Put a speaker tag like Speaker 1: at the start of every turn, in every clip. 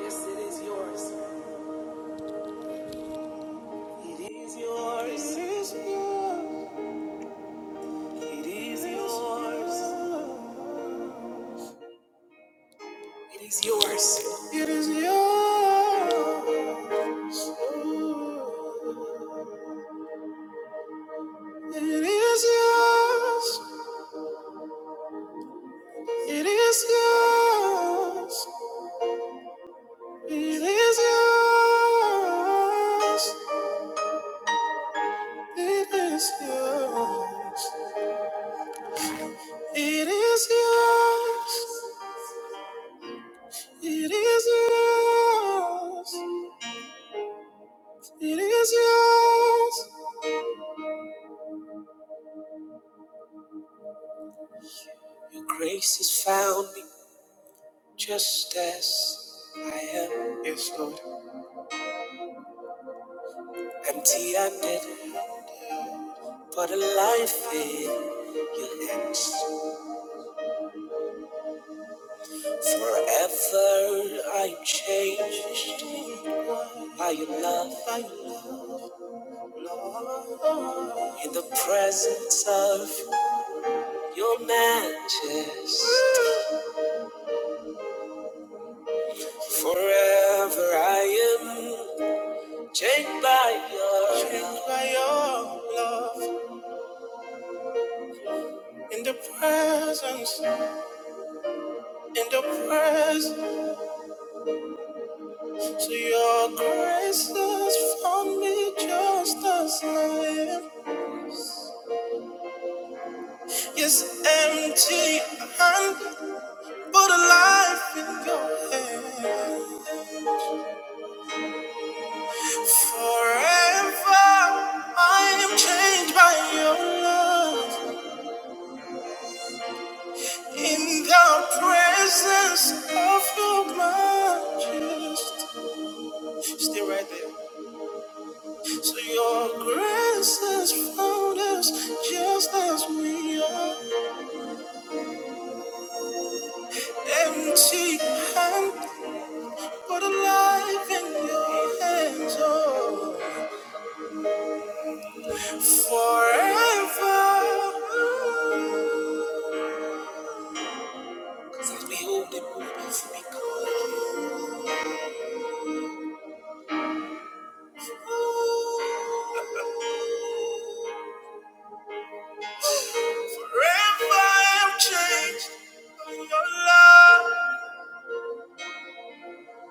Speaker 1: Yes, it is yours. It is yours. It is yours. It is yours. It is yours. It is yours. It is yours. It is yours. It is yours. It is yours. It is yours. It is yours. It is yours. Your grace has found me just as I am. Yes, Lord. Empty handed, but alive in your hands. Forever I'm changed by your love. By your love. Lord. In the presence of your majesty. Forever I am. Changed by your Changed by your love in the presence, in the presence. So your grace has found me just as I am. Yes, empty hand, but alive in your hand. Forever I am changed by your love in the presence of your majesty. Still right there. So your grace has found us just as we are. Empty hand, but alive in your hands, oh. Forever. Since we hold the moments we call you. Forever I'm changed by your love.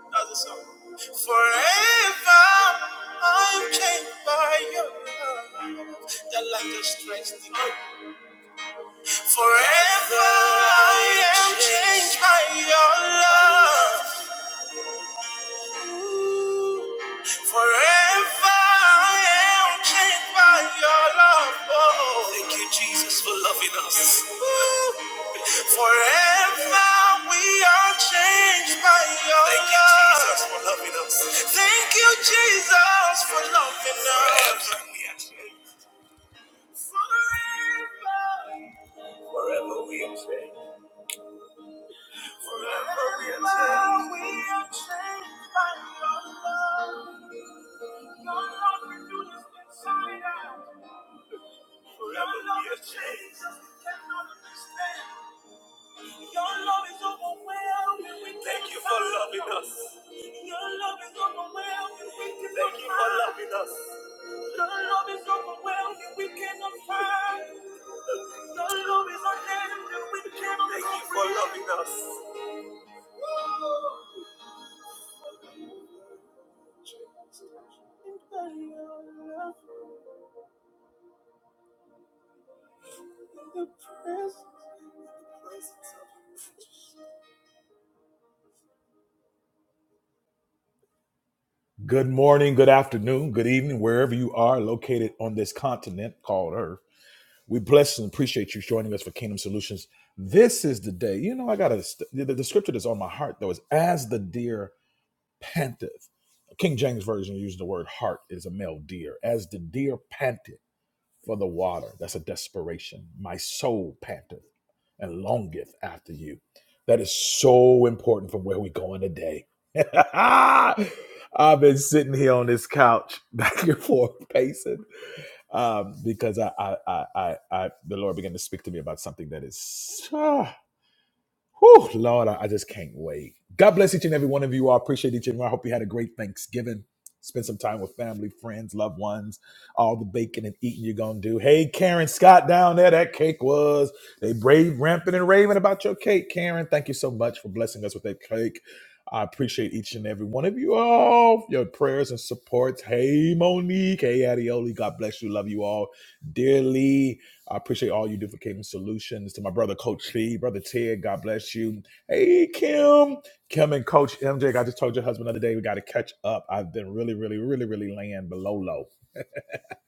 Speaker 1: Another song. Forever I'm changed by your love. That like a strange thing. Forever I am changed by your love. Ooh. Forever I am changed by your love. Oh, thank you, Jesus, for loving us. Ooh. Forever we are changed by your thank you, love. Jesus, for loving us. Thank you, Jesus, for loving us. Forever we are changed. Forever. Forever we are changed. Forever we are changed. we are changed by your love. Your love renews inside us. Your love is Jesus, we cannot understand. Your love is overwhelming. We thank you for loving us. Your love is overwhelming. We thank you for loving us. Your love is overwhelming. We cannot find. Your love is unending. We cannot thank you for loving us. Good morning, good afternoon, good evening, wherever you are located on this continent called Earth. We bless and appreciate you joining us for Kingdom Solutions. This is the day. You know, I got to, the, the scripture that's on my heart though is as the deer panteth. King James Version uses the word heart is a male deer. As the deer panteth for the water, that's a desperation. My soul panteth and longeth after you. That is so important from where we're going today. I've been sitting here on this couch back and forth pacing um, because I, I, I, I, I, the Lord began to speak to me about something that is uh, Whew, Lord, I, I just can't wait. God bless each and every one of you. I appreciate each and every. one. I hope you had a great Thanksgiving. Spend some time with family, friends, loved ones. All the baking and eating you're gonna do. Hey, Karen Scott down there, that cake was. They brave, ramping and raving about your cake, Karen. Thank you so much for blessing us with that cake. I appreciate each and every one of you all, your prayers and supports. Hey, Monique. Hey, Adioli. God bless you. Love you all dearly. I appreciate all you do for Kingdom Solutions. To my brother, Coach T, brother Ted, God bless you. Hey, Kim. Kim and Coach MJ, I just told your husband the other day we got to catch up. I've been really, really, really, really laying below low.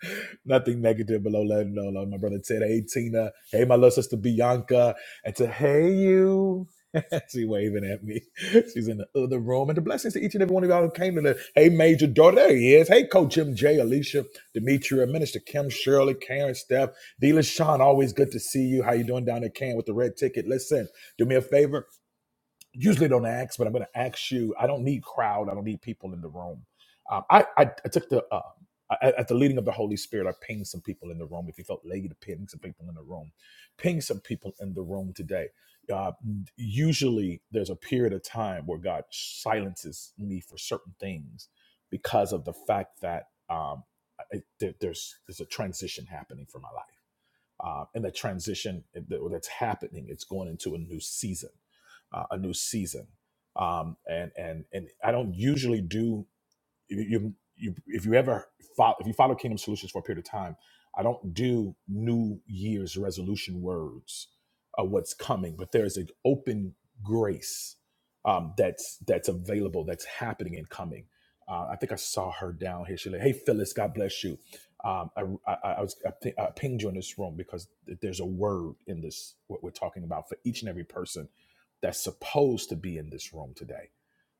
Speaker 1: Nothing negative below letting know. Love my brother Ted. Hey Tina. Hey my little sister Bianca. And to hey you. she waving at me. She's in the other room. And the blessings to each and every one of y'all who came to the Hey Major Daughter. There he is. Hey Coach Jim J, Alicia, Demetria, Minister Kim, Shirley, Karen, Steph, Dealer Sean. Always good to see you. How you doing down at Can with the red ticket? Listen, do me a favor usually don't ask, but I'm going to ask you. I don't need crowd. I don't need people in the room. Um, I, I I took the uh, I- at the leading of the Holy Spirit. I pinged some people in the room. If you felt led to ping some people in the room, ping some people in the room today. Uh, usually, there's a period of time where God silences me for certain things because of the fact that um, I, there, there's there's a transition happening for my life uh, and the transition that- that's happening. It's going into a new season, uh, a new season. Um, and and and I don't usually do you, you, if you ever follow, if you follow Kingdom Solutions for a period of time, I don't do New Year's resolution words of what's coming, but there's an open grace um, that's that's available, that's happening and coming. Uh, I think I saw her down here. She like, hey Phyllis, God bless you. Um, I, I, I was I, pi- I pinged you in this room because there's a word in this what we're talking about for each and every person that's supposed to be in this room today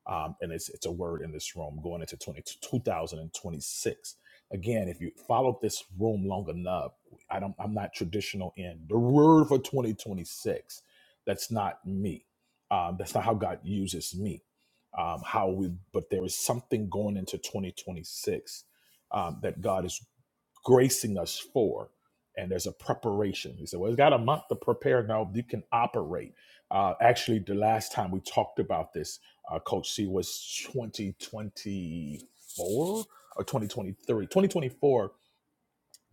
Speaker 1: um, and it's it's a word in this room going into 20 2026. Again, if you follow this room long enough, I don't I'm not traditional in the word for 2026. That's not me. Um, that's not how God uses me. Um, how we but there is something going into 2026 um, that God is gracing us for. And there's a preparation. He said, Well, it's got a month to prepare. Now you can operate. Uh, actually, the last time we talked about this, uh, Coach C was 2024 or 2023. 2024,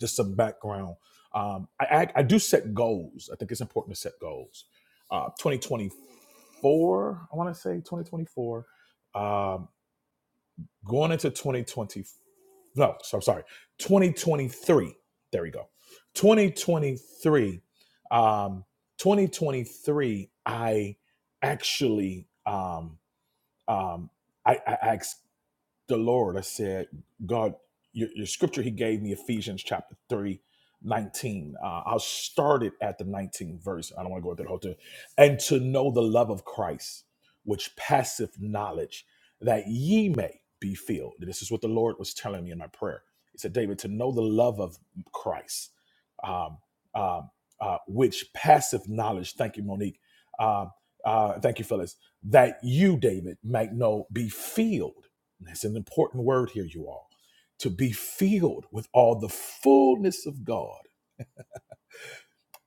Speaker 1: just some background. Um, I, I, I do set goals. I think it's important to set goals. Uh, 2024, I want to say 2024. Going into 2020, no, so I'm sorry, 2023. There we go. 2023. Um, 2023. I actually, um, um, I, I, I the Lord, I said, God, your, your scripture he gave me, Ephesians chapter three, nineteen. Uh, I'll start it at the 19th verse. I don't want to go through the whole thing. And to know the love of Christ, which passeth knowledge, that ye may be filled. this is what the Lord was telling me in my prayer. He said, David, to know the love of Christ, um, um, uh, which passeth knowledge. Thank you, Monique. Um, uh, thank you, Phyllis. That you, David, might know, be filled and that's an important word here, you all, to be filled with all the fullness of God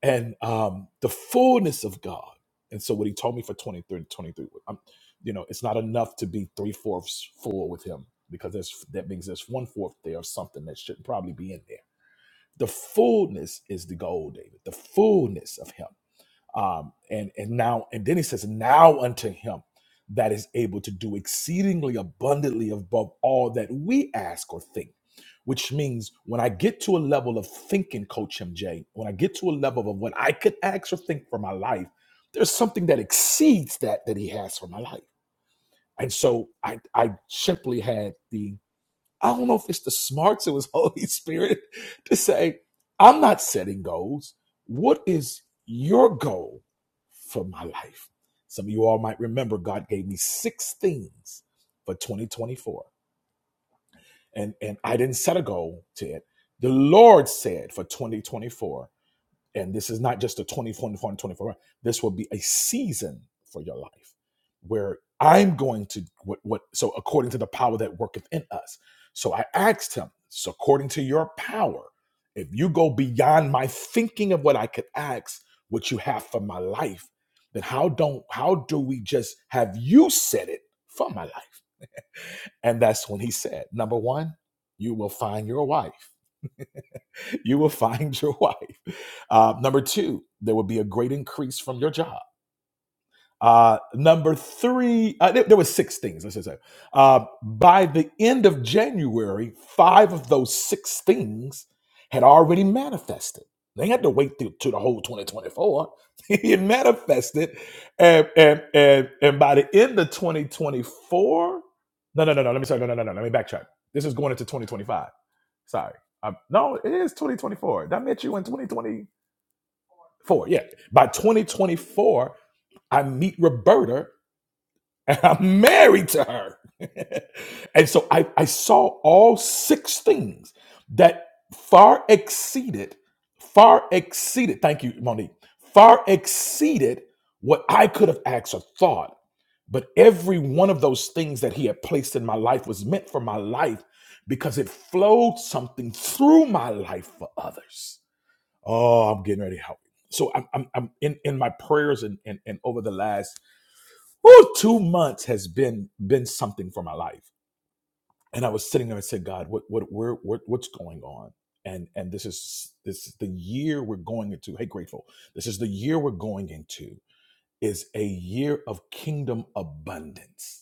Speaker 1: and um, the fullness of God. And so what he told me for 23, 23, I'm, you know, it's not enough to be three fourths full with him because there's, that means there's one fourth there of something that shouldn't probably be in there. The fullness is the goal, David, the fullness of him um, and and now and then he says now unto him that is able to do exceedingly abundantly above all that we ask or think which means when i get to a level of thinking coach mj when i get to a level of what i could ask or think for my life there's something that exceeds that that he has for my life and so i i simply had the I don't know if it's the smarts it was Holy Spirit to say, I'm not setting goals. What is your goal for my life? Some of you all might remember God gave me six things for 2024. And and I didn't set a goal to it. The Lord said for 2024. And this is not just a 24 and 24 This will be a season for your life where I'm going to what what so according to the power that worketh in us. So I asked him, so according to your power, if you go beyond my thinking of what I could ask, what you have for my life, then how don't how do we just have you set it for my life? And that's when he said, number one, you will find your wife you will find your wife. Uh, number two, there will be a great increase from your job. Uh, number three, uh, there, there were six things. Let's just say, uh, by the end of January, five of those six things had already manifested. They had to wait through to the whole 2024. it manifested, and and and and by the end of 2024, no, no, no, no. Let me sorry, no, no, no, no. Let me backtrack. This is going into 2025 Sorry. I, no, it is 2024. I met you in 2024. Yeah. By 2024, I meet Roberta I'm married to her. and so I, I saw all six things that far exceeded, far exceeded, thank you, Monique, far exceeded what I could have asked or thought. But every one of those things that he had placed in my life was meant for my life because it flowed something through my life for others. Oh, I'm getting ready to help. So I'm, I'm, I'm in, in my prayers and, and, and over the last Woo, two months has been been something for my life. And I was sitting there and said, God, what what where what what's going on? And and this is this is the year we're going into. Hey, grateful. This is the year we're going into is a year of kingdom abundance.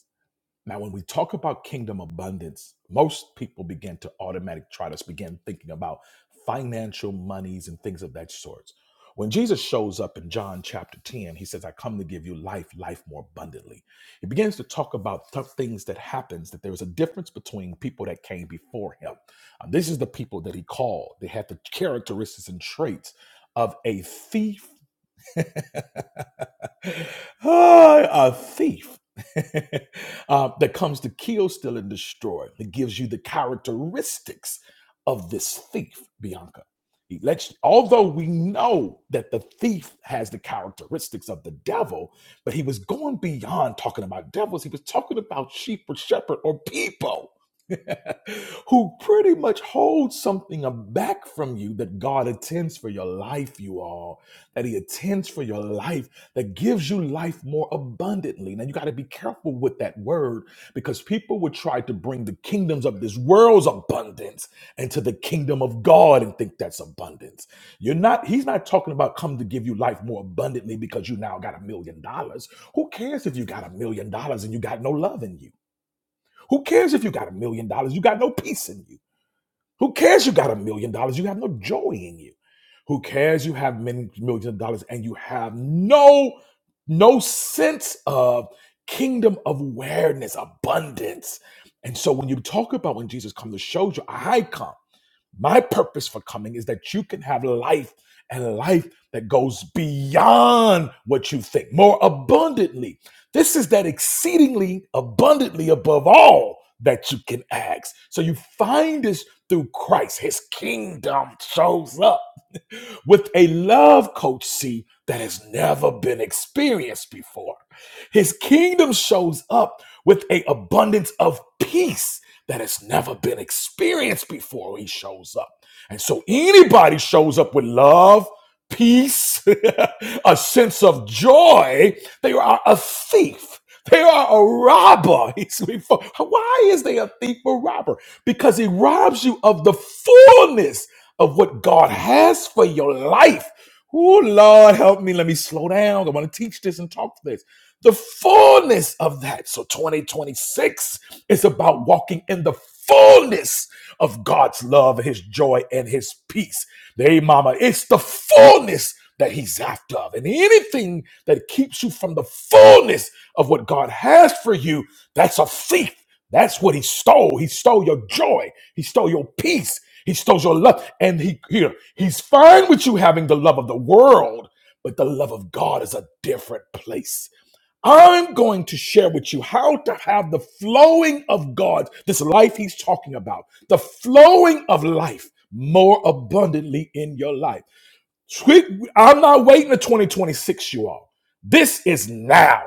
Speaker 1: Now, when we talk about kingdom abundance, most people begin to automatic try to begin thinking about financial monies and things of that sort. When Jesus shows up in John chapter 10, he says, I come to give you life, life more abundantly. He begins to talk about tough things that happens, that there was a difference between people that came before him. Um, this is the people that he called. They had the characteristics and traits of a thief Ah, a thief uh, that comes to kill, steal, and destroy. It gives you the characteristics of this thief, Bianca. He lets you- although we know that the thief has the characteristics of the devil, but he was going beyond talking about devils. He was talking about sheep or shepherd or people who pretty much hold something back from you that God intends for your life, you all that he attends for your life, that gives you life more abundantly. Now, you got to be careful with that word because people would try to bring the kingdoms of this world's abundance into the kingdom of God and think that's abundance. You're not, he's not talking about come to give you life more abundantly because you now got a million dollars. Who cares if you got a million dollars and you got no love in you? Who cares if you got a million dollars? You got no peace in you. Who cares you got a million dollars? You have no joy in you. Who cares you have many millions of dollars and you have no no sense of kingdom of awareness, abundance. And so when you talk about when Jesus comes to show you, I come. My purpose for coming is that you can have life and life that goes beyond what you think, more abundantly. This is that exceedingly abundantly above all that you can ask. So you find this through Christ. His kingdom shows up with a love coach C that has never been experienced before. His kingdom shows up with a abundance of peace that has never been experienced before he shows up. And so anybody shows up with love, peace, a sense of joy, they are a thief. They are a robber. He's before. Why is they a thief or robber? Because he robs you of the fullness of what God has for your life. Oh, Lord, help me. Let me slow down. I want to teach this and talk this. The fullness of that. So 2026 is about walking in the fullness of God's love, his joy, and his peace. Hey, mama, it's the fullness that he's after. And anything that keeps you from the fullness of what God has for you, that's a thief. That's what he stole. He stole your joy. He stole your peace. He stole your love. And he here, he's fine with you having the love of the world, but the love of God is a different place. I'm going to share with you how to have the flowing of God, this life he's talking about, the flowing of life more abundantly in your life. Tweet- I'm not waiting to 2026, you all. This is now.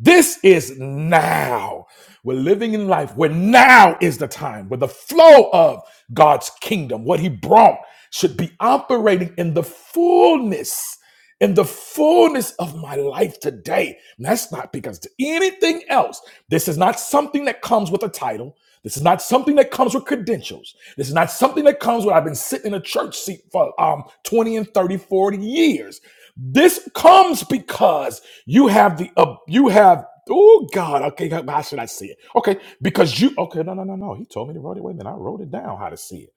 Speaker 1: This is now. We're living in life where now is the time, where the flow of God's kingdom, what He brought, should be operating in the fullness, in the fullness of my life today. And that's not because of anything else. This is not something that comes with a title. This is not something that comes with credentials. This is not something that comes with I've been sitting in a church seat for um, 20 and 30, 40 years. This comes because you have the uh, you have oh God okay how how should I see it okay because you okay no no no no he told me to write it wait a minute I wrote it down how to see it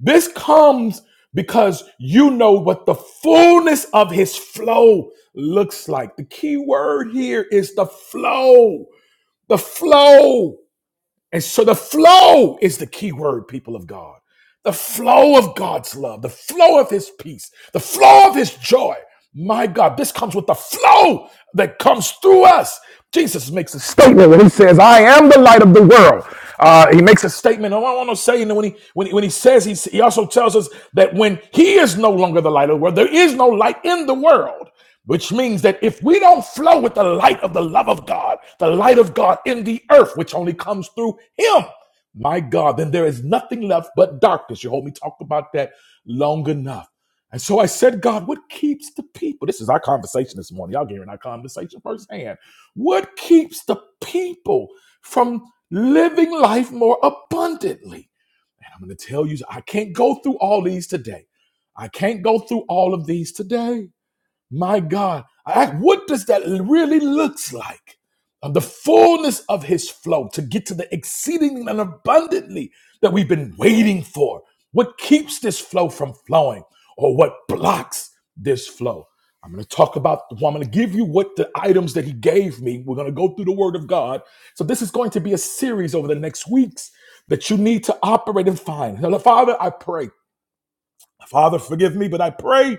Speaker 1: this comes because you know what the fullness of his flow looks like the key word here is the flow the flow and so the flow is the key word people of God the flow of God's love, the flow of His peace, the flow of His joy. My God, this comes with the flow that comes through us. Jesus makes a statement when He says, "I am the light of the world." Uh, he makes a statement. I want to say, you know, when he when he, when he says, he, he also tells us that when He is no longer the light of the world, there is no light in the world. Which means that if we don't flow with the light of the love of God, the light of God in the earth, which only comes through Him, my God, then there is nothing left but darkness. You heard me talk about that long enough. And so I said, God, what keeps the people? This is our conversation this morning. Y'all hearing our conversation firsthand. What keeps the people from living life more abundantly? And I'm going to tell you, I can't go through all these today. I can't go through all of these today. My God, I ask, what does that really looks like? Of the fullness of his flow to get to the exceeding and abundantly that we've been waiting for. What keeps this flow from flowing or what blocks this flow? I'm going to talk about, well, I'm going to give you what the items that he gave me. We're going to go through the word of God. So this is going to be a series over the next weeks that you need to operate and find. Now, Father, I pray. Father, forgive me, but I pray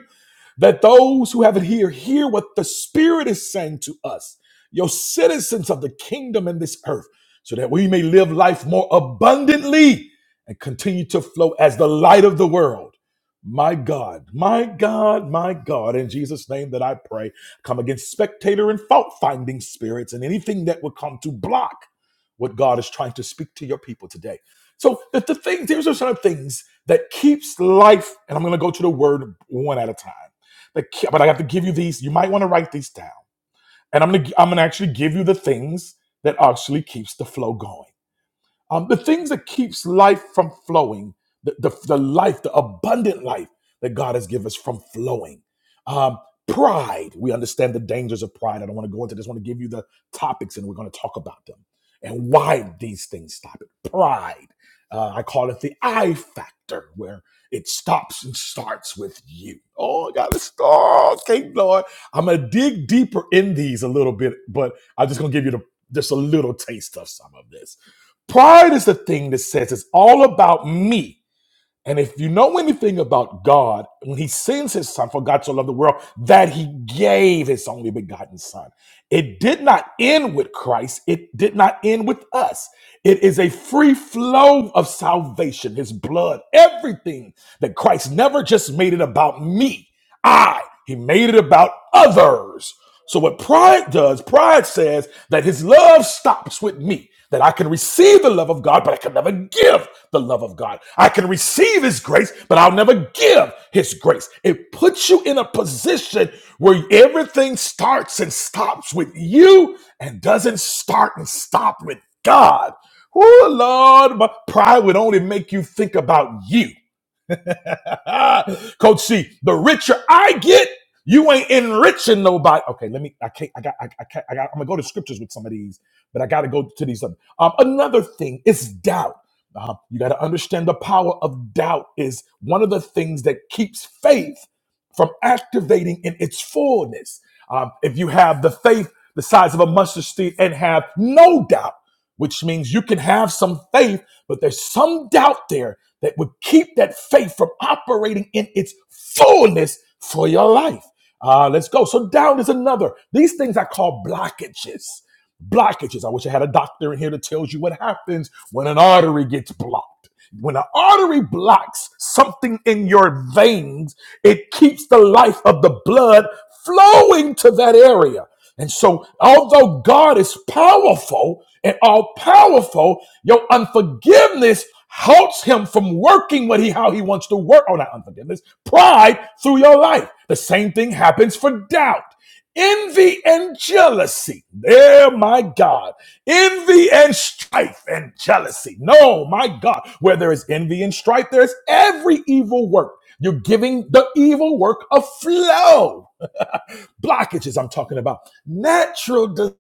Speaker 1: that those who have it here hear what the Spirit is saying to us, your citizens of the kingdom in this earth, so that we may live life more abundantly and continue to flow as the light of the world. My God, my God, my God, in Jesus' name that I pray, come against spectator and fault finding spirits and anything that would come to block what God is trying to speak to your people today. So the, the things, here's are some of the things that keeps life, and I'm going to go to the word one at a time the But I have to give you these. You might want to write these down. And I'm gonna I'm gonna actually give you the things that actually keeps the flow going. Um, the things that keeps life from flowing, the, the, the life, the abundant life that God has given us from flowing. Um, pride. We understand the dangers of pride. I don't want to go into this. I want to give you the topics and we're going to talk about them and why these things stop it. Pride. Uh, I call it the I factor, where it stops and starts with you. Oh, I got to start. Okay, Lord. I'm going to dig deeper in these a little bit, but I'm just going to give you the, just a little taste of some of this Pride is the thing that says it's all about me. And if you know anything about God, when he sends his son, for God so loved the world, that he gave his only begotten son. It did not end with Christ. It did not end with us. It is a free flow of salvation, his blood, everything that Christ never just made it about me. I, he made it about others. So what pride does, pride says that his love stops with me, that I can receive the love of God, but I can never give the love of God. I can receive his grace, but I'll never give his grace. It puts you in a position where everything starts and stops with you and doesn't start and stop with God. Oh Lord, but pride would only make you think about you. Coach C, the richer I get, you ain't enriching nobody. Okay, let me. I can't. I got. I, I can't. I got. I'm gonna go to scriptures with some of these, but I got to go to these. Other. Um, another thing is doubt. Uh, you got to understand the power of doubt is one of the things that keeps faith from activating in its fullness. Um, if you have the faith the size of a mustard seed and have no doubt, which means you can have some faith, but there's some doubt there that would keep that faith from operating in its fullness for your life. Uh, let's go. So down is another. These things I call blockages. Blockages. I wish I had a doctor in here that tells you what happens when an artery gets blocked. When an artery blocks something in your veins, it keeps the life of the blood flowing to that area. And so, although God is powerful and all powerful, your unforgiveness halts him from working what he how he wants to work. Oh, not unforgiveness, pride through your life. The same thing happens for doubt. Envy and jealousy. There, my God. Envy and strife and jealousy. No, my God. Where there is envy and strife, there is every evil work. You're giving the evil work a flow. Blockages, I'm talking about. Natural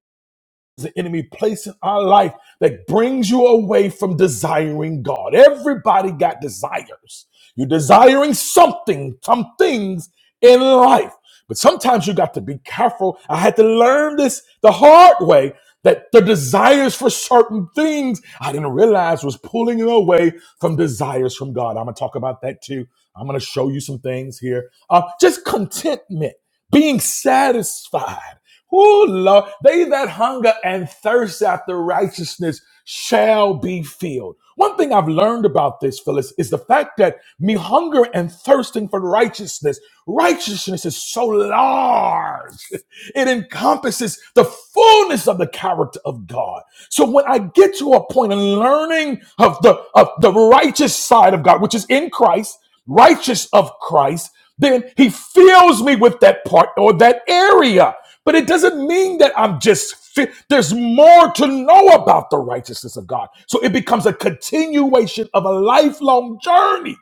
Speaker 1: the enemy place in our life that brings you away from desiring God. Everybody got desires. You're desiring something, some things in life. But sometimes you got to be careful. I had to learn this the hard way that the desires for certain things I didn't realize was pulling you away from desires from God. I'm going to talk about that too. I'm going to show you some things here. Uh, just contentment, being satisfied. Oh Lord, they that hunger and thirst after righteousness shall be filled. One thing I've learned about this, Phyllis, is the fact that me hunger and thirsting for righteousness, righteousness is so large. It encompasses the fullness of the character of God. So when I get to a point in learning of the of the righteous side of God, which is in Christ, righteous of Christ, then he fills me with that part or that area. But it doesn't mean that I'm just fit. There's more to know about the righteousness of God. So it becomes a continuation of a lifelong journey.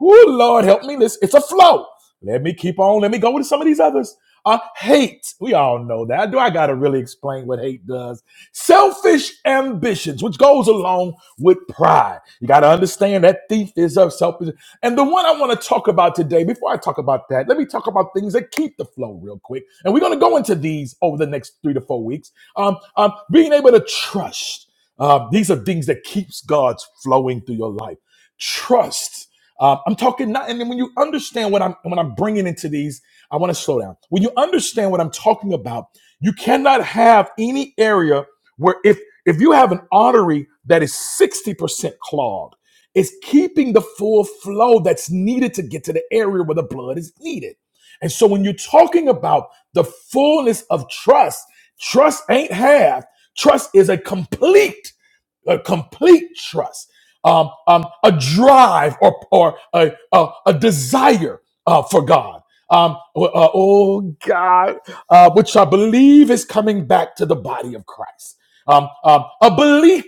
Speaker 1: Oh, Lord, help me. This It's a flow. Let me keep on. Let me go with some of these others. Uh, hate. We all know that. Do I got to really explain what hate does? Selfish ambitions, which goes along with pride. You got to understand that thief is a selfish. And the one I want to talk about today, before I talk about that, let me talk about things that keep the flow real quick. And we're going to go into these over the next three to four weeks. Um, um, being able to trust. Uh, these are things that keeps God's flowing through your life. Trust. Uh, I'm talking not, and then when you understand what I'm when I'm bringing into these, I want to slow down. When you understand what I'm talking about, you cannot have any area where if if you have an artery that is 60% clogged is keeping the full flow that's needed to get to the area where the blood is needed. And so when you're talking about the fullness of trust, trust ain't half, trust is a complete a complete trust, um, um, a drive or, or a, a, a desire uh, for God. Um, uh, oh God, uh, which I believe is coming back to the body of Christ. Um, um, a belief,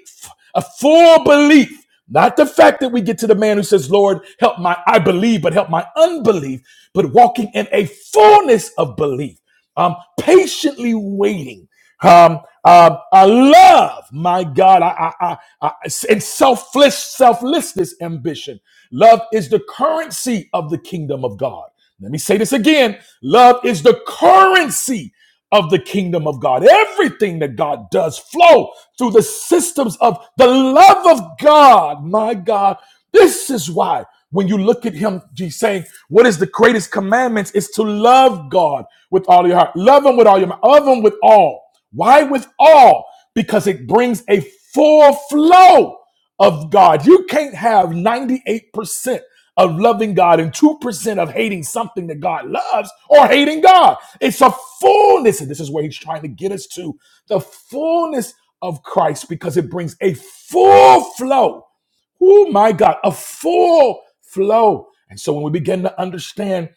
Speaker 1: a full belief, not the fact that we get to the man who says, Lord, help my, I believe, but help my unbelief, but walking in a fullness of belief, um, patiently waiting um, uh, uh, love, my God, I, I, I, I, and selfless, selflessness, ambition. Love is the currency of the kingdom of God. Let me say this again: love is the currency of the kingdom of God. Everything that God does flow through the systems of the love of God. My God, this is why when you look at Him, he's saying, "What is the greatest commandments? Is to love God with all your heart, love Him with all your mind, love Him with all." Why with all? Because it brings a full flow of God. You can't have 98% of loving God and 2% of hating something that God loves or hating God. It's a fullness. And this is where he's trying to get us to the fullness of Christ because it brings a full flow. Oh my God, a full flow. And so when we begin to understand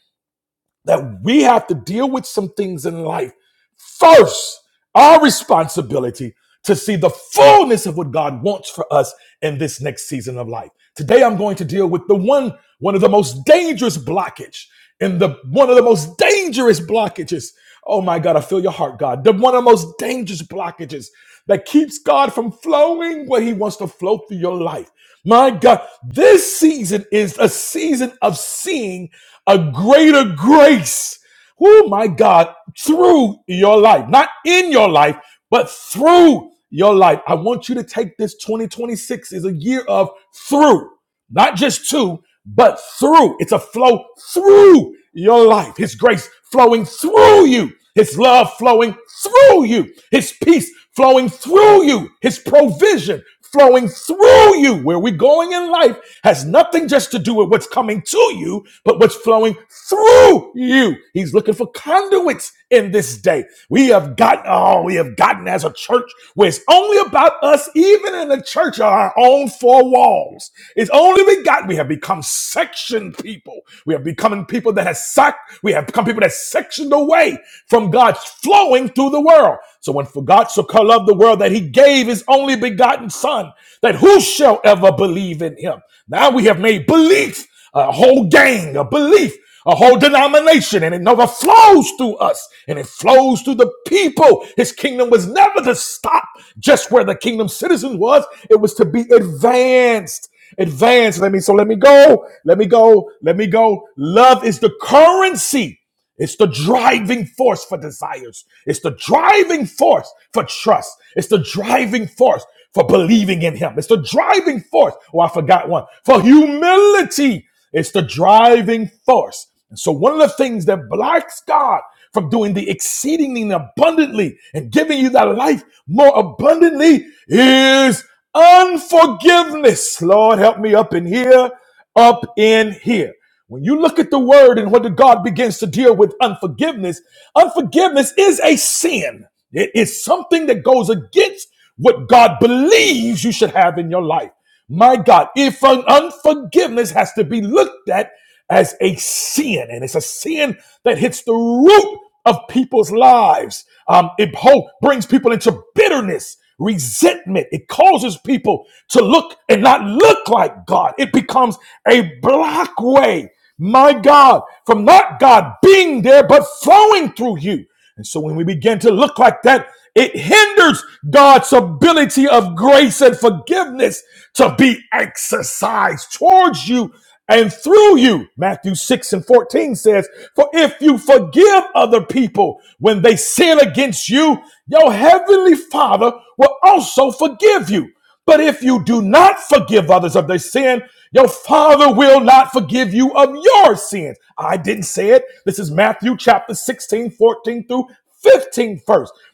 Speaker 1: that we have to deal with some things in life first our responsibility to see the fullness of what god wants for us in this next season of life today i'm going to deal with the one one of the most dangerous blockage and the one of the most dangerous blockages oh my god i feel your heart god the one of the most dangerous blockages that keeps god from flowing where he wants to flow through your life my god this season is a season of seeing a greater grace. Oh my God, through your life, not in your life, but through your life. I want you to take this 2026 is a year of through, not just to, but through. It's a flow through your life. His grace flowing through you. His love flowing through you. His peace flowing through you. His provision flowing through you. Where we going in life has nothing just to do with what's coming to you, but what's flowing through you. He's looking for conduits in this day. We have gotten, oh, we have gotten as a church where it's only about us, even in the church, of our own four walls. It's only we got, we have become section people. We have become people that have sucked, we have become people that sectioned away from God's flowing through the world. So when for God so called loved the world that he gave his only begotten son, that who shall ever believe in him? Now we have made belief a whole gang, a belief, a whole denomination, and it never flows through us and it flows through the people. His kingdom was never to stop just where the kingdom citizens was, it was to be advanced. Advanced. Let me so let me go. Let me go. Let me go. Love is the currency it's the driving force for desires. It's the driving force for trust. It's the driving force for believing in Him. It's the driving force. Oh, I forgot one. For humility. It's the driving force. And so, one of the things that blocks God from doing the exceedingly and abundantly and giving you that life more abundantly is unforgiveness. Lord, help me up in here, up in here. When you look at the word and what God begins to deal with unforgiveness, unforgiveness is a sin. It is something that goes against what God believes you should have in your life. My God, if un- unforgiveness has to be looked at as a sin, and it's a sin that hits the root of people's lives, um, it brings people into bitterness resentment. It causes people to look and not look like God. It becomes a block way, my God, from not God being there, but flowing through you. And so when we begin to look like that, it hinders God's ability of grace and forgiveness to be exercised towards you and through you. Matthew 6 and 14 says, For if you forgive other people when they sin against you, your heavenly Father will also forgive you. But if you do not forgive others of their sin, your Father will not forgive you of your sins. I didn't say it. This is Matthew chapter 16, 14 through 15, first,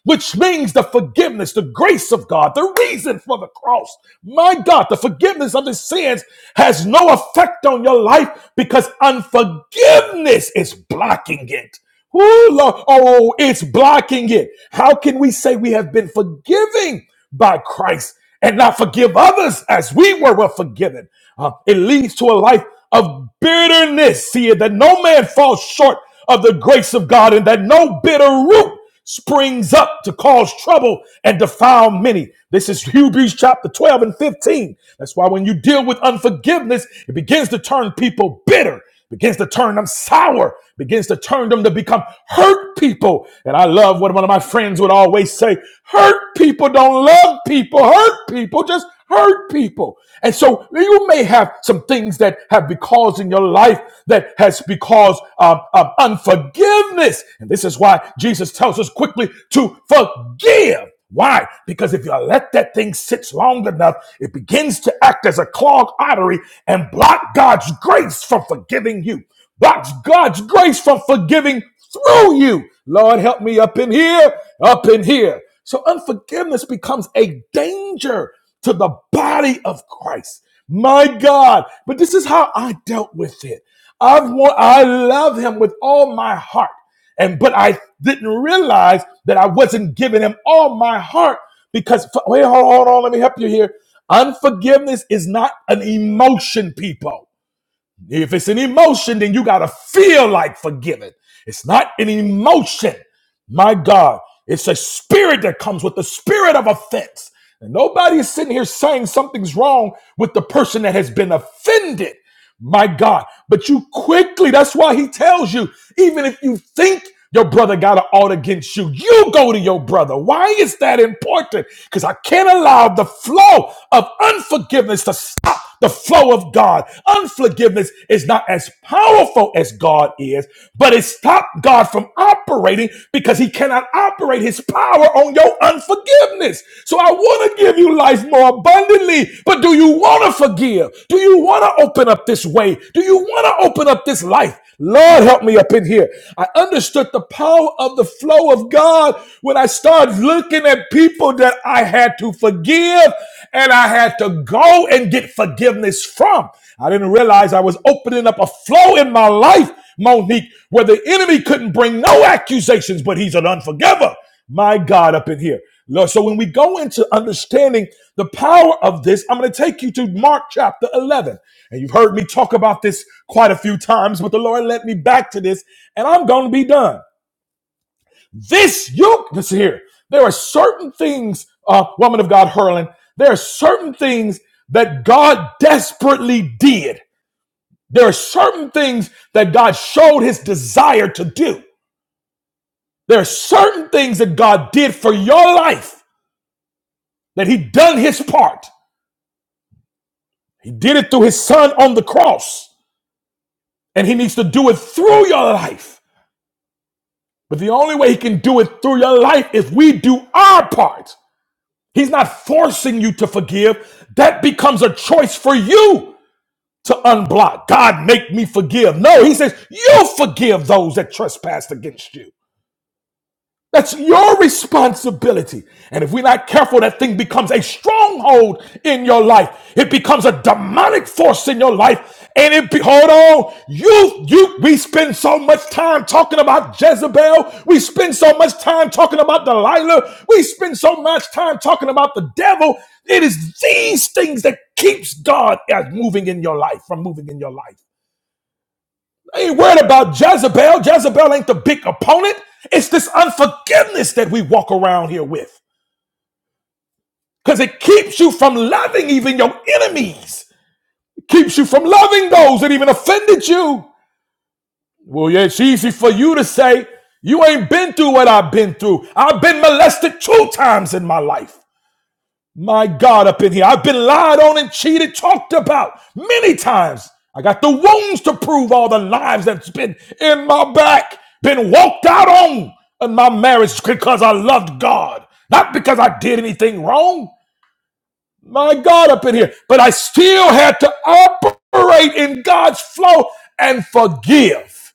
Speaker 1: which means the forgiveness, the grace of God, the reason for the cross. My God, the forgiveness of the sins has no effect on your life because unforgiveness is blocking it. Ooh, Lord. Oh, it's blocking it. How can we say we have been forgiving by Christ and not forgive others as we were, were forgiven? Uh, it leads to a life of bitterness. See, it, that no man falls short of the grace of God and that no bitter root springs up to cause trouble and defile many. This is Hebrews chapter 12 and 15. That's why when you deal with unforgiveness, it begins to turn people bitter, begins to turn them sour, begins to turn them to become hurt people. And I love what one of my friends would always say hurt people don't love people, hurt people just hurt people. And so you may have some things that have been caused in your life that has been caused um, um, unforgiveness. And this is why Jesus tells us quickly to forgive. Why? Because if you let that thing sit long enough, it begins to act as a clogged artery and block God's grace from forgiving you. Blocks God's grace from forgiving through you. Lord, help me up in here, up in here. So unforgiveness becomes a danger to the body of Christ. My God. But this is how I dealt with it. I've want, I love him with all my heart. And but I didn't realize that I wasn't giving him all my heart because wait, hold on, hold on, let me help you here. Unforgiveness is not an emotion, people. If it's an emotion, then you got to feel like forgiving. It's not an emotion. My God, it's a spirit that comes with the spirit of offense. And nobody is sitting here saying something's wrong with the person that has been offended. My God. But you quickly, that's why he tells you, even if you think your brother got an ought against you, you go to your brother. Why is that important? Because I can't allow the flow of unforgiveness to stop the flow of God. Unforgiveness is not as powerful as God is, but it stopped God from operating because he cannot operate his power on your unforgiveness. So I want to give you life more abundantly, but do you want to forgive? Do you want to open up this way? Do you want to open up this life? Lord, help me up in here. I understood the power of the flow of God when I started looking at people that I had to forgive and I had to go and get forgiveness from. I didn't realize I was opening up a flow in my life, Monique, where the enemy couldn't bring no accusations, but he's an unforgiver. My God, up in here. Lord, so when we go into understanding the power of this, I'm going to take you to Mark chapter 11. And you've heard me talk about this quite a few times, but the Lord led me back to this, and I'm going to be done. This yoke, this here, there are certain things, uh, woman of God, Hurling, there are certain things that God desperately did. There are certain things that God showed his desire to do. There are certain things that God did for your life that he done his part. He did it through his son on the cross, and he needs to do it through your life. But the only way he can do it through your life is we do our part. He's not forcing you to forgive. That becomes a choice for you to unblock. God, make me forgive. No, he says, you forgive those that trespass against you. That's your responsibility. And if we're not careful, that thing becomes a stronghold in your life. It becomes a demonic force in your life. And it be, hold on, you, you, we spend so much time talking about Jezebel. We spend so much time talking about Delilah. We spend so much time talking about the devil. It is these things that keeps God as moving in your life, from moving in your life. I ain't worried about Jezebel. Jezebel ain't the big opponent. It's this unforgiveness that we walk around here with. Because it keeps you from loving even your enemies. It keeps you from loving those that even offended you. Well, yeah, it's easy for you to say, you ain't been through what I've been through. I've been molested two times in my life. My God, up in here. I've been lied on and cheated, talked about many times. I got the wounds to prove all the lives that's been in my back, been walked out on in my marriage because I loved God, not because I did anything wrong. My God, up in here. But I still had to operate in God's flow and forgive.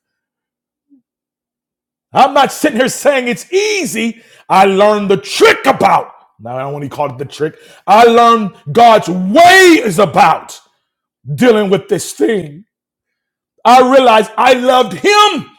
Speaker 1: I'm not sitting here saying it's easy. I learned the trick about. Now, I don't want to call it the trick. I learned God's way is about dealing with this thing. I realized I loved Him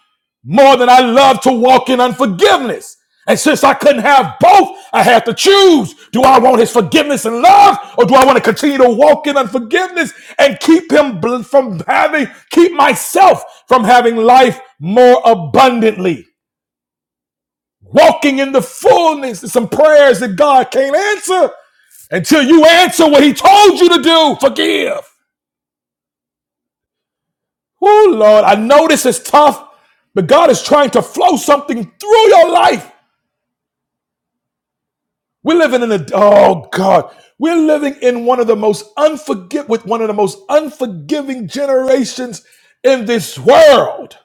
Speaker 1: more than I loved to walk in unforgiveness. And since I couldn't have both, I had to choose. Do I want His forgiveness and love, or do I want to continue to walk in unforgiveness and keep Him from having, keep myself from having life more abundantly? walking in the fullness. There's some prayers that God can't answer until you answer what He told you to do. Forgive. Oh, Lord, I know this is tough, but God is trying to flow something through your life. We're living in a, oh, God. We're living in one of the most unforgive, with one of the most unforgiving generations in this world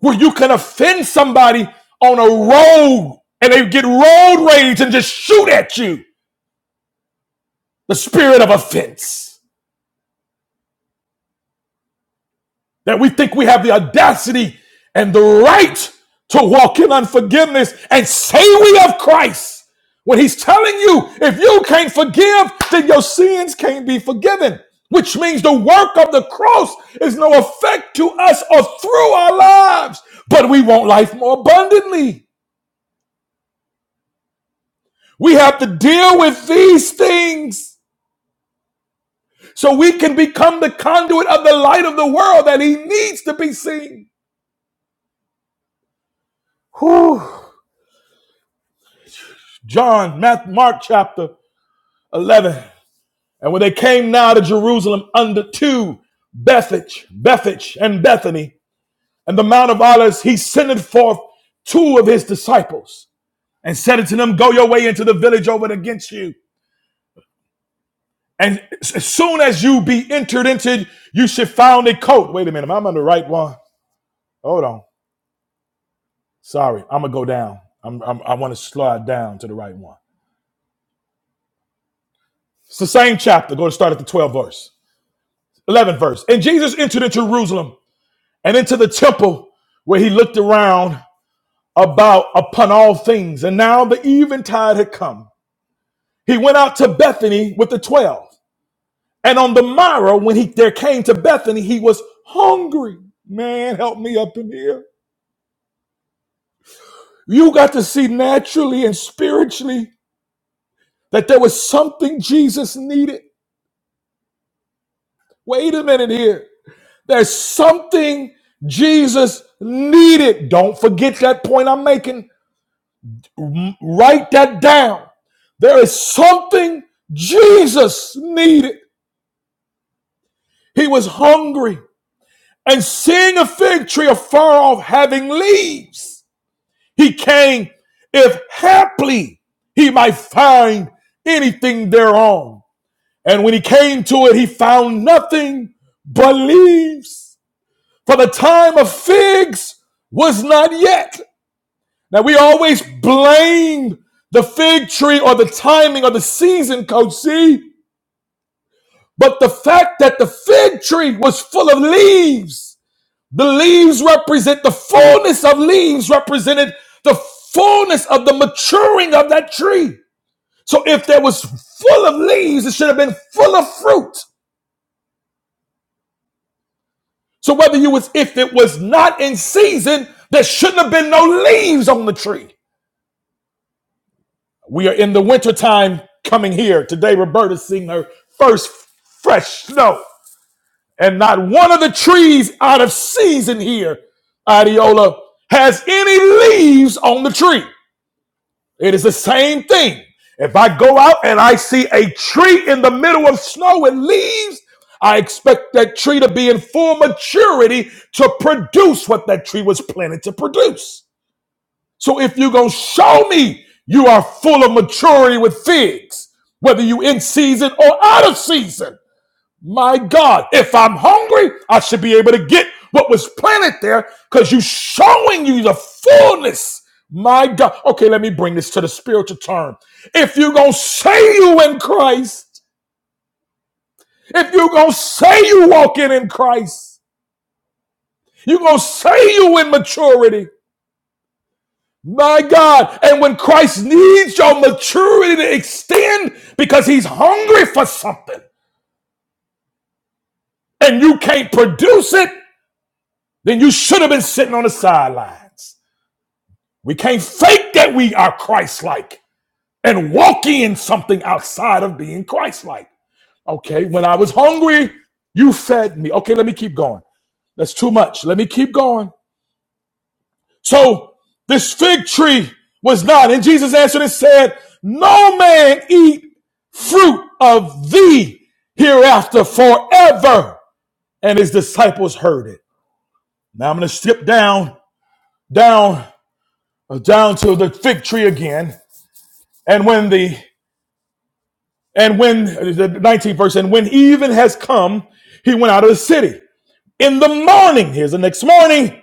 Speaker 1: where you can offend somebody on a road and they get road rage and just shoot at you. The spirit of offense. that we think we have the audacity and the right to walk in unforgiveness and say we have Christ when he's telling you if you can't forgive, then your sins can't be forgiven, which means the work of the cross is no effect to us or through our lives, but we want life more abundantly. We have to deal with these things so we can become the conduit of the light of the world that he needs to be seen. Whew. John, Matt, Mark chapter 11. And when they came now to Jerusalem under two, Bethage, Bethage, and Bethany, and the Mount of Olives, he sendeth forth two of his disciples and said unto them, Go your way into the village over against you. And as soon as you be entered into, you should find a coat. Wait a minute, I'm on the right one. Hold on. Sorry, I'm going to go down. I'm, I'm, I want to slide down to the right one. It's the same chapter. Go to start at the 12th verse. 11th verse. And Jesus entered into Jerusalem and into the temple where he looked around about upon all things. And now the eventide had come. He went out to Bethany with the twelve. And on the morrow, when he there came to Bethany, he was hungry. Man, help me up in here. You got to see naturally and spiritually that there was something Jesus needed. Wait a minute here. There's something Jesus needed. Don't forget that point I'm making. Write that down. There is something Jesus needed. He was hungry. And seeing a fig tree afar off having leaves, he came if haply he might find anything thereon. And when he came to it, he found nothing but leaves, for the time of figs was not yet. Now we always blame the fig tree or the timing or the season, Coach C. But the fact that the fig tree was full of leaves, the leaves represent the fullness of leaves represented the fullness of the maturing of that tree. So if there was full of leaves, it should have been full of fruit. So whether you was if it was not in season, there shouldn't have been no leaves on the tree. We are in the wintertime coming here. Today, Roberta's seeing her first fresh snow. And not one of the trees out of season here, Adiola, has any leaves on the tree. It is the same thing. If I go out and I see a tree in the middle of snow with leaves, I expect that tree to be in full maturity to produce what that tree was planted to produce. So if you're going to show me you are full of maturity with figs, whether you in season or out of season, my God, if I'm hungry, I should be able to get what was planted there because you are showing you the fullness. My God. Okay, let me bring this to the spiritual term. If you're going to say you in Christ, if you're going to say you walking in Christ, you're going to say you in maturity, My God. And when Christ needs your maturity to extend because he's hungry for something and you can't produce it, then you should have been sitting on the sidelines. We can't fake that we are Christ like and walk in something outside of being Christ like. Okay, when I was hungry, you fed me. Okay, let me keep going. That's too much. Let me keep going. So this fig tree was not. And Jesus answered and said, No man eat fruit of thee hereafter forever. And his disciples heard it. Now I'm going to skip down, down, uh, down to the fig tree again. And when the, and when uh, the 19th verse, and when even has come, he went out of the city. In the morning, here's the next morning,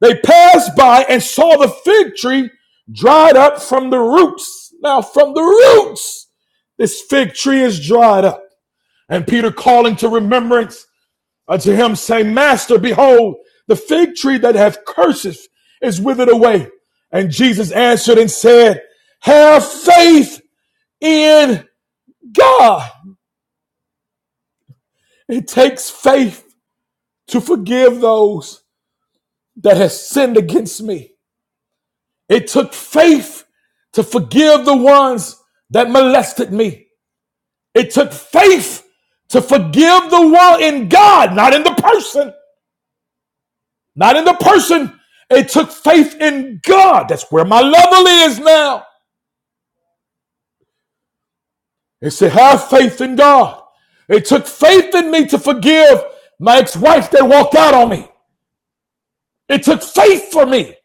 Speaker 1: They passed by and saw the fig tree dried up from the roots. Now, from the roots, this fig tree is dried up. And Peter calling to remembrance unto him, saying, Master, behold, the fig tree that hath curses is withered away. And Jesus answered and said, Have faith in God. It takes faith to forgive those that have sinned against me. It took faith to forgive the ones that molested me. It took faith to forgive the one in God, not in the person, not in the person. It took faith in God. That's where my level is now. It said, have faith in God. It took faith in me to forgive my ex-wife that walked out on me. It took faith for me,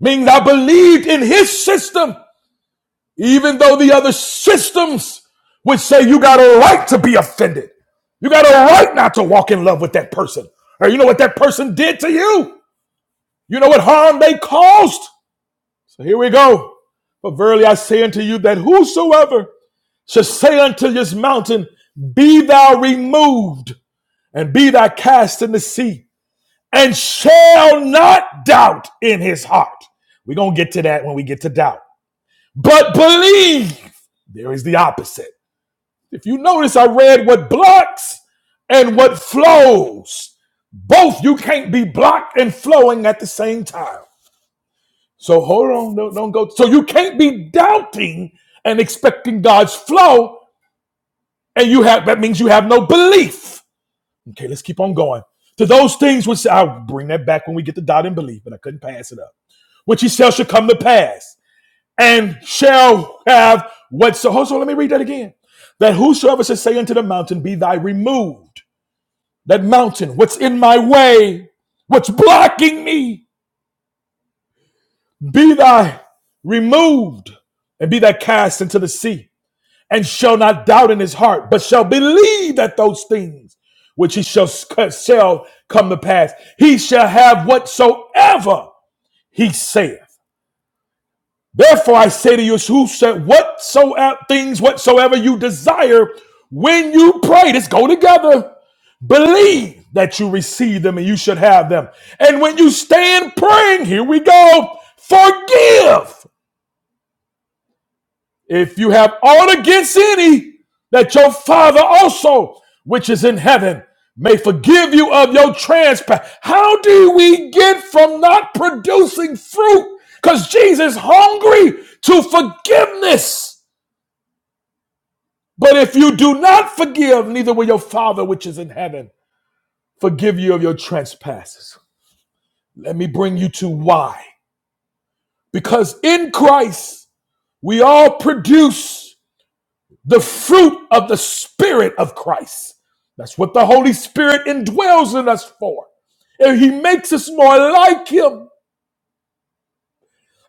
Speaker 1: meaning I believed in his system Even though the other systems would say you got a right to be offended, you got a right not to walk in love with that person. Or you know what that person did to you? You know what harm they caused? So here we go. But verily I say unto you that whosoever shall say unto this mountain, Be thou removed, and be thou cast in the sea, and shall not doubt in his heart. We're going to get to that when we get to doubt. But believe, there is the opposite If you notice, I read what blocks and what flows. Both you can't be blocked and flowing at the same time. So hold on, don't, don't go. So you can't be doubting and expecting God's flow, and you have that means you have no belief. Okay, let's keep on going. To those things which I'll bring that back when we get to doubt and belief, but I couldn't pass it up. Which he shall shall come to pass, and shall have whatso. Hold on, let me read that again. That whosoever shall say unto the mountain, Be thy removed that mountain, what's in my way, what's blocking me, be thy removed and be thy cast into the sea, and shall not doubt in his heart, but shall believe that those things which he shall, shall come to pass, he shall have whatsoever he saith. Therefore I say to you, who said whatsoever things whatsoever you desire when you pray, let's go together Believe that you receive them and you should have them. And when you stand praying, here we go, forgive if you have aught against any, that your Father also, which is in heaven, may forgive you of your trespass. How do we get from not producing fruit? Because Jesus is hungry to forgiveness. But if you do not forgive, neither will your Father, which is in heaven, forgive you of your trespasses. Let me bring you to why. Because in Christ, we all produce the fruit of the Spirit of Christ. That's what the Holy Spirit indwells in us for. And He makes us more like Him.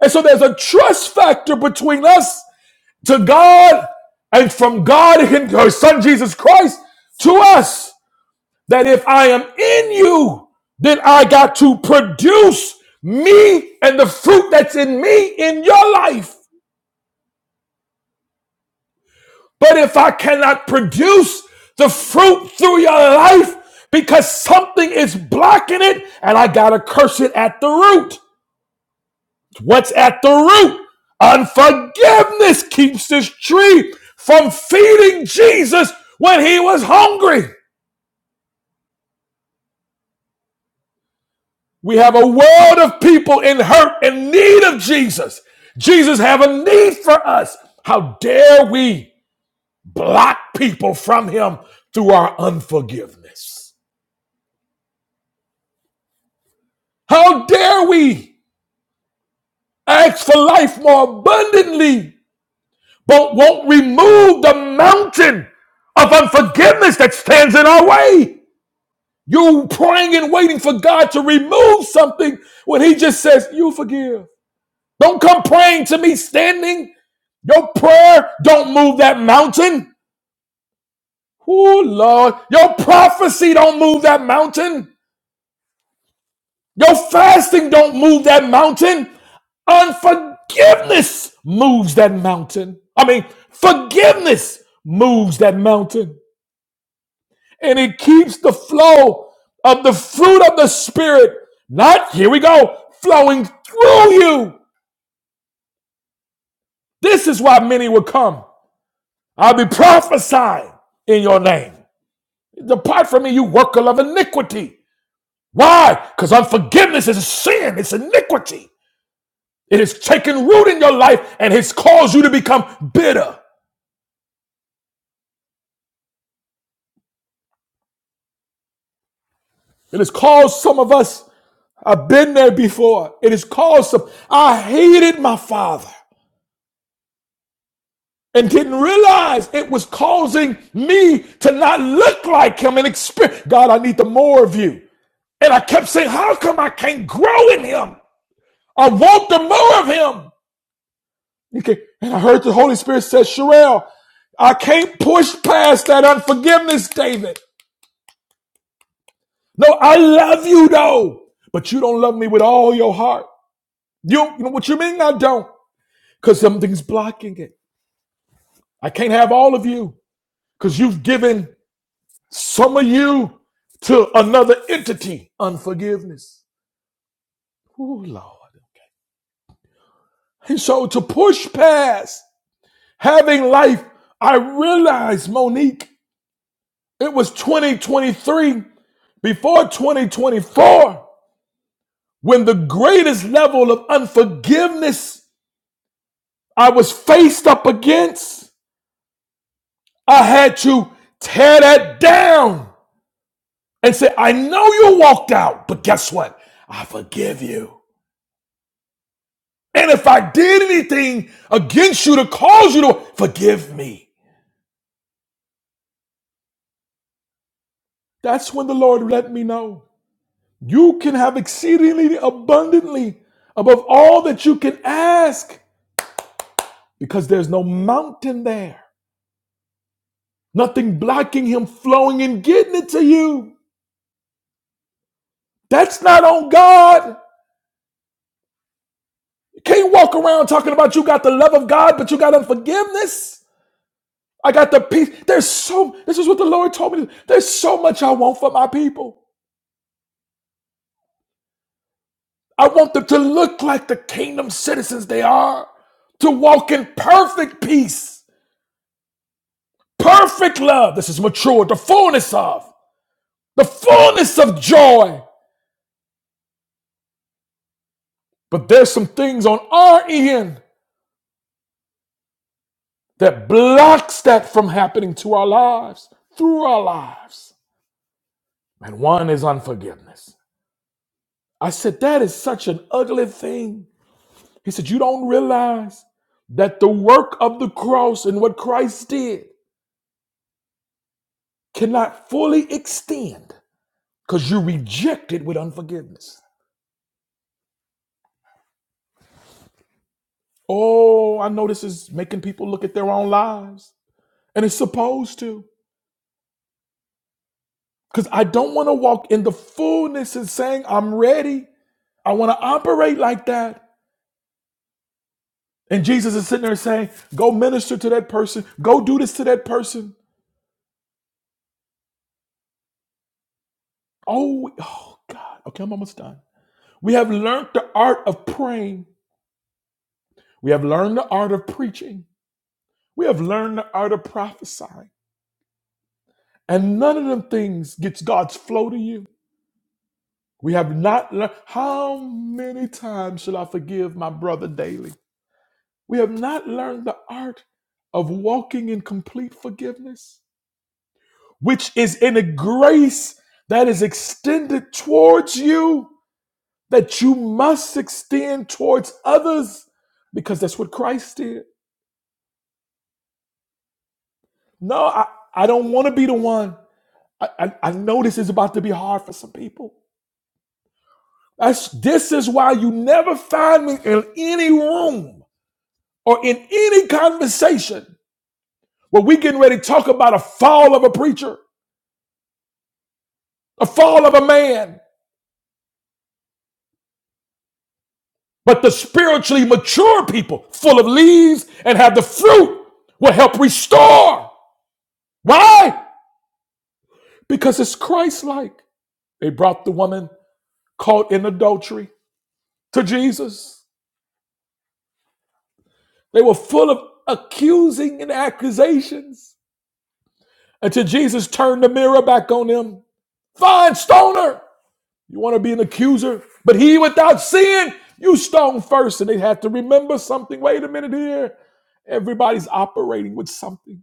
Speaker 1: And so there's a trust factor between us to God and from God, His her Son Jesus Christ, to us. That if I am in you, then I got to produce me and the fruit that's in me in your life. But if I cannot produce the fruit through your life because something is blocking it and I got to curse it at the root. What's at the root? Unforgiveness keeps this tree from feeding Jesus when he was hungry. We have a world of people in hurt and need of Jesus. Jesus have a need for us. How dare we block people from him through our unforgiveness? How dare we ask for life more abundantly, but won't remove the mountain of unforgiveness that stands in our way? You praying and waiting for God to remove something when He just says, You forgive. Don't come praying to me standing. Your prayer don't move that mountain. Oh, Lord. Your prophecy don't move that mountain. Your fasting don't move that mountain. Unforgiveness moves that mountain. I mean, forgiveness moves that mountain. And it keeps the flow of the fruit of the Spirit, not, here we go, flowing through you. This is why many will come. I'll be prophesying in your name. Depart from me, you worker of iniquity. Why? Because unforgiveness is sin, it's iniquity. It has taken root in your life and has caused you to become bitter. It has caused some of us, I've been there before. It has caused some, I hated my father and didn't realize it was causing me to not look like him and experience. God, I need the more of you. And I kept saying, how come I can't grow in him? I want the more of him. Okay. And I heard the Holy Spirit said, Sherelle, I can't push past that unforgiveness, David. No, I love you though, but you don't love me with all your heart. You, you know what you mean? I don't, because something's blocking it. I can't have all of you, because you've given some of you to another entity, unforgiveness. Oh Lord. And so to push past having life, I realized, Monique, it was 2023 before 2024 when the greatest level of unforgiveness I was faced up against, I had to tear that down and say, I know you walked out, but guess what? I forgive you. And if I did anything against you to cause you to forgive me, that's when the Lord let me know. You can have exceedingly abundantly above all that you can ask because there's no mountain there, nothing blocking Him flowing and getting it to you. That's not on God. Can't you walk around talking about you got the love of God, but you got unforgiveness. I got the peace. There's so, this is what the Lord told me. There's so much I want for my people. I want them to look like the kingdom citizens they are, to walk in perfect peace, perfect love. This is mature, the fullness of, the fullness of joy. But there's some things on our end that blocks that from happening to our lives, through our lives. And one is unforgiveness. I said, That is such an ugly thing. He said, You don't realize that the work of the cross and what Christ did cannot fully extend because you reject it with unforgiveness. Oh, I know this is making people look at their own lives, and it's supposed to. Because I don't want to walk in the fullness and saying, I'm ready. I want to operate like that. And Jesus is sitting there saying, Go minister to that person. Go do this to that person. Oh, oh God. Okay, I'm almost done. We have learned the art of praying. We have learned the art of preaching. We have learned the art of prophesying. And none of them things gets God's flow to you. We have not learned how many times shall I forgive my brother daily? We have not learned the art of walking in complete forgiveness, which is in a grace that is extended towards you that you must extend towards others because that's what Christ did. No, I, I don't want to be the one. I, I, I know this is about to be hard for some people. That's, this is why you never find me in any room or in any conversation where we getting ready to talk about a fall of a preacher, a fall of a man. But the spiritually mature people, full of leaves and have the fruit, will help restore. Why? Because it's Christ like. They brought the woman caught in adultery to Jesus. They were full of accusing and accusations until Jesus turned the mirror back on them. Fine, stoner. You want to be an accuser? But he without sin, you stone first. And they had to remember something. Wait a minute here. Everybody's operating with something.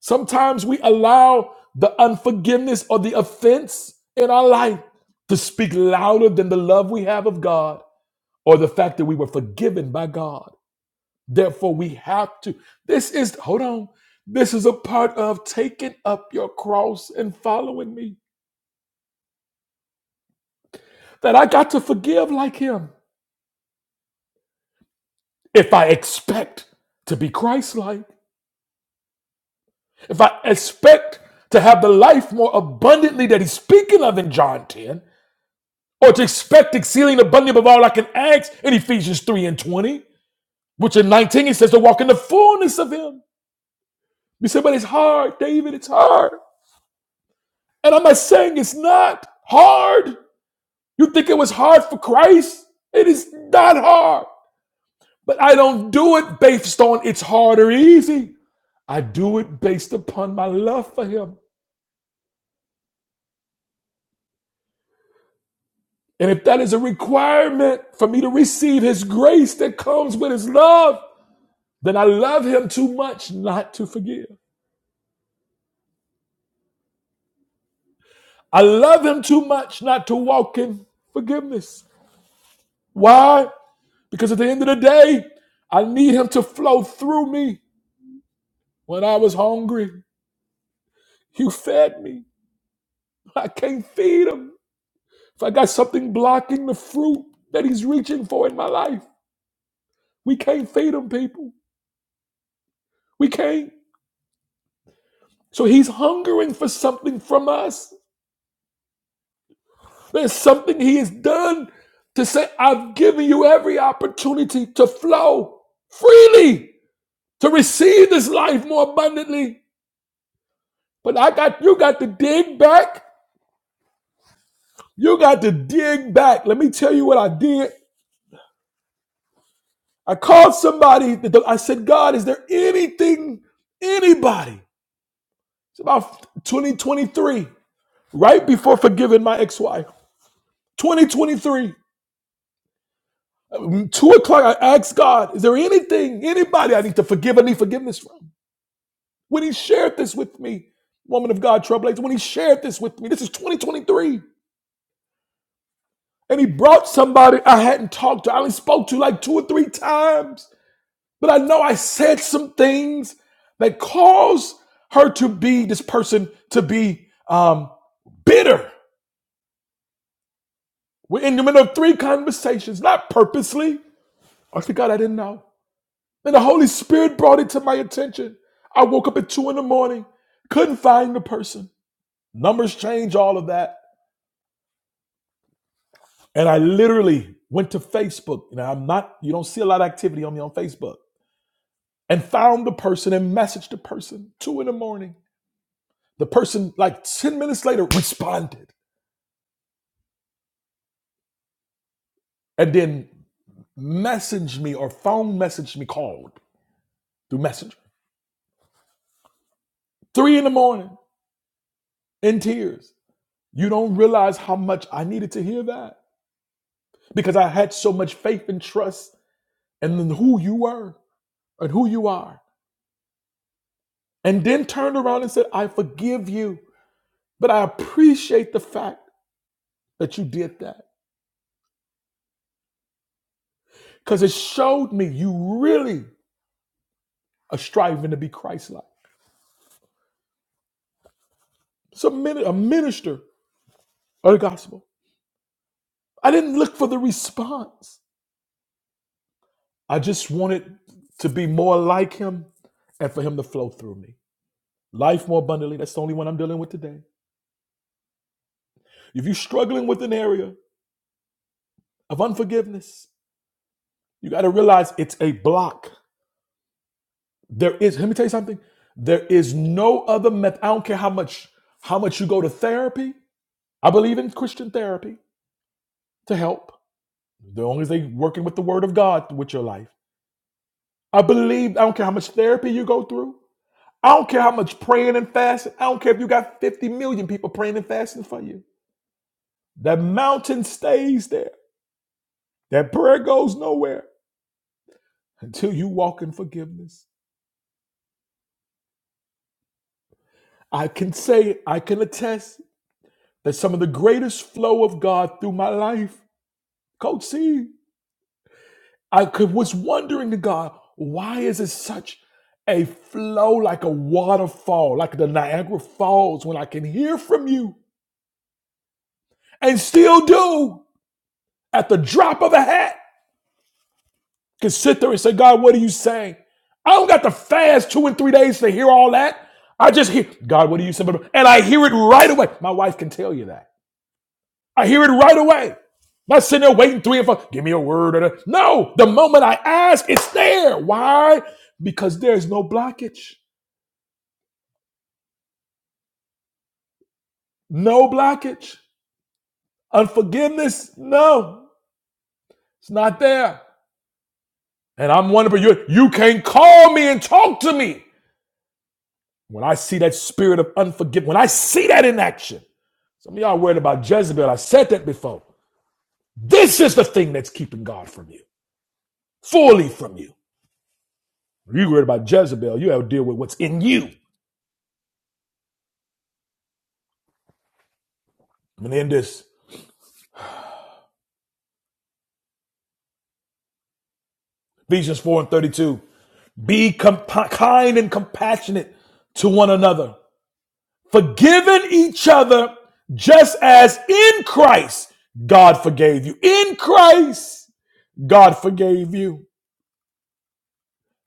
Speaker 1: Sometimes we allow the unforgiveness or the offense in our life to speak louder than the love we have of God or the fact that we were forgiven by God. Therefore, we have to. This is, hold on. This is a part of taking up your cross and following me. That I got to forgive like him. If I expect to be Christ like, if I expect to have the life more abundantly that he's speaking of in John 10, or to expect exceeding abundant above all I can ask in Ephesians 3 and 20, which in 19 he says to walk in the fullness of him. You say, but it's hard, David, it's hard. And I'm not saying it's not hard. You think it was hard for Christ? It is not hard. But I don't do it based on it's hard or easy. I do it based upon my love for him. And if that is a requirement for me to receive his grace that comes with his love, then I love him too much not to forgive. I love him too much not to walk in forgiveness. Why? Because at the end of the day, I need him to flow through me. When I was hungry, you fed me. I can't feed him. If I got something blocking the fruit that he's reaching for in my life, we can't feed him, people. We can't. So he's hungering for something from us. There's something he has done to say, I've given you every opportunity to flow freely, to receive this life more abundantly. But I got you got to dig back. You got to dig back. Let me tell you what I did I called somebody. I said, God, is there anything, anybody? It's about 2023, right before forgiving my ex-wife. 2023, um, two o'clock. I asked God, is there anything, anybody I need to forgive? I need forgiveness from. When He shared this with me, woman of God, trailblazer. When He shared this with me, this is 2023, and He brought somebody I hadn't talked to, I only spoke to like two or three times. But I know I said some things that caused her to be this person to be um, bitter. We're in the middle of three conversations, not purposely. I said, God, I didn't know. And the Holy Spirit brought it to my attention. I woke up at two in the morning, couldn't find the person. Numbers change, all of that. And I literally went to Facebook. You know, I'm not, you don't see a lot of activity on me on Facebook. And found the person and messaged the person two in the morning The person, like 10 minutes later, responded and then messaged me or phone messaged me, called through Messenger. Three in the morning in tears. You don't realize how much I needed to hear that because I had so much faith and trust in who you were and who you are. And then turned around and said, I forgive you, but I appreciate the fact that you did that because it showed me you really are striving to be Christ like. It's a, mini- a minister of the gospel. I didn't look for the response. I just wanted to be more like him and for him to flow through me. Life more abundantly, that's the only one I'm dealing with today. If you're struggling with an area of unforgiveness, you got to realize it's a block. There is, let me tell you something, there is no other method. I don't care how much how much you go to therapy. I believe in Christian therapy to help. The only thing working with the word of God with your life. I believe, I don't care how much therapy you go through. I don't care how much praying and fasting. I don't care if you got 50 million people praying and fasting for you. That mountain stays there. That prayer goes nowhere until you walk in forgiveness. I can say, I can attest that some of the greatest flow of God through my life, Coach C, I could, was wondering to God, why is it such a flow like a waterfall, like the Niagara Falls, when I can hear from you and still do at the drop of a hat? can sit there and say, God, what are you saying? I don't got to fast two and three days to hear all that. I just hear, God, what are you saying? And I hear it right away. My wife can tell you that. I hear it right away. I'm Not sitting there waiting three and four. Give me a word. Or no, the moment I ask, it's there. Why? Because there's no blockage. No blockage. Unforgiveness, no, it's not there. And I'm wondering, you, you can call me and talk to me. When I see that spirit of unforgiveness, when I see that in action, Some of y'all worried about Jezebel. I said that before. This is the thing that's keeping God from you, fully from you. You worried about Jezebel. You have to deal with what's in you. I'm going to end this. Ephesians 4 and 32. Be compa- kind and compassionate to one another, forgiving each other just as in Christ God forgave you. In Christ, God forgave you.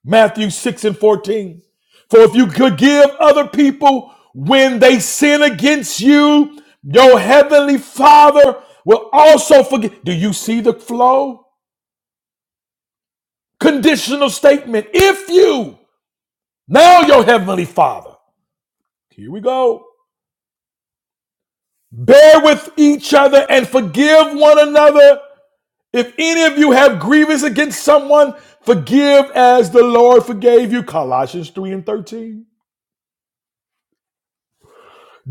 Speaker 1: Matthew 6 and 14. For if you could give other people when they sin against you, your heavenly Father will also forgive. Do you see the flow? Conditional statement. If you, now your heavenly Father, here we go, bear with each other and forgive one another. If any of you have grievance against someone, forgive as the Lord forgave you. Colossians 3 and 13.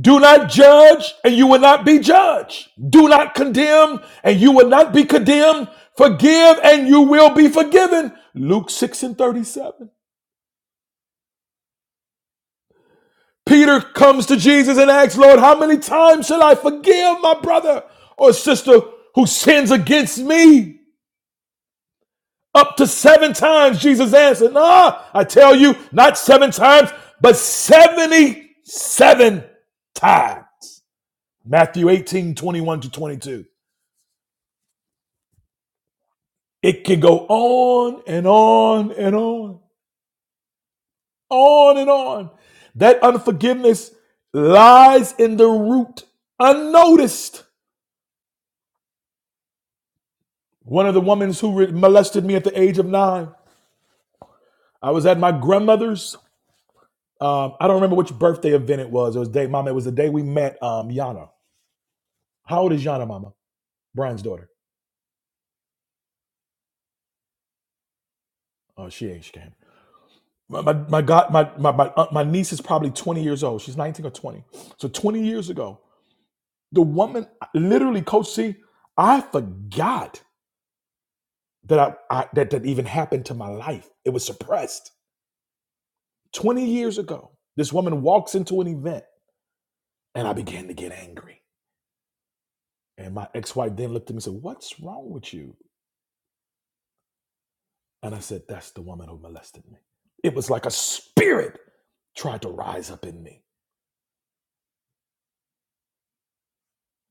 Speaker 1: Do not judge, and you will not be judged. Do not condemn, and you will not be condemned. Forgive, and you will be forgiven. Luke 6 and 37. Peter comes to Jesus and asks, Lord, how many times shall I forgive my brother or sister who sins against me? Up to seven times, Jesus answered, Nah, I tell you, not seven times, but 77 times. Matthew 18 21 to 22. It can go on and on and on, on and on. That unforgiveness lies in the root, unnoticed. One of the women who molested me at the age of nine, I was at my grandmother's. Um, I don't remember which birthday event it was. It was day, Mama. It was the day we met um, Yana. How old is Yana, Mama? Brian's daughter. Oh, she ain't. She can't. My my my God, my my my, aunt- my niece is probably twenty years old. She's nineteen or twenty. So twenty years ago, The woman, literally, Coach C, I forgot that I, I that that even happened to my life. It was suppressed. 20 years ago, this woman walks into an event and I began to get angry. And my ex-wife then looked at me and said, What's wrong with you? And I said, That's the woman who molested me. It was like a spirit tried to rise up in me.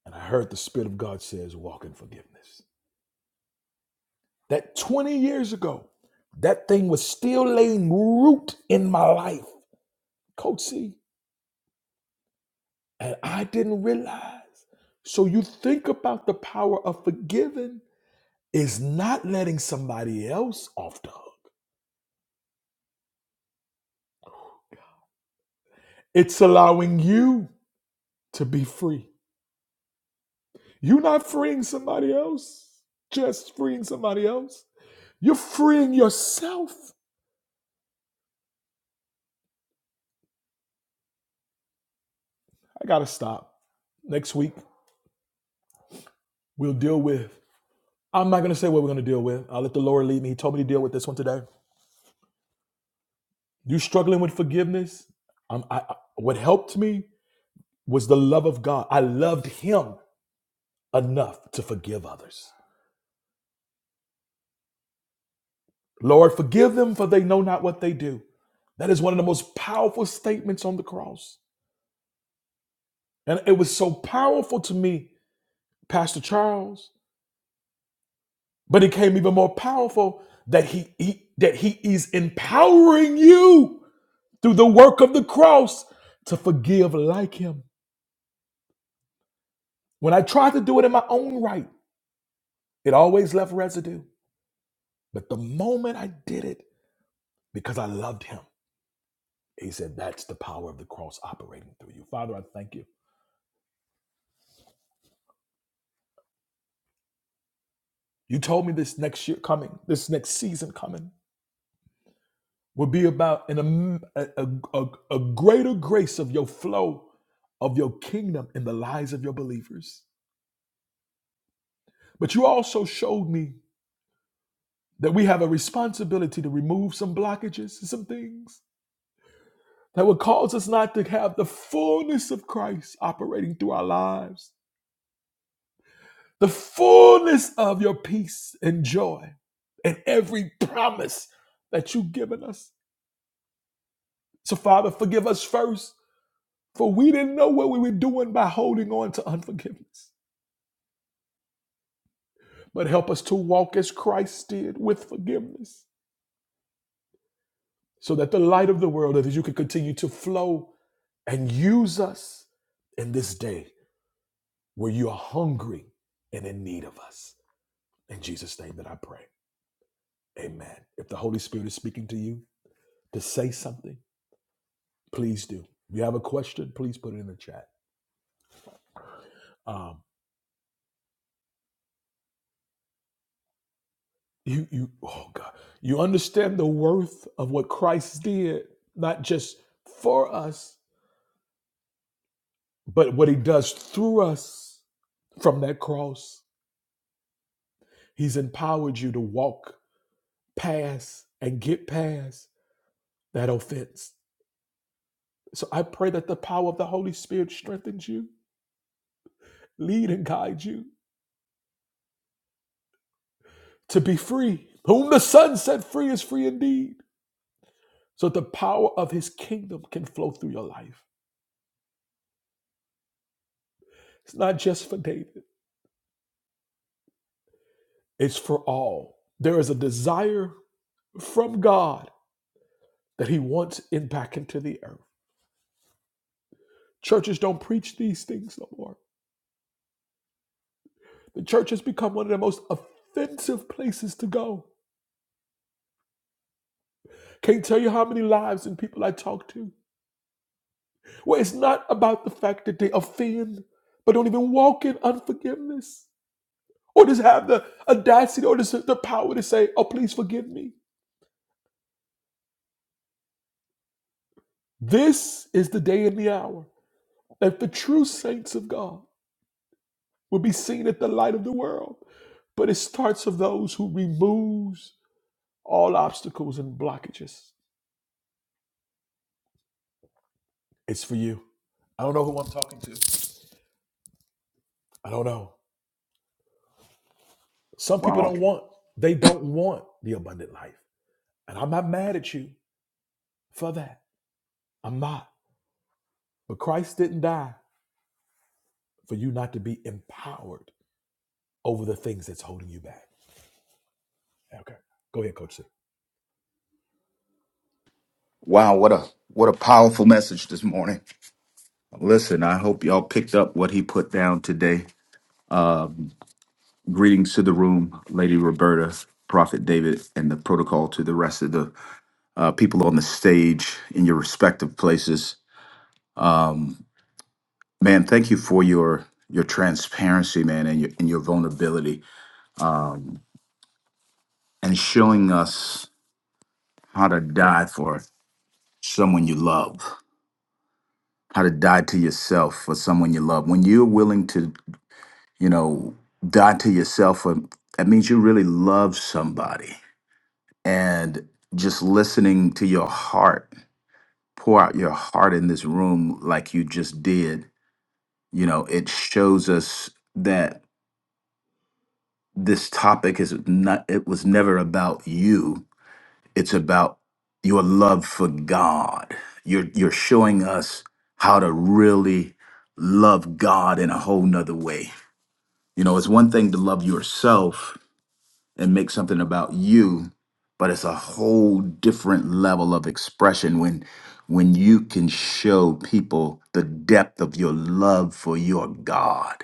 Speaker 1: And I heard the Spirit of God says, Walk in forgiveness. That 20 years ago, that thing was still laying root in my life. Coach C, And I didn't realize. So you think about the power of forgiving is not letting somebody else off the hook. It's allowing you to be free. You're not freeing somebody else, just freeing somebody else. You're freeing yourself. I gotta stop. Next week, we'll deal with. I'm not gonna say what we're gonna deal with. I'll let the Lord lead me. He told me to deal with this one today. You struggling with forgiveness? Um, I, I, what helped me was the love of God. I loved Him enough to forgive others. Lord, forgive them for they know not what they do. That is one of the most powerful statements on the cross. And it was so powerful to me, Pastor Charles, but it came even more powerful that he, he that he is empowering you through the work of the cross to forgive like him. When I tried to do it in my own right, it always left residue. But the moment I did it because I loved him, he said, That's the power of the cross operating through you. Father, I thank you You told me this next year coming, this next season coming, will be about an, am- a, a, a a greater grace of your flow of your kingdom in the lives of your believers. But you also showed me that we have a responsibility to remove some blockages and some things that would cause us not to have the fullness of Christ operating through our lives, the fullness of your peace and joy, and every promise that you've given us. So, Father, forgive us first For we didn't know what we were doing by holding on to unforgiveness. But help us to walk as Christ did with forgiveness, so that the light of the world, that you can continue to flow and use us in this day where you are hungry and in need of us. In Jesus' name that I pray. Amen. If the Holy Spirit is speaking to you to say something, please do. If you have a question, please put it in the chat. Um, You you oh God. You understand the worth of what Christ did, not just for us, but what he does through us from that cross. He's empowered you to walk past and get past that offense. So I pray that the power of the Holy Spirit strengthens you, lead and guide you to be free. Whom the Son set free is free indeed. So the power of his kingdom can flow through your life. It's not just for David. It's for all. There is a desire from God that He wants impact into the earth. Churches don't preach these things no more. The church has become one of the most offensive places to go. Can't tell you how many lives and people I talk to where it's not about the fact that they offend, but don't even walk in unforgiveness or just have the audacity or just the power to say, Oh, please forgive me. This is the day and the hour that the true saints of God will be seen at the light of the world. But it starts of those who removes all obstacles and blockages. It's for you. I don't know who I'm talking to. I don't know. Some people
Speaker 2: Wow.
Speaker 1: don't want, they don't want the abundant life. And I'm not mad at you for that. I'm not. But Christ didn't die for you not to be empowered over the things that's holding you back. Okay. Go ahead, Coach C.
Speaker 2: Wow, what a what a powerful message this morning. Listen, I hope y'all picked up what he put down today. Greetings to the room, Lady Roberta, Prophet David, and the protocol to the rest of the uh, people on the stage in your respective places. Man, thank you for your your transparency, man, and your and your vulnerability and showing us how to die for someone you love, how to die to yourself for someone you love. When you're willing to you know, die to yourself. Or, that means you really love somebody. And just listening to your heart, pour out your heart in this room like you just did, you know, it shows us that this topic is not, it was never about you. It's about your love for God. You're, you're showing us how to really love God in a whole nother way. You know, it's one thing to love yourself, and make something about you but it's a whole different level of expression when when you can show people the depth of your love for your god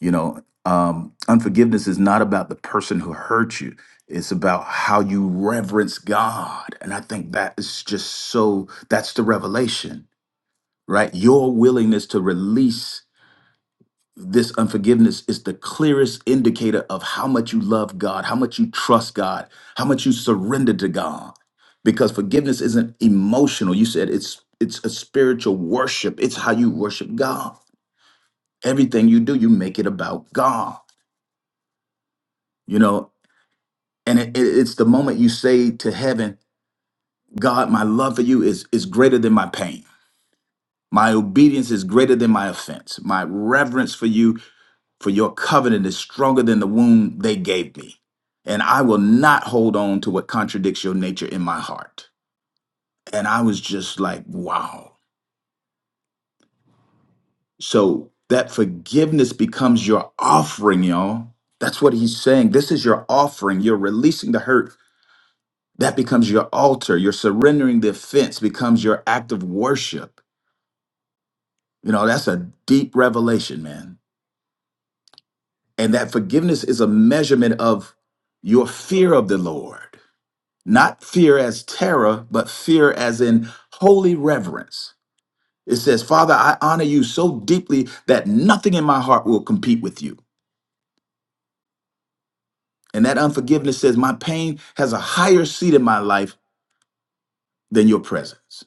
Speaker 2: you know um, unforgiveness is not about the person who hurt you it's about how you reverence god and i think that is just so that's the revelation right your willingness to release this unforgiveness is the clearest indicator of how much you love God, how much you trust God, how much you surrender to God. Because forgiveness isn't emotional. You said it's it's a spiritual worship. It's how you worship God. Everything you do, you make it about God. You know, and it, it- it's the moment you say to heaven, God, my love for you is is greater than my pain. My obedience is greater than my offense. My reverence for you for your covenant is stronger than the womb they gave me. And I will not hold on to what contradicts your nature in my heart. And I was just like, wow. So that forgiveness becomes your offering, y'all. That's what he's saying. This is your offering. You're releasing the hurt. That becomes your altar. You're surrendering the offense, becomes your act of worship. You know, that's a deep revelation, man. And that forgiveness is a measurement of your fear of the Lord not fear as terror, but fear as in holy reverence. It says, Father, I honor you so deeply that nothing in my heart will compete with you. And that unforgiveness says, My pain has a higher seat in my life than your presence.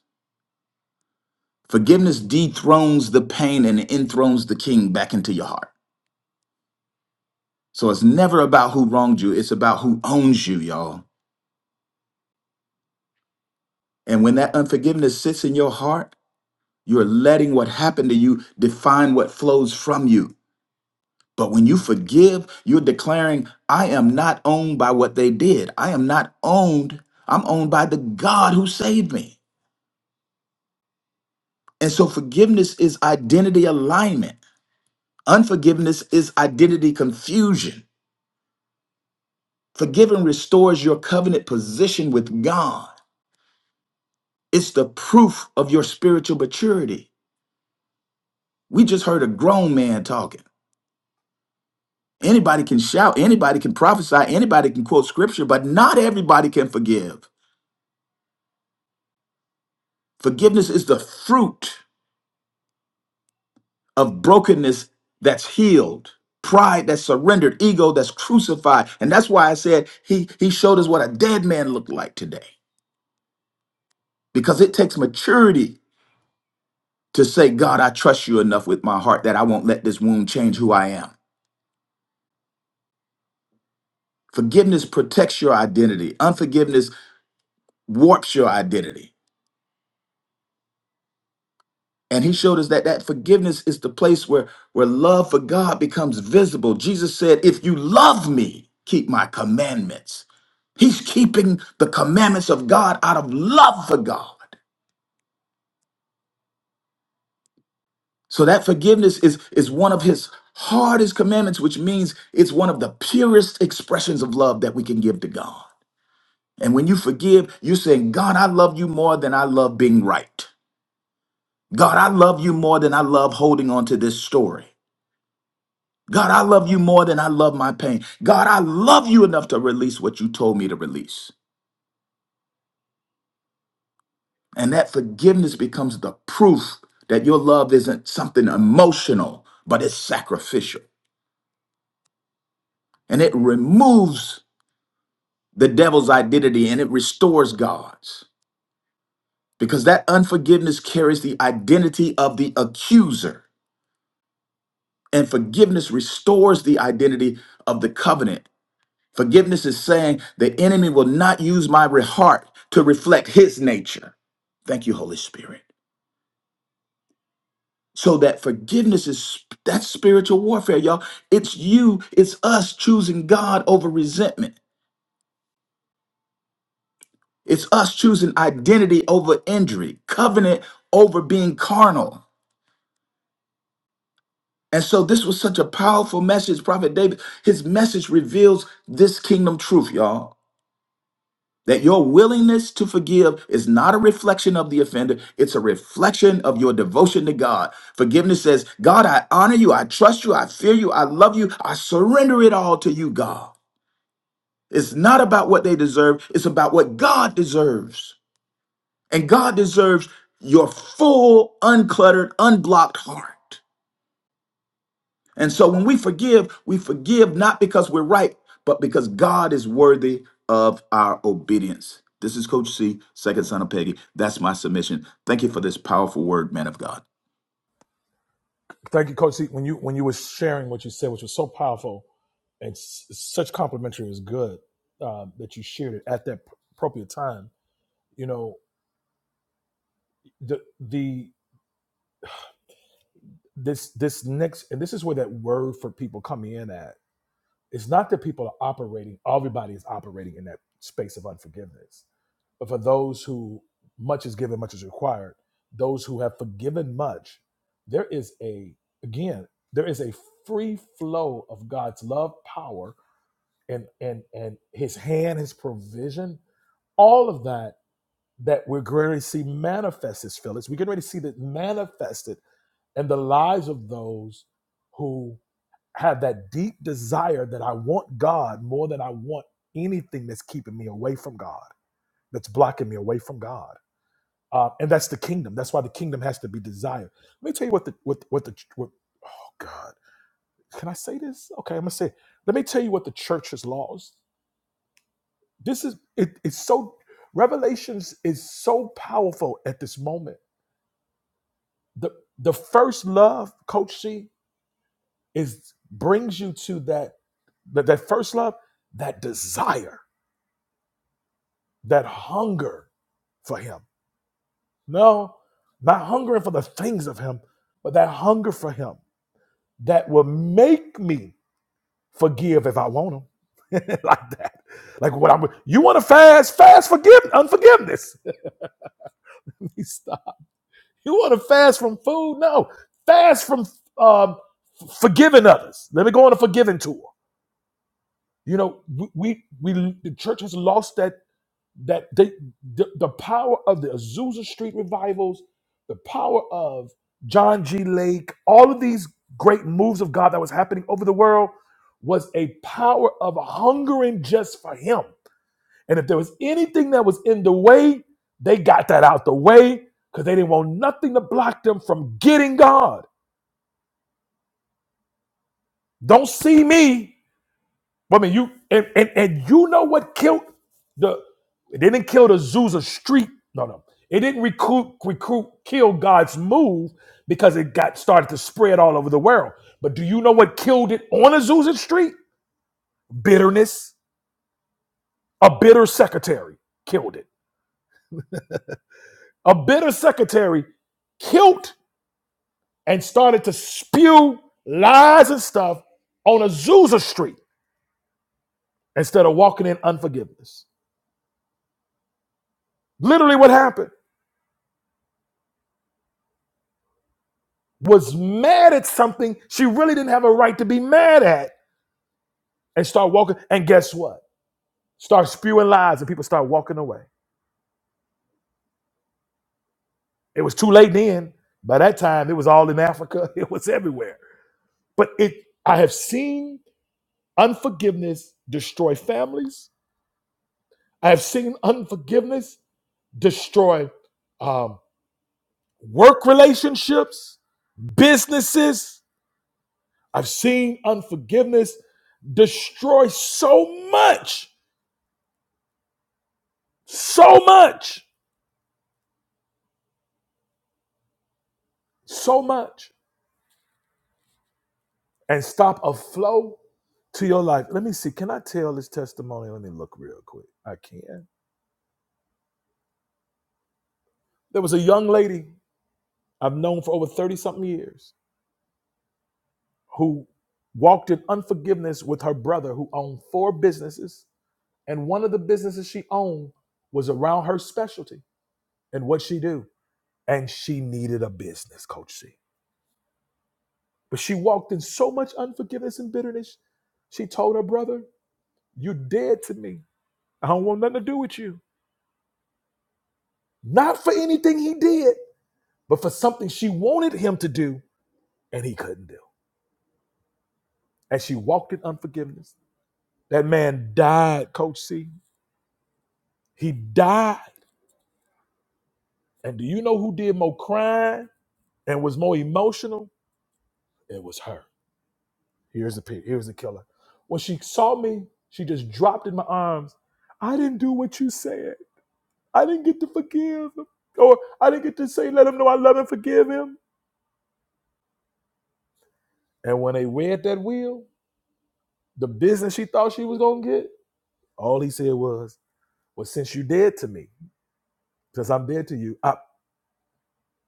Speaker 2: Forgiveness dethrones the pain and enthrones the king back into your heart. So it's never about who wronged you, it's about who owns you, y'all. And when that unforgiveness sits in your heart, you're letting what happened to you define what flows from you. But when you forgive, you're declaring, I am not owned by what they did. I am not owned. I'm owned by the God who saved me. And so forgiveness is identity alignment, unforgiveness is identity confusion. Forgiving restores your covenant position with God, it's the proof of your spiritual maturity. We just heard a grown man talking. Anybody can shout, anybody can prophesy, anybody can quote scripture, but not everybody can forgive. Forgiveness is the fruit of brokenness that's healed pride that's surrendered ego that's crucified and that's why i said he he showed us what a dead man looked like today because it takes maturity to say god i trust you enough with my heart that i won't let this wound change who i am forgiveness protects your identity unforgiveness warps your identity And he showed us that that forgiveness is the place where, where love for God becomes visible. Jesus said, If you love me, keep my commandments. He's keeping the commandments of God out of love for God. So that forgiveness is, is one of his hardest commandments, which means it's one of the purest expressions of love that we can give to God. And when you forgive, you're saying, God, I love you more than I love being right. God, I love you more than I love holding on to this story. God, I love you more than I love my pain. God, I love you enough to release what you told me to release. And that forgiveness becomes the proof that your love isn't something emotional, but it's sacrificial. And it removes the devil's identity and it restores God's. Because that unforgiveness carries the identity of the accuser, and forgiveness restores the identity of the covenant Forgiveness is saying the enemy will not use my re- heart to reflect his nature. Thank you, Holy Spirit. So that forgiveness is that's spiritual warfare, y'all. It's you, it's us choosing God over resentment. It's us choosing identity over injury, covenant over being carnal. And so this was such a powerful message, Prophet David. His message reveals this kingdom truth, y'all. That your willingness to forgive is not a reflection of the offender, it's a reflection of your devotion to God. Forgiveness says, God, I honor you, I trust you, I fear you, I love you, I surrender it all to you, God. It's not about what they deserve, it's about what God deserves. And God deserves your full, uncluttered, unblocked heart. And so when we forgive, we forgive not because we're right, but because God is worthy of our obedience. This is Coach C, second son of Peggy. That's my submission. Thank you for this powerful word, man of God.
Speaker 1: Thank you, Coach. See, when you when you were sharing what you said, which was so powerful and s- such complimentary, is good uh, that you shared it at that p- appropriate time. You know, the the this this next and this is where that word for people coming in at. It's not that people are operating; everybody is operating in that space of unforgiveness. But for those who much is given, much is required, those who have forgiven much, there is a, again, there is a free flow of God's love, power, and and and his hand, his provision, all of that that we're going to see manifest as Phyllis. We're getting ready to see that manifested in the lives of those who have that deep desire that I want God more than I want anything that's keeping me away from God, that's blocking me away from God. Uh, and that's the kingdom. That's why the kingdom has to be desired. Let me tell you what the what what the what, oh God, can I say this? Okay, I'm gonna say. It. Let me tell you what the church has lost This is it, it's so Revelations is so powerful at this moment. The the first love, Coach C, is brings you to that that, that first love, that desire, that hunger for him. No, not hungering for the things of him, but that hunger for him that will make me forgive if I want him. like that. Like what I'm you want to fast, fast forgive unforgiveness. You want to fast from food? No, fast from um, forgiving others. Let me go on a forgiving tour. You know, we we, the church has lost that that they, the the power of the Azusa Street revivals, the power of John G. Lake, all of these great moves of God that was happening over the world was a power of hungering just for Him and if there was anything that was in the way, they got that out the way because they didn't want nothing to block them from getting God. Don't see me. I mean, you and, and and you know what killed the it didn't kill the Azusa Street. No, no. It didn't recruit recruit kill God's move because it got started to spread all over the world. But do you know what killed it on Azusa Street? Bitterness. A bitter secretary killed it. A bitter secretary killed and started to spew lies and stuff on Azusa Street instead of walking in unforgiveness. Literally, what happened was mad at something she really didn't have a right to be mad at and start walking. And guess what? Start spewing lies and people start walking away. It was too late then. By that time, it was all in Africa, it was everywhere. But it, I have seen unforgiveness destroy families. I have seen unforgiveness destroy um, work relationships, businesses. I've seen unforgiveness destroy so much, so much, so much, and stop a flow to your life. Let me see. Can I tell this testimony? Let me look real quick. I can. There was a young lady I've known for over 30 something years who walked in unforgiveness with her brother who owned four businesses. And one of the businesses she owned was around her specialty and what she do. and she needed a business, Coach C. But she walked in so much unforgiveness and bitterness. She told her brother, You're dead to me. I don't want nothing to do with you. Not for anything he did, but for something she wanted him to do and he couldn't do. And she walked in unforgiveness. That man died, Coach C. He died. And do you know who did more crying and was more emotional? It was her. Here's the pig. Here's the killer. When she saw me, she just dropped in my arms. I didn't do what you said. I didn't get to forgive him. Or I didn't get to say, let him know I love and forgive him. And when they read that will, the business she thought she was going to get, all he said was, well, since you dead to me, because I'm dead to you, up.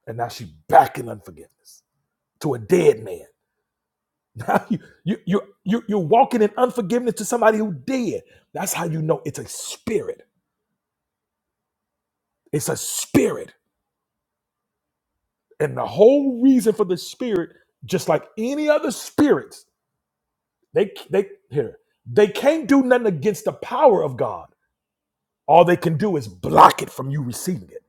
Speaker 1: And now she back in unforgiveness to a dead man. Now you, you, you, you, you're walking in unforgiveness to somebody who dead. That's how you know it's a spirit. It's a spirit. And the whole reason for the spirit, just like any other spirits, they they here, they can't do nothing against the power of God. All they can do is block it from you receiving it.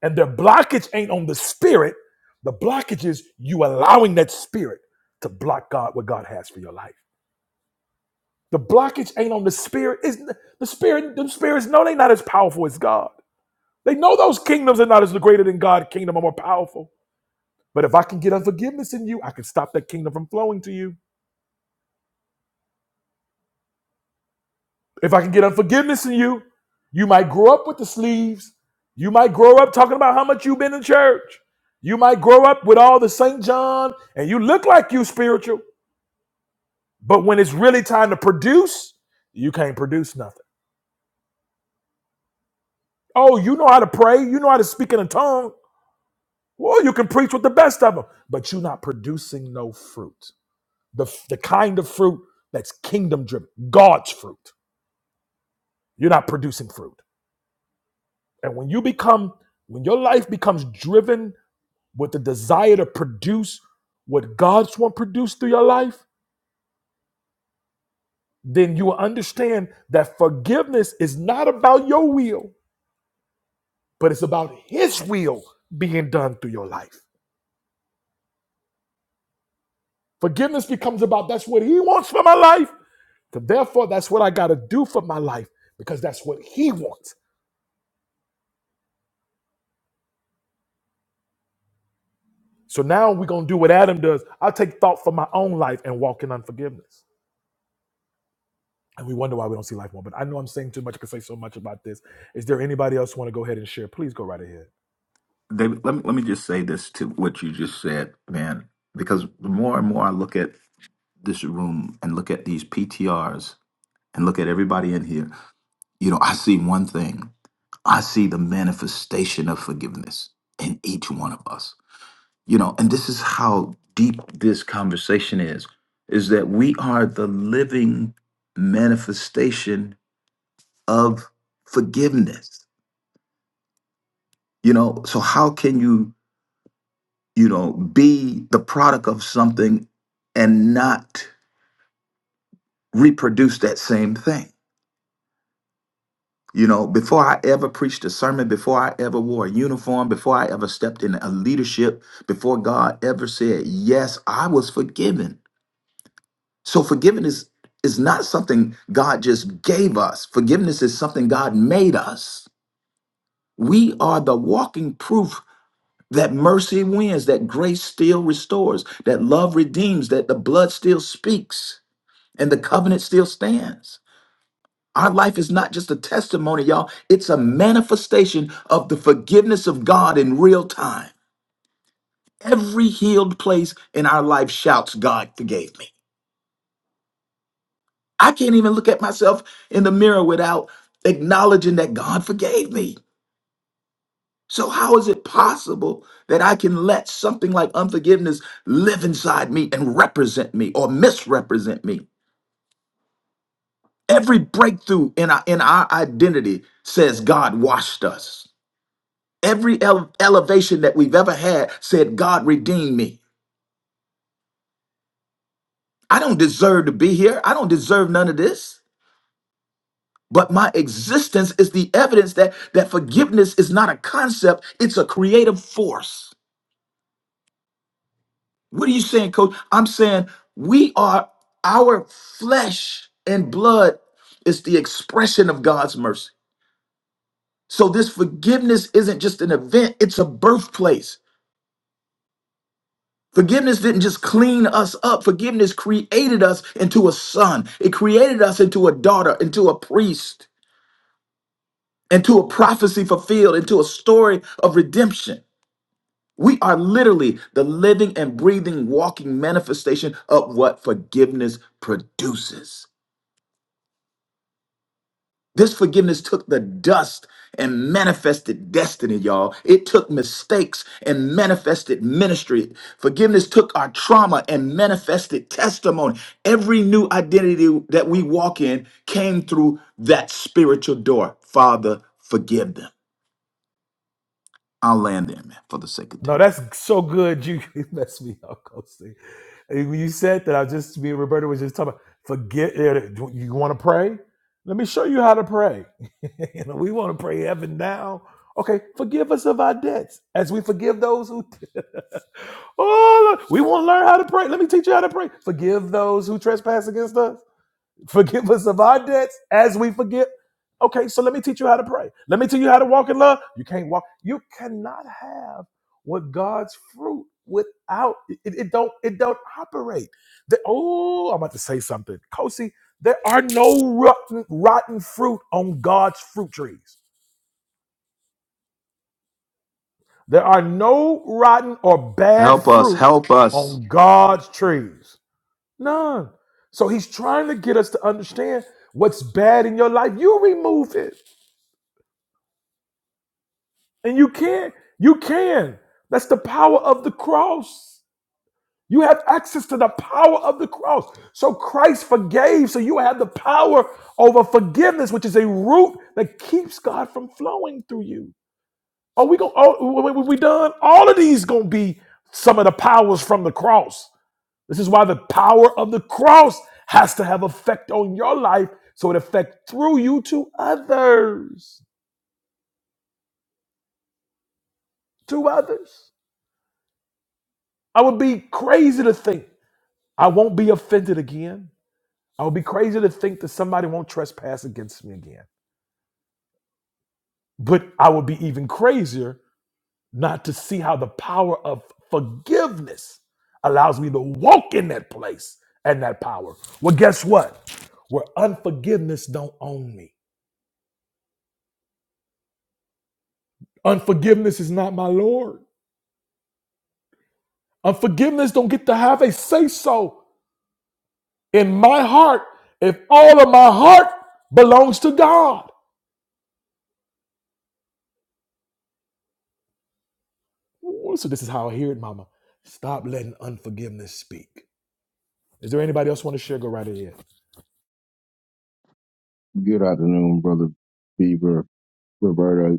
Speaker 1: And their blockage ain't on the spirit. The blockage is you allowing that spirit to block God what God has for your life. The blockage ain't on the spirit. Is the spirit? The spirits know they not as powerful as God. They know those kingdoms are not as greater than God. Kingdom or more powerful. But if I can get unforgiveness in you, I can stop that kingdom from flowing to you If I can get unforgiveness in you, you might grow up with the sleeves. You might grow up talking about how much you've been in church. You might grow up with all the St. John and you look like you spiritual, but when it's really time to produce, you can't produce nothing. Oh, you know how to pray. You know how to speak in a tongue. Well, you can preach with the best of them, but you're not producing no fruit. The, the kind of fruit that's kingdom driven, God's fruit. You're not producing fruit. And when you become, when your life becomes driven with the desire to produce what God's want produced through your life, then you will understand that forgiveness is not about your will, but it's about His will being done through your life. Forgiveness becomes about that's what He wants for my life. So therefore, that's what I got to do for my life because that's what He wants. So now we're going to do what Adam does. I'll take thought for my own life and walk in unforgiveness. and we wonder why we don't see life more. But I know I'm saying too much. I can say so much about this. Is there anybody else who want to go ahead and share? Please go right ahead.
Speaker 2: David, let me, let me just say this to what you just said, man, because the more and more I look at this room and look at these PTRs and look at everybody in here, you know, I see one thing. I see the manifestation of forgiveness in each one of us. you know and this is how deep this conversation is is that we are the living manifestation of forgiveness you know so how can you you know be the product of something and not reproduce that same thing you know before i ever preached a sermon before i ever wore a uniform before i ever stepped in a leadership before god ever said yes i was forgiven So forgiveness is not something God just gave us. Forgiveness is something God made us. We are the walking proof that mercy wins, that grace still restores, that love redeems, that the blood still speaks, and the covenant still stands. Our life is not just a testimony, y'all. It's a manifestation of the forgiveness of God in real time. Every healed place in our life shouts, God forgave me. I can't even look at myself in the mirror without acknowledging that God forgave me. So, how is it possible that I can let something like unforgiveness live inside me and represent me or misrepresent me? Every breakthrough in our, in our identity says God washed us. Every ele- elevation that we've ever had said God redeemed me. I don't deserve to be here. I don't deserve none of this. but my existence is the evidence that that forgiveness is not a concept it's a creative force what are you saying coach i'm saying we are our flesh and blood is the expression of god's mercy so this forgiveness isn't just an event it's a birthplace Forgiveness didn't just clean us up. Forgiveness created us into a son. It created us into a daughter, into a priest, into a prophecy fulfilled, into a story of redemption. We are literally the living and breathing, walking manifestation of what forgiveness produces. This forgiveness took the dust and manifested destiny, y'all. It took mistakes and manifested ministry. Forgiveness took our trauma and manifested testimony. Every new identity that we walk in came through that spiritual door. Father, forgive them. I'll land there, man, for the sake of
Speaker 1: No,
Speaker 2: time.
Speaker 1: that's so good. You messed me up, Coasting. When you said that, I just me and Roberta was just talking. About, forget it. Do You want to pray? Let me show you how to pray. you know, we want to pray heaven now. Okay, forgive us of our debts, as we forgive those who. oh, Lord, we want to learn how to pray. Let me teach you how to pray. Forgive those who trespass against us. Forgive us of our debts as we forgive. Okay, so let me teach you how to pray. Let me tell you how to walk in love. You can't walk. You cannot have what God's fruit without it. It don't. It don't operate. The, oh, I'm about to say something, Kosi. There are no rotten, rotten fruit on God's fruit trees. There are no rotten or bad
Speaker 2: Help us,
Speaker 1: fruit
Speaker 2: help us.
Speaker 1: on God's trees. None. So He's trying to get us to understand what's bad in your life. You remove it. And you can. You can. That's the power of the cross. You have access to the power of the cross. So Christ forgave, so you have the power over forgiveness, which is a root that keeps God from flowing through you. Are we going? Oh, we we- we done? All of these gonna be some of the powers from the cross. This is why the power of the cross has to have effect on your life, so it affect through you to others, to others. I would be crazy to think. I won't be offended again. I would be crazy to think that somebody won't trespass against me again. But I would be even crazier not to see how the power of forgiveness allows me to walk in that place and that power. Well, guess what? Where unforgiveness don't own me. Unforgiveness is not my Lord. Unforgiveness don't get to have a say so in my heart if all of my heart belongs to God. Ooh, so this is how I hear it, Mama. Stop letting unforgiveness speak. Is there anybody else want to share? Go right ahead.
Speaker 3: Good afternoon, brother Bieber, Roberta,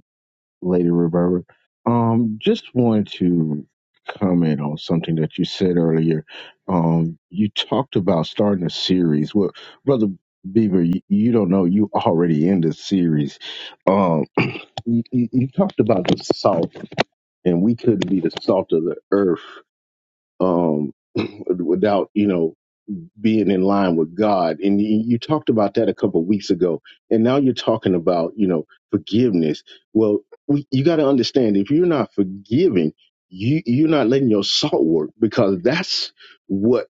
Speaker 3: Lady Roberta. Um, just wanted to comment on something that you said earlier. Um, you talked about starting a series. Well, brother Bieber, you, you don't know you already in the series. Um, you, you you talked about the salt, and we couldn't be the salt of the earth. Um, without you know being in line with God. And you, you talked about that a couple of weeks ago. And now you're talking about, you know, forgiveness. Well, we, you got to understand if you're not forgiving, you, you're not letting your salt work because that's what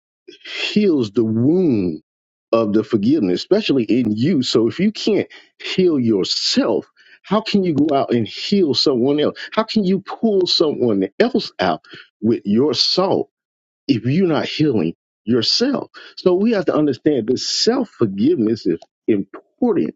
Speaker 3: heals the wound of the forgiveness, especially in you. So if you can't heal yourself, how can you go out and heal someone else? How can you pull someone else out with your salt? if you're not healing yourself. So we have to understand this self forgiveness is important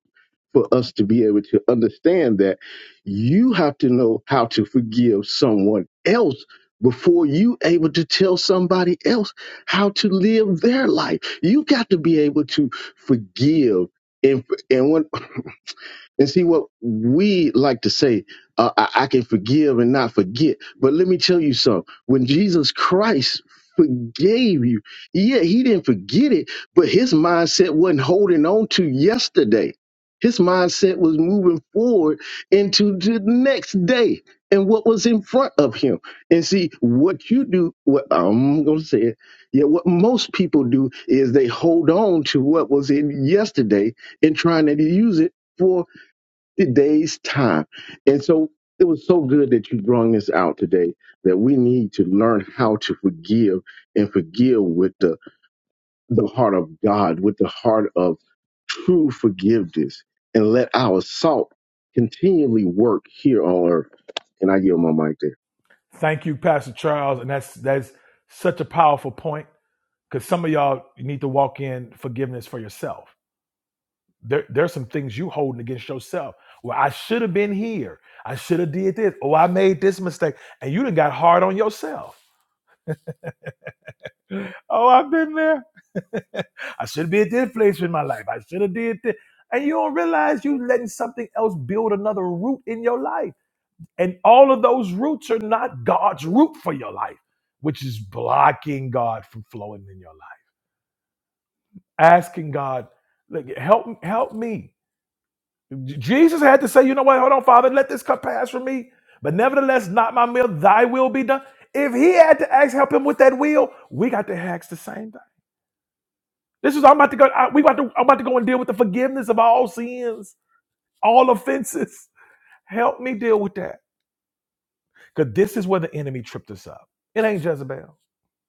Speaker 3: for us to be able to understand that you have to know how to forgive someone else before you able to tell somebody else how to live their life you got to be able to forgive and and when and see what we like to say, uh, I, I can forgive and not forget. But let me tell you something. When Jesus Christ forgave you, yeah, he didn't forget it, but his mindset wasn't holding on to yesterday. His mindset was moving forward into the next day and what was in front of him. And see, what you do, what I'm going to say it, yeah, what most people do is they hold on to what was in yesterday and trying to use it. For today's time. And so it was so good that you brought this out today that we need to learn how to forgive and forgive with the, the heart of God, with the heart of true forgiveness, and let our salt continually work here on earth. And I yield my mic there.
Speaker 1: Thank you, Pastor Charles, and that's that's such a powerful point because some of y'all need to walk in forgiveness for yourself. There, there's some things you holding against yourself. Well, I should have been here. I should have did this. Oh, I made this mistake, and you done got hard on yourself. oh, I've been there. I should be at this place in my life. I should have did this. And you don't realize you letting something else build another root in your life. And all of those roots are not God's root for your life, which is blocking God from flowing in your life. Asking God, look, help help me. J- Jesus had to say, you know what, hold on, Father, let this cup pass from me. But nevertheless, not my will, thy will be done. If he had to ask help him with that will, we got to ask the same This is I'm about to go. I, we about to. I'm about to go and deal with the forgiveness of all sins, all offenses. Help me deal with that, because this is where the enemy tripped us up. It ain't Jezebel.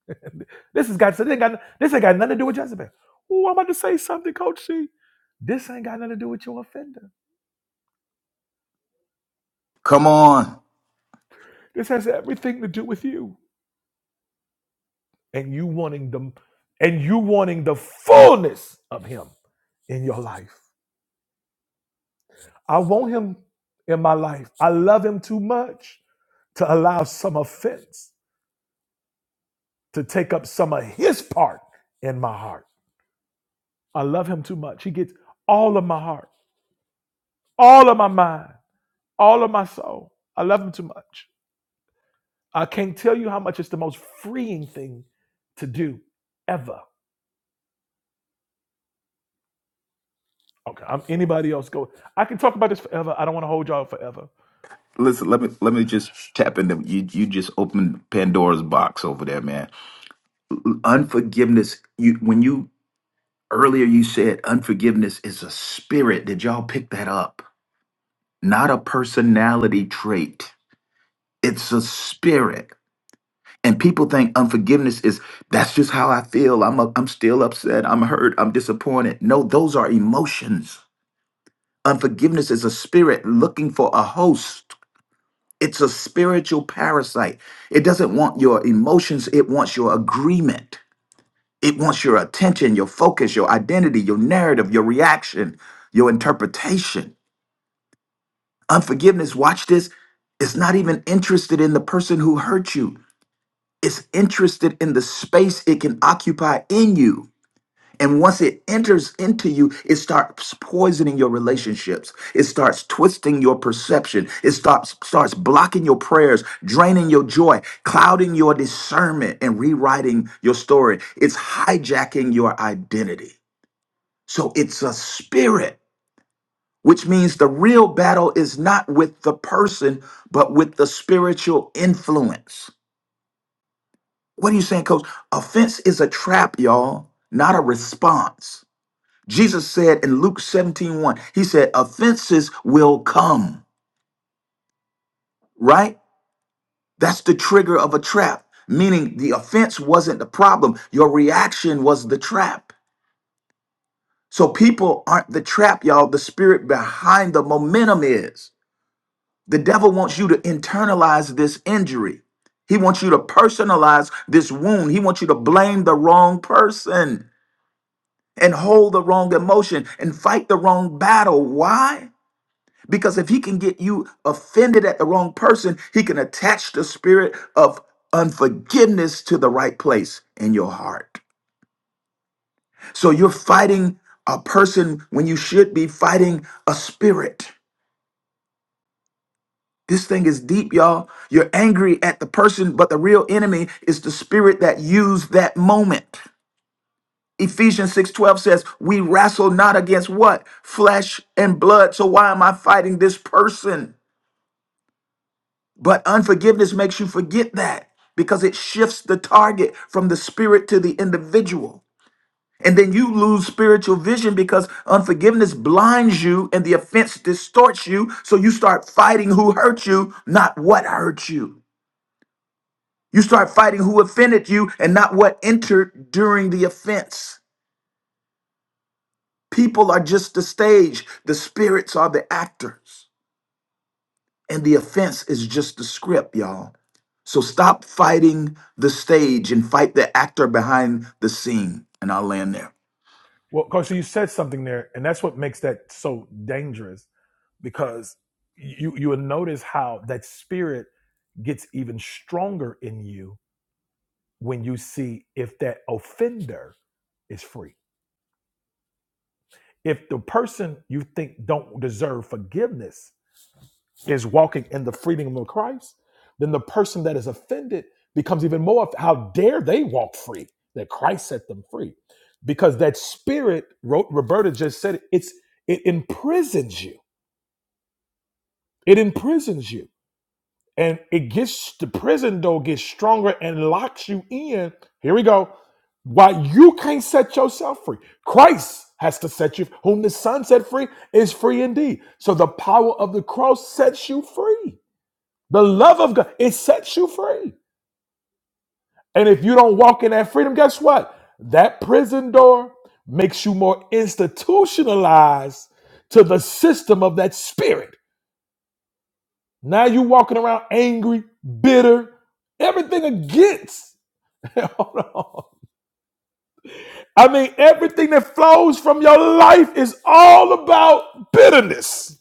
Speaker 1: this has got. This ain't got. This ain't got nothing to do with Jezebel. Oh, I'm about to say something, Coach C. This ain't got nothing to do with your offender.
Speaker 2: Come on.
Speaker 1: This has everything to do with you and you wanting them and you wanting the fullness of Him in your life. I want Him in my life. I love Him too much to allow some offense to take up some of his part in my heart. I love him too much. He gets all of my heart, all of my mind, all of my soul. I love him too much. I can't tell you how much it's the most freeing thing to do ever. Okay, I'm anybody else go. I can talk about this forever. I don't want to hold y'all forever.
Speaker 2: Listen, let me let me just tap into you. You just opened Pandora's box over there, man. Unforgiveness. You when you earlier you said unforgiveness is a spirit. Did y'all pick that up? Not a personality trait. It's a spirit. And people think unforgiveness is that's just how I feel. I'm i I'm still upset. I'm hurt. I'm disappointed. No, those are emotions. Unforgiveness is a spirit looking for a host. It's a spiritual parasite. It doesn't want your emotions, it wants your agreement. It wants your attention, your focus, your identity, your narrative, your reaction, your interpretation. Unforgiveness, watch this, is not even interested in the person who hurt you, it's interested in the space it can occupy in you. And once it enters into you, it starts poisoning your relationships. It starts twisting your perception. It starts starts blocking your prayers, draining your joy, clouding your discernment, and rewriting your story. It's hijacking your identity. So it's a spirit, which means the real battle is not with the person, but with the spiritual influence. What are you saying, coach? Offense is a trap, y'all, not a response. Jesus said in Luke 17 one, he said, offenses will come, right? That's the trigger of a trap, meaning the offense wasn't the problem. Your reaction was the trap. So people aren't the trap, y'all. The spirit behind the momentum is. The devil wants you to internalize this injury. He wants you to personalize this wound. He wants you to blame the wrong person and hold the wrong emotion and fight the wrong battle. Why? Because if he can get you offended at the wrong person, he can attach the spirit of unforgiveness to the right place in your heart. So you're fighting a person when you should be fighting a spirit. This thing is deep, y'all. You're angry at the person, but the real enemy is the spirit that used that moment. Ephesians 6:12 says, "We wrestle not against what? Flesh and blood. So why am I fighting this person? But unforgiveness makes you forget that because it shifts the target from the spirit to the individual. And then you lose spiritual vision because unforgiveness blinds you and the offense distorts you. So you start fighting who hurt you, not what hurt you. You start fighting who offended you and not what entered during the offense. People are just the stage, the spirits are the actors. And the offense is just the script, y'all. So stop fighting the stage and fight the actor behind the scene. And I'll land there.
Speaker 1: Well, because you said something there, and that's what makes that so dangerous because you you will notice how that spirit gets even stronger in you when you see if that offender is free. If the person you think don't deserve forgiveness is walking in the freedom of Christ, then the person that is offended becomes even more of how dare they walk free that Christ set them free. Because that spirit, wrote Roberta just said it, it's it imprisons you. It imprisons you. and it gets the prison door gets stronger and locks you in. Here we go. Why you can't set yourself free. Christ has to set you whom the Son set free is free indeed. So the power of the cross sets you free. The love of God, it sets you free. And if you don't walk in that freedom, guess what? That prison door makes you more institutionalized to the system of that spirit. Now you walking around angry, bitter, everything against. Hold on. I mean, everything that flows from your life is all about bitterness.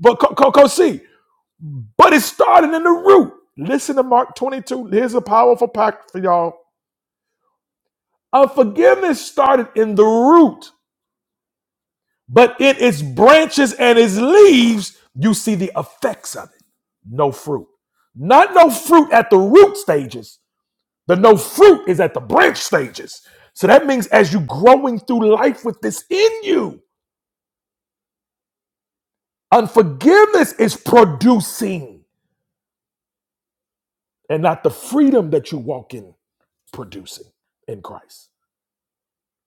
Speaker 1: But Co- co co- see, but it's starting in the root. Listen to Mark 22. Here's a powerful pack for y'all. Unforgiveness started in the root, but in its branches and its leaves, you see the effects of it. No fruit. Not no fruit at the root stages, The no fruit is at the branch stages. So that means as you're growing through life with this in you, unforgiveness is producing and not the freedom that you walk in producing in Christ.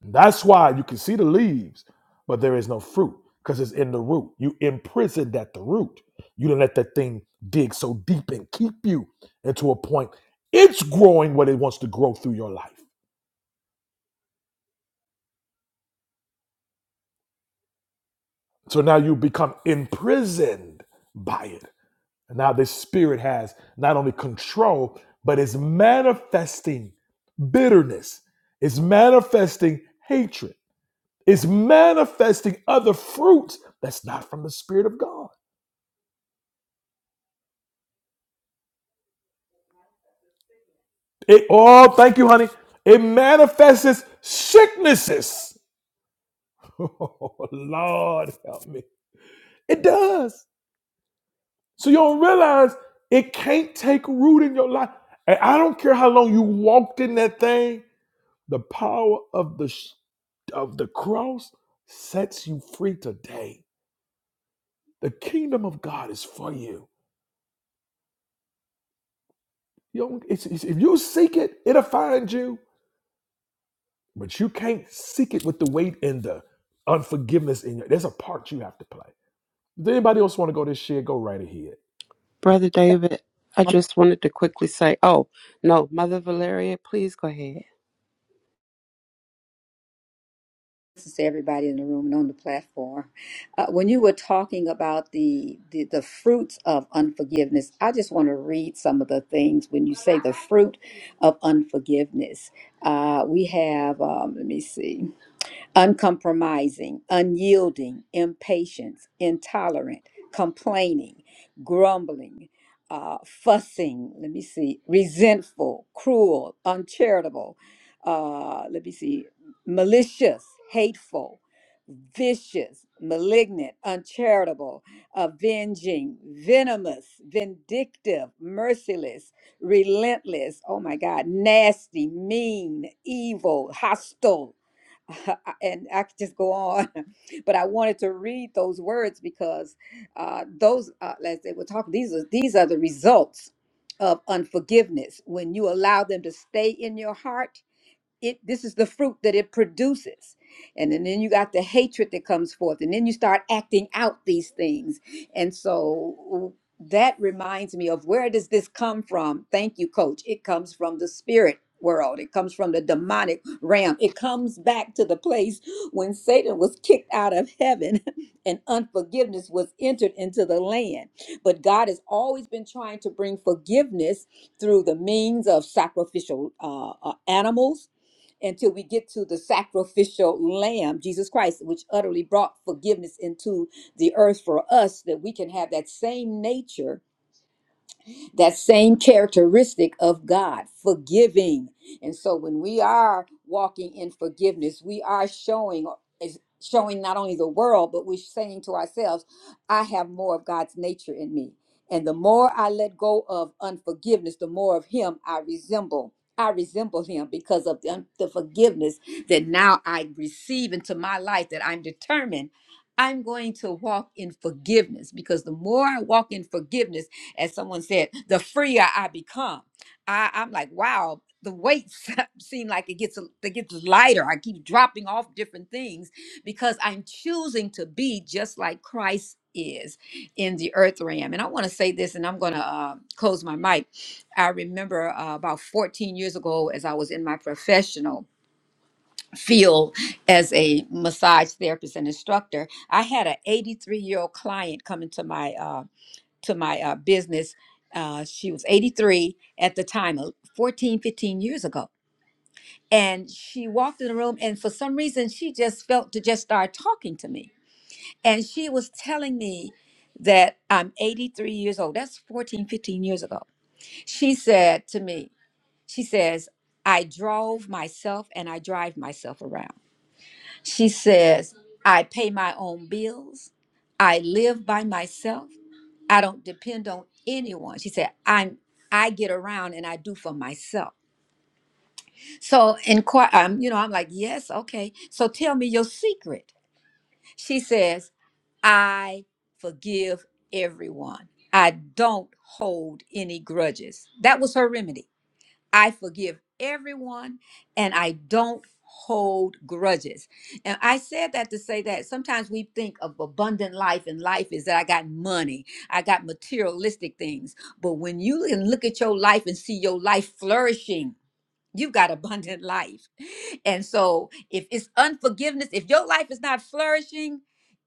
Speaker 1: That's why you can see the leaves, but there is no fruit because it's in the root. You imprisoned at the root. You didn't let that thing dig so deep and keep you into a point it's growing what it wants to grow through your life. So now you become imprisoned by it And now this spirit has not only control, but is manifesting bitterness, is manifesting hatred, is manifesting other fruits that's not from the Spirit of God. It oh, thank you, honey. It manifests sicknesses. Oh, Lord help me. It does. So you don't realize it can't take root in your life. And I don't care how long you walked in that thing, the power of the of the cross sets you free today. The kingdom of God is for you. you don't- it's- it's- if you seek it, it'll find you, but you can't seek it with the weight and the unforgiveness in you. There's a part you have to play. Does anybody else want to go this year? Go right ahead.
Speaker 4: Brother David, I
Speaker 5: I'm
Speaker 4: just wanted to quickly say, oh, no, Mother Valeria, please go ahead.
Speaker 5: listening to everybody in the room and on the platform. Uh, when you were talking about the, the the fruits of unforgiveness, I just want to read some of the things when you say the fruit of unforgiveness. Uh, we have, um, let me see. uncompromising, unyielding, impatient, intolerant, complaining, grumbling, uh, fussing, let me see, resentful, cruel, uncharitable, uh, let me see, malicious, hateful, vicious, malignant, uncharitable, avenging, venomous, vindictive, merciless, relentless, oh my God, nasty, mean, evil, hostile and I could just go on, but I wanted to read those words because uh, those, uh, as they were talking, these are these are the results of unforgiveness when you allow them to stay in your heart it this is the fruit that it produces and, then then you got the hatred that comes forth and then you start acting out these things and so that reminds me of where does this come from thank you coach it comes from the spirit world it comes from the demonic realm it comes back to the place when satan was kicked out of heaven and unforgiveness was entered into the land but god has always been trying to bring forgiveness through the means of sacrificial uh, uh, animals until we get to the sacrificial lamb, Jesus Christ, which utterly brought forgiveness into the earth for us, that we can have that same nature that same characteristic of God, forgiving. And so when we are walking in forgiveness, we are showing is showing not only the world, but we're saying to ourselves, I have more of God's nature in me. And the more I let go of unforgiveness, the more of him I resemble. I resemble him because of the, the forgiveness that now I receive into my life that I'm determined I'm going to walk in forgiveness because the more I walk in forgiveness as someone said, the freer I become. I, I'm like, wow, the weights seem like it gets it gets lighter. I keep dropping off different things because I'm choosing to be just like Christ is in the earth realm. And I want to say this, and I'm going to uh, close my mic. I remember uh, about 14 years ago, as I was in my professional field as a massage therapist and instructor, I had an 83 year old client come into my uh, to my uh, business. Uh, she was 83 at the time, uh, 14, 15 years ago. And she walked in the room, and for some reason, she just felt to just start talking to me. And she was telling me that I'm 83 years old. That's 14, 15 years ago. She said to me, She says, I drove myself and I drive myself around. She says, I pay my own bills. I live by myself. I don't depend on anyone. She said, I'm I get around and I do for myself. So inquire um, you know, I'm like, yes, okay. So tell me your secret. She says, I forgive everyone. I don't hold any grudges. That was her remedy. I forgive everyone and I don't hold grudges. And I said that to say that sometimes we think of abundant life and life is that I got money, I got materialistic things. But when you can look at your life and see your life flourishing, You've got abundant life. And so, if it's unforgiveness, if your life is not flourishing,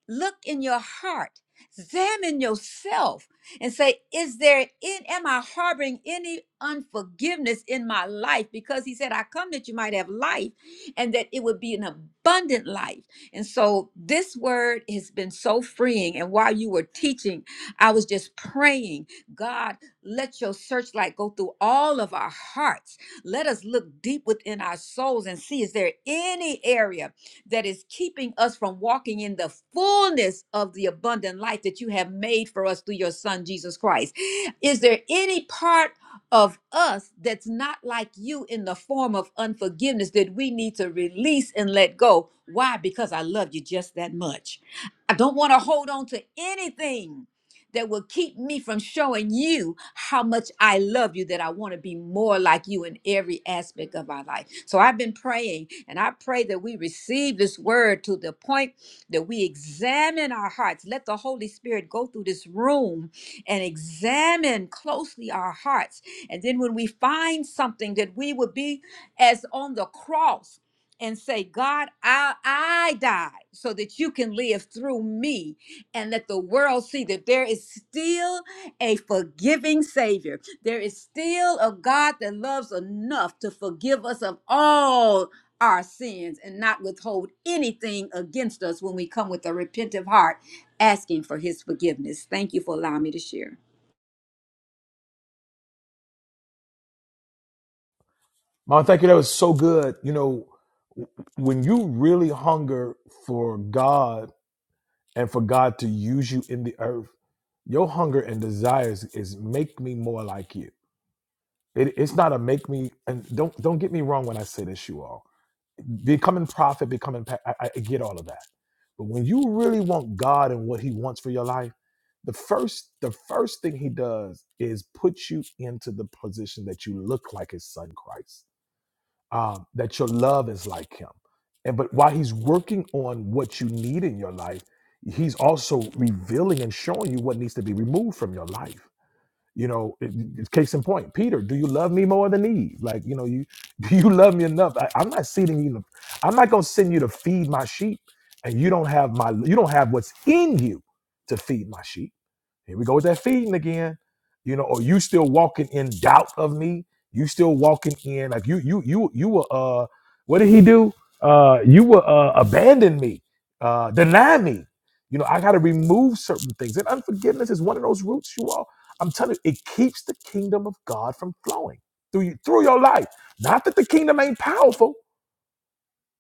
Speaker 5: look in your heart, examine yourself, and say, Is there in, am I harboring any unforgiveness in my life? Because he said, I come that you might have life and that it would be an abundant life. And so, this word has been so freeing. And while you were teaching, I was just praying, God, let your searchlight go through all of our hearts let us look deep within our souls and see is there any area that is keeping us from walking in the fullness of the abundant life that you have made for us through your son Jesus Christ? Is there any part of us that's not like you in the form of unforgiveness that we need to release and let go? Why? Because I love you just that much. I don't want to hold on to anything that will keep me from showing you how much I love you, that I want to be more like you in every aspect of our life. So I've been praying, and I pray that we receive this word to the point that we examine our hearts. Let the Holy Spirit go through this room and examine closely our hearts. And then when we find something, that we would be as on the cross and say, God, I, I died so that you can live through me and let the world see that there is still a forgiving Savior. There is still a God that loves enough to forgive us of all our sins and not withhold anything against us when we come with a repentant heart asking for His forgiveness. Thank you for allowing me to share.
Speaker 1: Mom, thank you. That was so good. You know, when you really hunger for God and for God to use you in the earth, your hunger and desires is make me more like you It, it's not a make me and don't don't get me wrong when I say this, you all becoming prophet, becoming pa- I, I get all of that, but when you really want God and what He wants for your life, the first the first thing He does is put you into the position that you look like His Son Christ, um, that your love is like Him, and but while He's working on what you need in your life, He's also revealing and showing you what needs to be removed from your life you know, it- it's case in point, Peter, do you love me more than Eve? Like, you know, you do you love me enough? I, I'm not sending you. to- I'm not gonna send you to feed my sheep, and you don't have my. You don't have what's in you to feed my sheep. Here we go with that feeding again. You know, or you still walking in doubt of me. You still walking in like you you you you were uh what did he do? Uh you were uh abandon me, uh deny me. You know, I gotta remove certain things. And unforgiveness is one of those roots you all. I'm telling you, it keeps the kingdom of God from flowing through you through your life. Not that the kingdom ain't powerful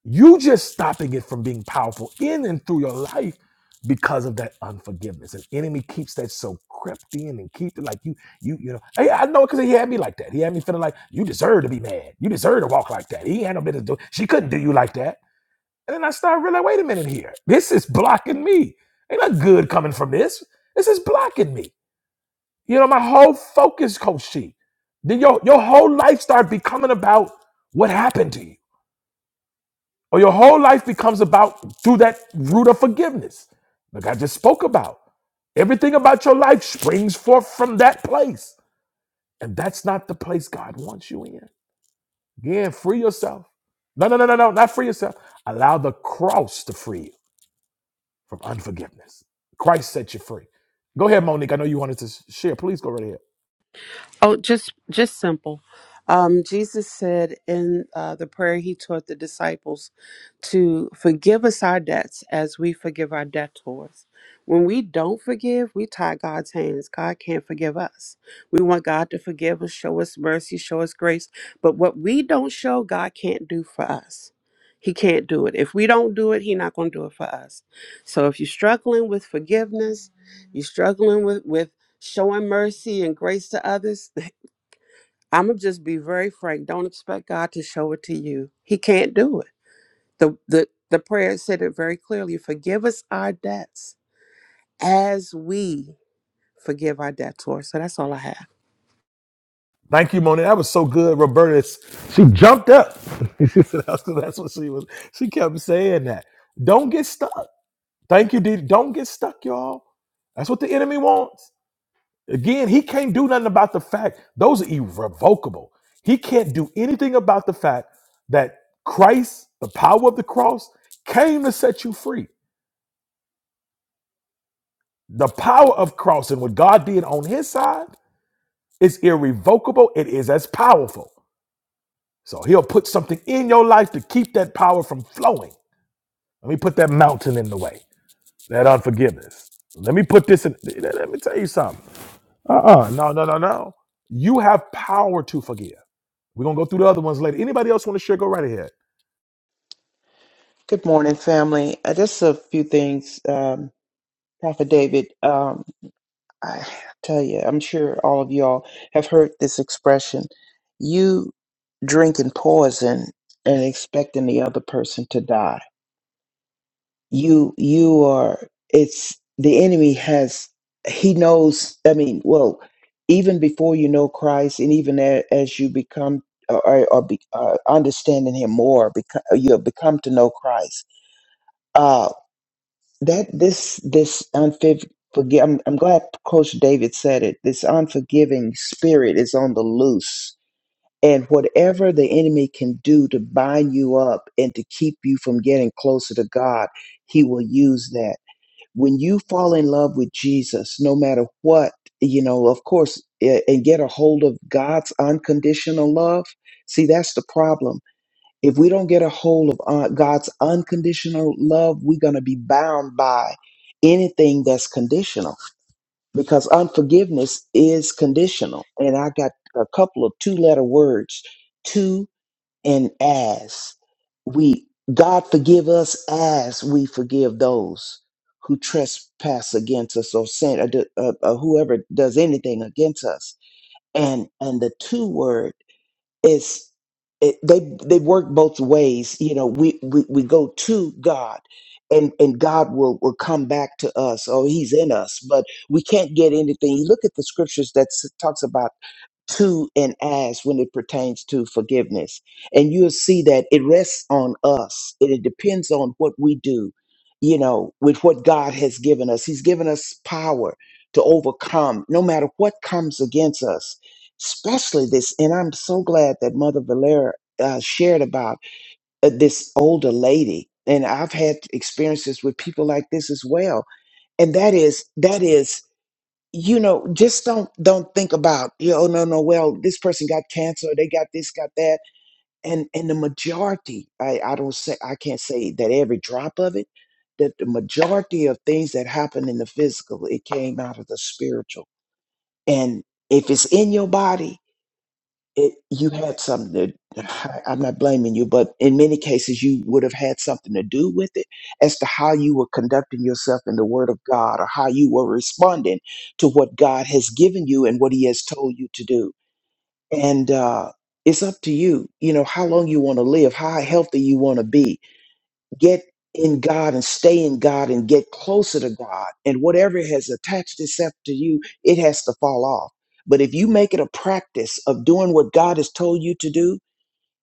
Speaker 1: you just stopping it from being powerful in and through your life because of that unforgiveness. And enemy keeps that so crept in and keep it like you, you, you know. Hey, I know because he had me like that. He had me feeling like you deserve to be mad. You deserve to walk like that. He had no business do. She couldn't do you like that. And then I started realizing, wait a minute here. This is blocking me. Ain't not good coming from this. This is blocking me. You know, my whole focus, Coach She. Then your your whole life start becoming about what happened to you or your whole life becomes about through that root of forgiveness like i just spoke about everything about your life springs forth from that place and that's not the place god wants you in again free yourself no no no no no not free yourself allow the cross to free you from unforgiveness christ set you free go ahead monique i know you wanted to s- share please go right ahead
Speaker 4: Oh, just just simple. Um, Jesus said in uh, the prayer he taught the disciples to forgive us our debts as we forgive our debtors. When we don't forgive, we tie God's hands. God can't forgive us. We want God to forgive us, show us mercy, show us grace. But what we don't show, God can't do for us. He can't do it. If we don't do it, He's not going to do it for us. So if you're struggling with forgiveness, you're struggling with with showing mercy and grace to others, I'm gonna just be very frank. Don't expect God to show it to you. He can't do it. The the the prayer said it very clearly. Forgive us our debts as we forgive our debtors. So that's all I have.
Speaker 1: Thank you, Monique. That was so good, Roberta. She jumped up. She said, that's that's what she was. She kept saying that. Don't get stuck. Thank you, Didi. Don't get stuck, y'all. That's what the enemy wants. Again, he can't do nothing about the fact those are irrevocable. He can't do anything about the fact that Christ, the power of the cross, came to set you free. The power of cross and what God did on his side is irrevocable. It is as powerful. So he'll put something in your life to keep that power from flowing. Let me put that mountain in the way, that unforgiveness. Let me put this in. Let me tell you something. Uh-uh. No, no, no, no. You have power to forgive. We're gonna go through the other ones later. Anybody else want to share? Go right ahead.
Speaker 6: Good morning, family. Uh, just a few things, um, Prophet David. Um, I tell you, I'm sure all of y'all have heard this expression: "You drinking poison and expecting the other person to die." You, you are. It's the enemy has. He knows. I mean, well, even before you know Christ, and even a- as you become uh, or, or be, uh, understanding Him more, become, you have become to know Christ. Uh, that this this unforgiving I'm, I'm glad coach david said it this unforgiving spirit is on the loose and whatever the enemy can do to bind you up and to keep you from getting closer to god he will use that when you fall in love with jesus no matter what you know of course a- and get a hold of god's unconditional love see that's the problem if we don't get a hold of uh, God's unconditional love, we're going to be bound by anything that's conditional because unforgiveness is conditional. And I got a couple of two letter words to and as. We, God forgive us as we forgive those who trespass against us or sin, or d- uh, uh, whoever does anything against us. And, and the two word. It's it, they they work both ways. You know, we we, we go to God, and and God will will come back to us. Oh, He's in us, but we can't get anything. You look at the scriptures that s- talks about to and as when it pertains to forgiveness. And you'll see that it rests on us. It, it depends on what we do, you know, with what God has given us. He's given us power to overcome no matter what comes against us, especially this. And I'm so glad that Mother Valera uh, shared about uh, this older lady. And I've had experiences with people like this as well. And that is, that is you know just don't don't think about you know, oh no no well this person got cancer they got this got that and and the majority i i don't say i can't say that every drop of it that the majority of things that happen in the physical it came out of the spiritual and if it's in your body it, you had something to, I- I'm not blaming you, but in many cases, you would have had something to do with it as to how you were conducting yourself in the Word of God or how you were responding to what God has given you and what He has told you to do. And uh, it's up to you, you know, how long you want to live, how healthy you want to be get in God and stay in God and get closer to God. And whatever has attached itself to you, it has to fall off. But if you make it a practice of doing what God has told you to do,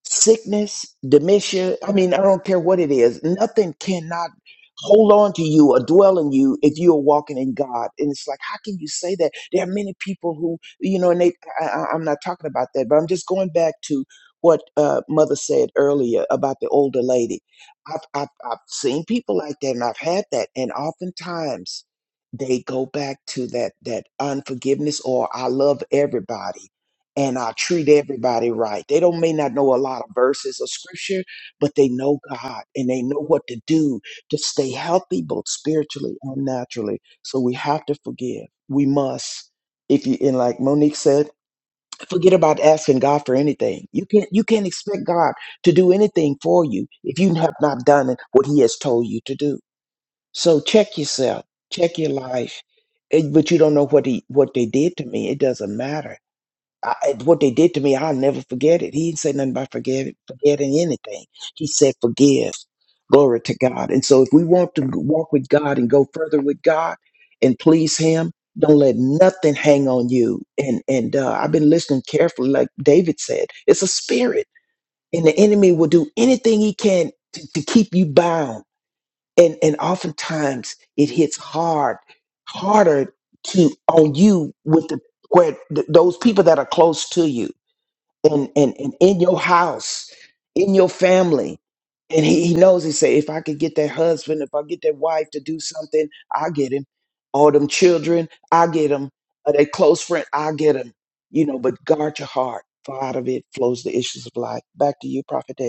Speaker 6: sickness, dementia. I mean, I don't care what it is. Nothing cannot hold on to you or dwell in you if you are walking in God. And it's like, how can you say that? There are many people who, you know, and they, I, I- I'm not talking about that, but I'm just going back to what uh, Mother said earlier about the older lady. I've, I've, I've seen people like that and I've had that. And oftentimes they go back to that, that unforgiveness or I love everybody and I treat everybody right. They don't may not know a lot of verses of scripture, but they know God and they know what to do to stay healthy, both spiritually and naturally. So we have to forgive. We must. If you and like Monique said, forget about asking God for anything. You can't you can't expect God to do anything for you if you have not done it what He has told you to do. So check yourself, check your life. Eh, But you don't know what he what they did to me. It doesn't matter I, I- what they did to me, I'll never forget it. He didn't say nothing about forget, forgetting anything. He said, forgive. Glory to God. And so if we want to walk with God and go further with God and please Him, don't let nothing hang on you. And and uh, I've been listening carefully, like David said, it's a spirit, and the enemy will do anything he can to, to keep you bound. And and oftentimes it hits hard, harder to on you with the where th- those people that are close to you and, and, and in your house, in your family. And he, he knows, he said, if I could get that husband, if I get that wife to do something, I get him. All them children, I get them. that close friend, I get him. You know, but guard your heart, for out of it flows the issues of life. Back to you, Prophet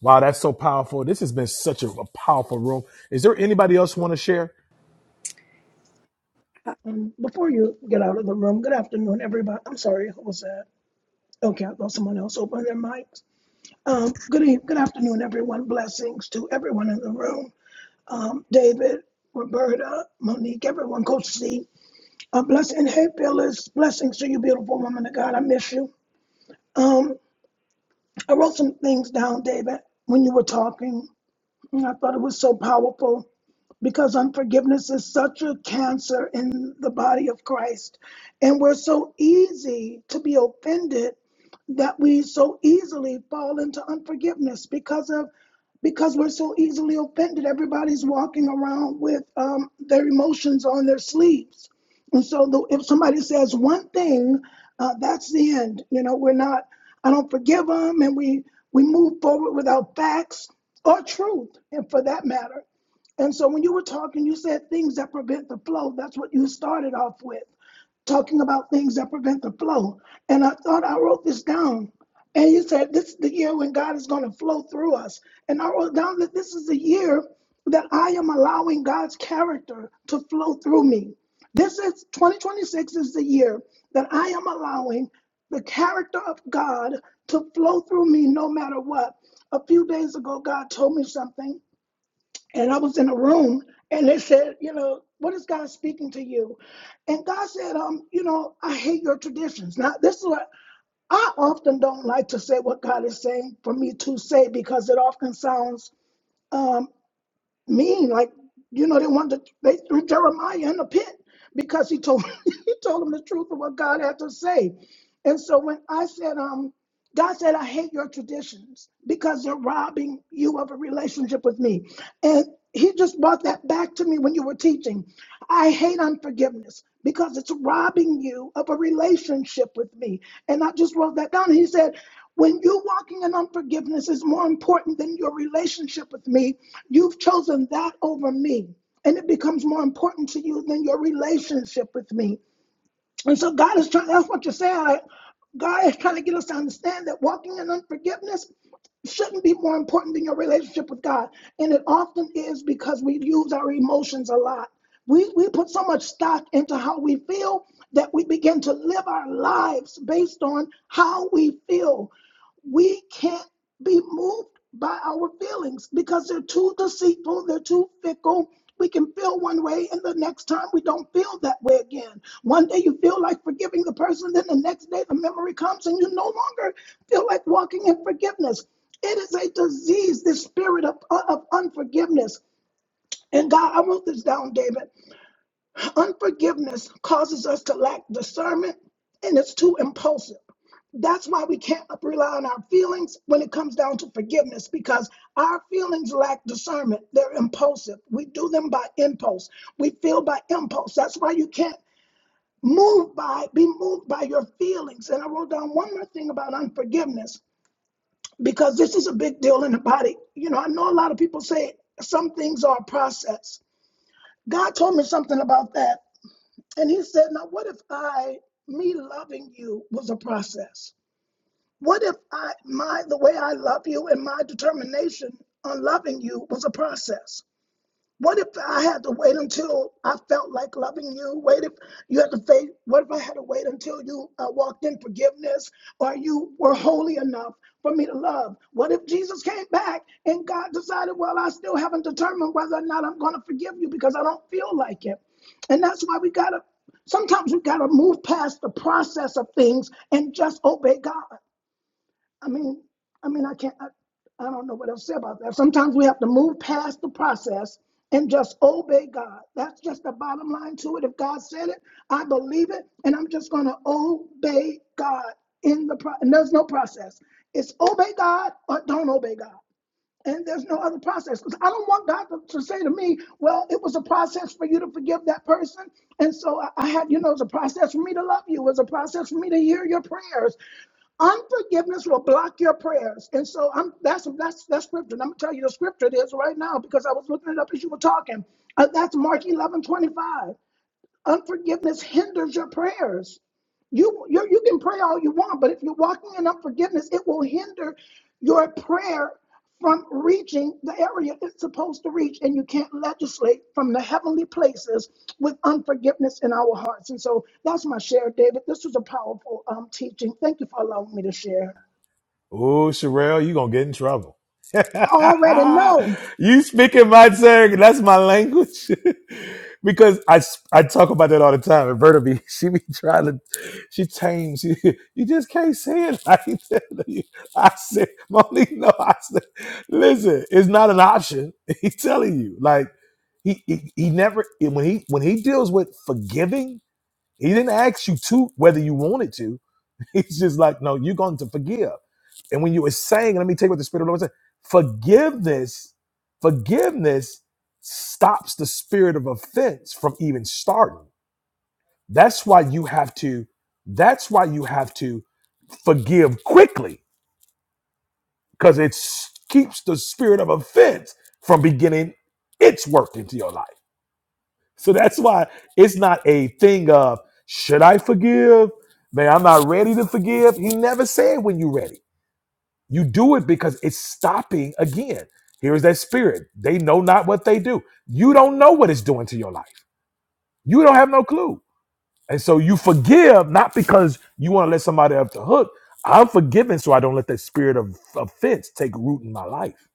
Speaker 1: Wow, that's so powerful. This has been such a, a powerful room. Is there anybody else want to share?
Speaker 7: Um, before you get out of the room, good afternoon, everybody. I'm sorry, who was that? Okay, I thought someone else opened their mics. Um, good eve- good afternoon, everyone. Blessings to everyone in the room. Um, David, Roberta, Monique, everyone, Coach C. A blessing. Hey, Phyllis, blessings to you, beautiful woman of God. I miss you. Um, I wrote some things down, David, when you were talking. And I thought it was so powerful because unforgiveness is such a cancer in the body of Christ. And we're so easy to be offended that we so easily fall into unforgiveness because of because we're so easily offended everybody's walking around with um, their emotions on their sleeves and so the, if somebody says one thing, uh, that's the end. You know, we're not, I don't forgive them and we, we move forward without facts or truth, and for that matter. And so when you were talking, you said things that prevent the flow. That's what you started off with talking about things that prevent the flow. And I thought I wrote this down. And you said this is the year when God is going to flow through us. And I wrote down that this is the year that I am allowing God's character to flow through me. This is 2026 is the year that I am allowing the character of God to flow through me no matter what. A few days ago, God told me something and I was in a room and they said, you know, what is God speaking to you? And God said, um, you know, I hate your traditions. Now, this is what I often don't like to say what God is saying for me to say because it often sounds um, mean. Like, you know, they wanted to, they threw Jeremiah in the pit because he told he told him the truth of what God had to say. And so when I said, um. God said, I hate your traditions because they're robbing you of a relationship with me. And he just brought that back to me when you were teaching. I hate unforgiveness because it's robbing you of a relationship with me. And I just wrote that down. He said, when you walking in unforgiveness is more important than your relationship with me, you've chosen that over me. And it becomes more important to you than your relationship with me. And so God is trying, that's what you're saying. Like, God is trying to get us to understand that walking in unforgiveness shouldn't be more important than your relationship with God. And it often is because we use our emotions a lot. We, we put so much stock into how we feel that we begin to live our lives based on how we feel we can't be moved by our feelings because they're too deceitful, they're too fickle. We can feel one way, and the next time we don't feel that way again. One day you feel like forgiving the person, then the next day the memory comes, and you no longer feel like walking in forgiveness. It is a disease, this spirit of, of unforgiveness. And God, I wrote this down, David. Unforgiveness causes us to lack discernment and it's too impulsive. That's why we can't rely on our feelings when it comes down to forgiveness because our feelings lack discernment. They're impulsive. We do them by impulse. We feel by impulse. That's why you can't move by, be moved by your feelings. And I wrote down one more thing about unforgiveness because this is a big deal in the body. You know, I know a lot of people say some things are a process. God told me something about that and he said, Now, what if I, me loving you was a process? What if I, my, the way I love you and my determination on loving you was a process? What if I had to wait until I felt like loving you? Wait if you had to face, what if I had to wait until you uh, walked in forgiveness or you were holy enough for me to love? What if Jesus came back and God decided, well, I still haven't determined whether or not I'm going to forgive you because I don't feel like it? And that's why we got to, sometimes we got to move past the process of things and just obey God. I mean, I mean, I can't, I, I don't know what else to say about that. Sometimes we have to move past the process and just obey God. That's just the bottom line to it. If God said it, I believe it, and I'm just going to obey God in the pro- and there's no process. It's obey God or don't obey God and there's no other process because I don't want God to, to say to me, well, it was a process for you to forgive that person. And so I, I had, you know, it's a process for me to love you. It was a process for me to hear your prayers. Unforgiveness will block your prayers. And so I'm that's that's that's scripture. And I'm gonna tell you the scripture it is right now because I was looking it up as you were talking. Uh, that's Mark 11:25. Unforgiveness hinders your prayers. You, you you can pray all you want, but if you're walking in unforgiveness, it will hinder your prayer from reaching the area it's supposed to reach, and you can't legislate from the heavenly places with unforgiveness in our hearts. And so that's my share, David. This was a powerful um, teaching. Thank you for allowing me to share.
Speaker 1: Oh, Sherelle, you gonna get in trouble.
Speaker 7: I already know.
Speaker 1: you speaking my tongue. That's my language. because I, s- I talk about that all the time. And Berta be she be trying to, she tames. She, you just can't say it like that. I said, Monique, no, I said, listen, it's not an option. He's telling you. Like, he, he, he never, when he, when he deals with forgiving, he didn't ask you to whether you wanted to He's just like, no, you're going to forgive. And when you were saying, let me tell you what the Spirit of the Lord said forgiveness, forgiveness stops the spirit of offense from even starting. That's why you have to, that's why you have to forgive quickly, because it s- keeps the spirit of offense from beginning its work into your life. So that's why it's not a thing of should I forgive? Man, I'm not ready to forgive. He never said when you're ready. You do it because it's stopping again. Here is that spirit. They know not what they do. You don't know what it's doing to your life. You don't have no clue. And so you forgive not because you want to let somebody off the hook. I'm forgiving so I don't let that spirit of offense take root in my life.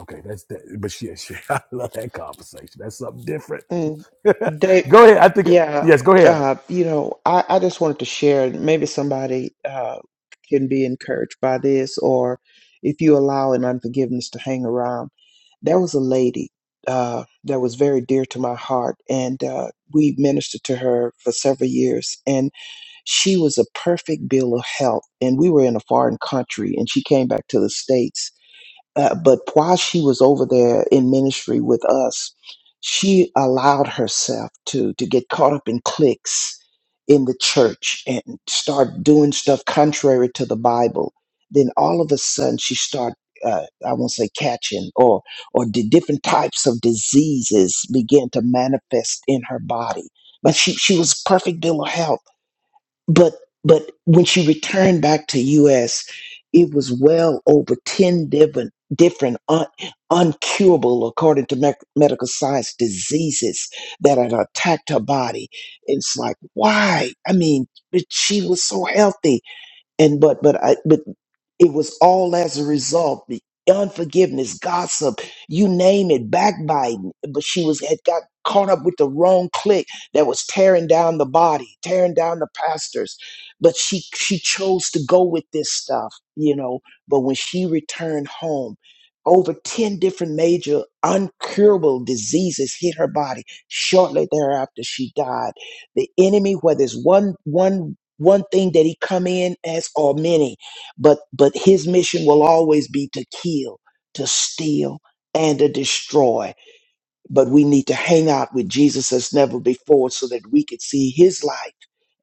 Speaker 1: Okay, that's that. But yeah, shit, I love that conversation. That's something different.
Speaker 6: Mm. They,
Speaker 1: go ahead. I think
Speaker 6: yeah,
Speaker 1: yes. Go ahead.
Speaker 6: uh, you know, I, I just wanted to share, maybe somebody uh, can be encouraged by this, or if you allow an unforgiveness to hang around. There was a lady uh, that was very dear to my heart, and uh, we ministered to her for several years, and she was a perfect bill of health. And we were in a foreign country, and she came back to the States uh, but while she was over there in ministry with us, she allowed herself to to get caught up in cliques in the church and start doing stuff contrary to the Bible. Then all of a sudden, she start uh, I won't say catching or or the different types of diseases began to manifest in her body. But she she was perfect little health but but when she returned back to us it was well over 10 different different un, uncurable according to mec- medical science diseases that had attacked her body it's like why i mean but she was so healthy and but but i but it was all as a result. The unforgiveness, gossip, you name it, backbiting. But she was had got caught up with the wrong clique that was tearing down the body, tearing down the pastors. But she she chose to go with this stuff, you know. But when she returned home, over 10 different major uncurable diseases hit her body. Shortly thereafter, she died. The enemy, whether it's one one one thing that he come in as or many, but but his mission will always be to kill to steal and to destroy but we need to hang out with jesus as never before so that we could see his life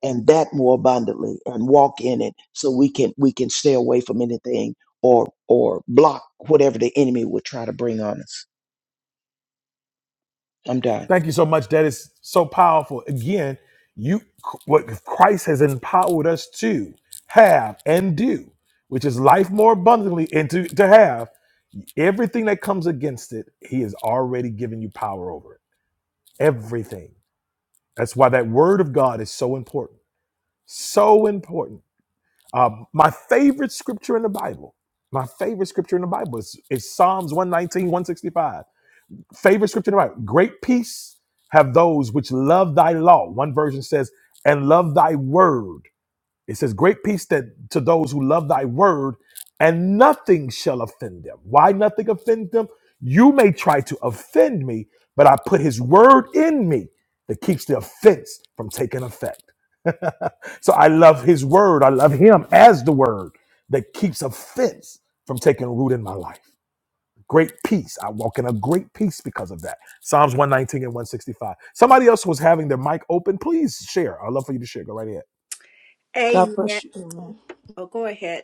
Speaker 6: and that more abundantly and walk in it so we can we can stay away from anything or or block whatever the enemy would try to bring on us i'm done
Speaker 1: Thank you so much. That is so powerful. Again, you what Christ has empowered us to have and do, which is life more abundantly and to, to have everything that comes against it, he has already given you power over it. Everything. That's why that word of God is so important. So important. Um, my favorite scripture in the Bible, my favorite scripture in the Bible is, is Psalms one nineteen one sixty five favorite scripture to write. Great peace have those which love thy law. One version says, and love thy word. It says, great peace that to those who love thy word, and nothing shall offend them. Why nothing offend them? You may try to offend me, but I put his word in me that keeps the offense from taking effect. so I love his word. I love him as the word that keeps offense from taking root in my life. Great peace. I walk in a great peace because of that. Psalms 119 and 165. Somebody else was having their mic open. Please share. I'd love for you to share. Go right ahead.
Speaker 8: God
Speaker 9: Amen.
Speaker 8: bless you. Amen.
Speaker 9: Oh, go ahead.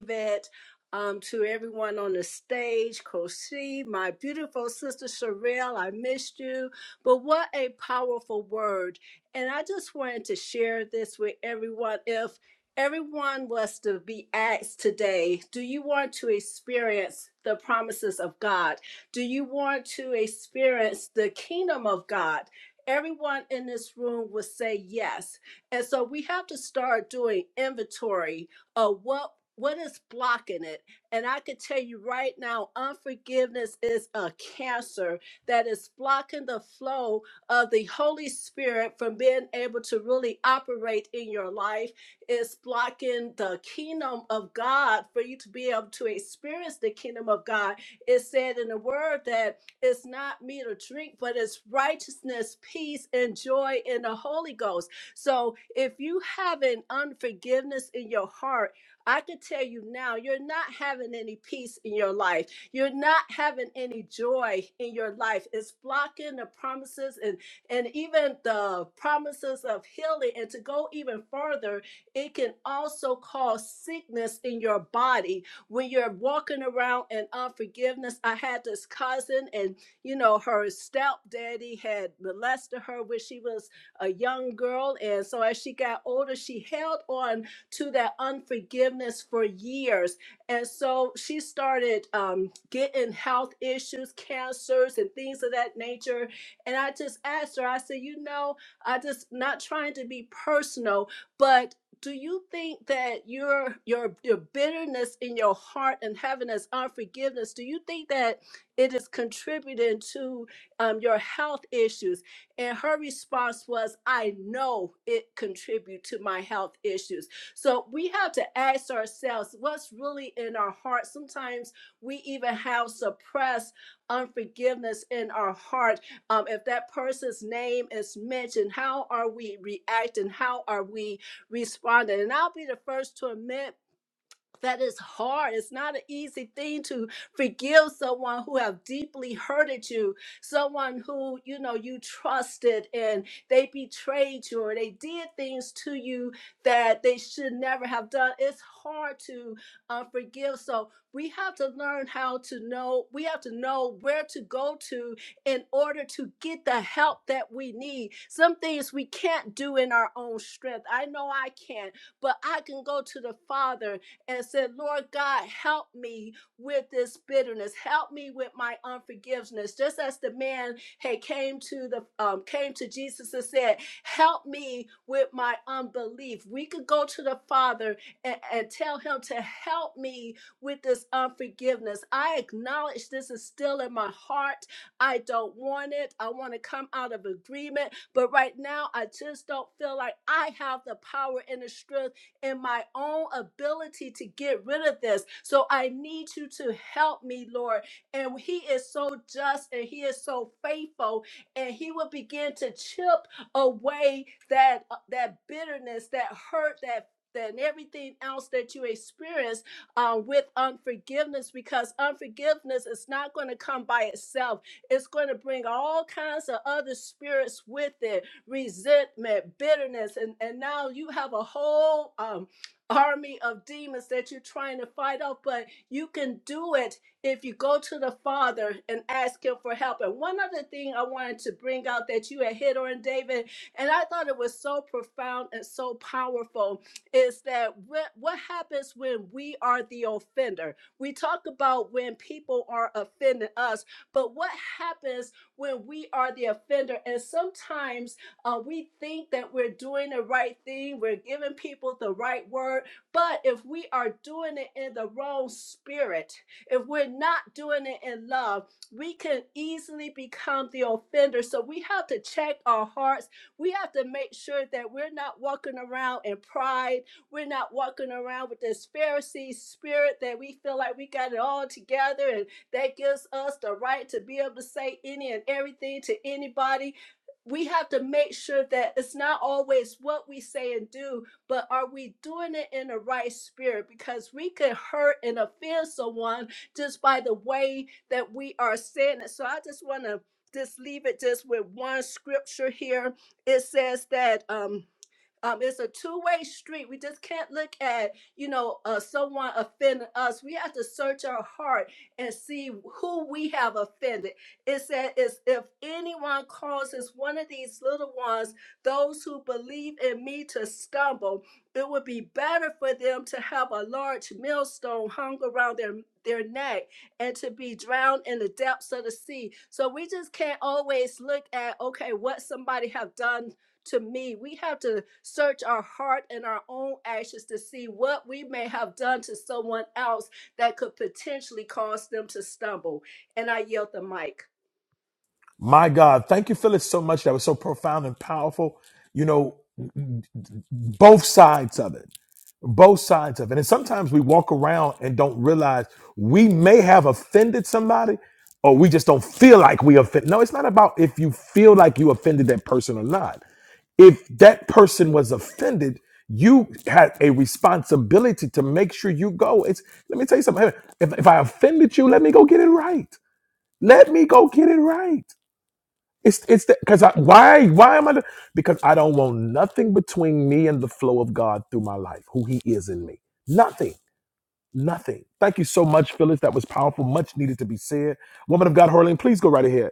Speaker 9: Yvette, um, to everyone on the stage, Kosi, my beautiful sister Sherelle, I missed you. But what a powerful word. And I just wanted to share this with everyone. If everyone was to be asked today, do you want to experience the promises of God? Do you want to experience the kingdom of God? Everyone in this room would say yes. And so we have to start doing inventory uh, what what is blocking it? And I can tell you right now, unforgiveness is a cancer that is blocking the flow of the Holy Spirit from being able to really operate in your life. It's blocking the kingdom of God for you to be able to experience the kingdom of God. It said in the word that it's not meat or drink, but it's righteousness, peace, and joy in the Holy Ghost so if you having unforgiveness in your heart, I can tell you now, you're not having any peace in your life. You're not having any joy in your life. It's blocking the promises and and even the promises of healing. And to go even further, it can also cause sickness in your body when you're walking around in unforgiveness. I had this cousin, and you know, her stepdaddy had molested her when she was a young girl. And so as she got older, she held on to that unforgiveness for years. And so she started um, getting health issues, cancers, and things of that nature. And I just asked her, I said, you know, I just not trying to be personal, but do you think that your your your bitterness in your heart and having this unforgiveness, do you think that it is contributing to um, your health issues? And her response was, I know it contribute to my health issues. So we have to ask ourselves what's really in our heart. Sometimes we even have suppressed unforgiveness in our heart. Um, if that person's name is mentioned, how are we reacting? How are we responding? And I'll be the first to admit that is hard it's not an easy thing to forgive someone who have deeply hurted you someone who you know you trusted and they betrayed you or they did things to you that they should never have done it's hard to uh, forgive so we have to learn how to know we have to know where to go to in order to get the help that we need some things we can't do in our own strength i know i can't but i can go to the father and said, Lord God, help me with this bitterness. Help me with my unforgiveness. Just as the man had came to the um, came to Jesus and said, Help me with my unbelief. We could go to the Father and, and tell him to help me with this unforgiveness. I acknowledge this is still in my heart. I don't want it. I want to come out of agreement. But right now, I just don't feel like I have the power and the strength in my own ability to get rid of this. So I need you to help me, Lord. And He is so just and He is so faithful, and He will begin to chip away that uh, that bitterness, that hurt, that than everything else that you experience uh, with unforgiveness because unforgiveness is not going to come by itself. It's going to bring all kinds of other spirits with it resentment, bitterness, and, and now you have a whole um, army of demons that you're trying to fight off, but you can do it if you go to the Father and ask Him for help. And one other thing I wanted to bring out that you had hit on, David, and I thought it was so profound and so powerful, is that what, what happens when we are the offender? We talk about when people are offending us, but what happens when we are the offender? And sometimes uh, we think that we're doing the right thing, we're giving people the right word, but if we are doing it in the wrong spirit, if we're not doing it in love, we can easily become the offender. So we have to check our hearts. We have to make sure that we're not walking around in pride. We're not walking around with this Pharisee spirit that we feel like we got it all together and that gives us the right to be able to say any and everything to anybody we have to make sure that it's not always what we say and do, but are we doing it in the right spirit? Because we could hurt and offend someone just by the way that we are saying it. So I just want to just leave it just with one scripture here. It says that um um, it's a two-way street. We just can't look at, you know, uh, someone offending us. We have to search our heart and see who we have offended. It said, "Is if anyone causes one of these little ones, those who believe in me, to stumble, it would be better for them to have a large millstone hung around their their neck and to be drowned in the depths of the sea." So we just can't always look at, okay, what somebody have done to me. We have to search our heart and our own actions to see what we may have done to someone else that could potentially cause them to stumble. And I yield the mic.
Speaker 1: My God. Thank you, Phyllis, so much. That was so profound and powerful. You know, both sides of it. Both sides of it. And sometimes we walk around and don't realize we may have offended somebody or we just don't feel like we offend. No, it's not about if you feel like you offended that person or not if that person was offended, you had a responsibility to make sure you go. It's let me tell you something. Hey, If, if I offended you, let me go get it right. Let me go get it right. It's it's because I why why am I do- because I don't want nothing between me and the flow of God through my life, who He is in me. Nothing, nothing. Thank you so much, Phyllis. That was powerful. Much needed to be said. Woman of God, Harleen, please go right ahead.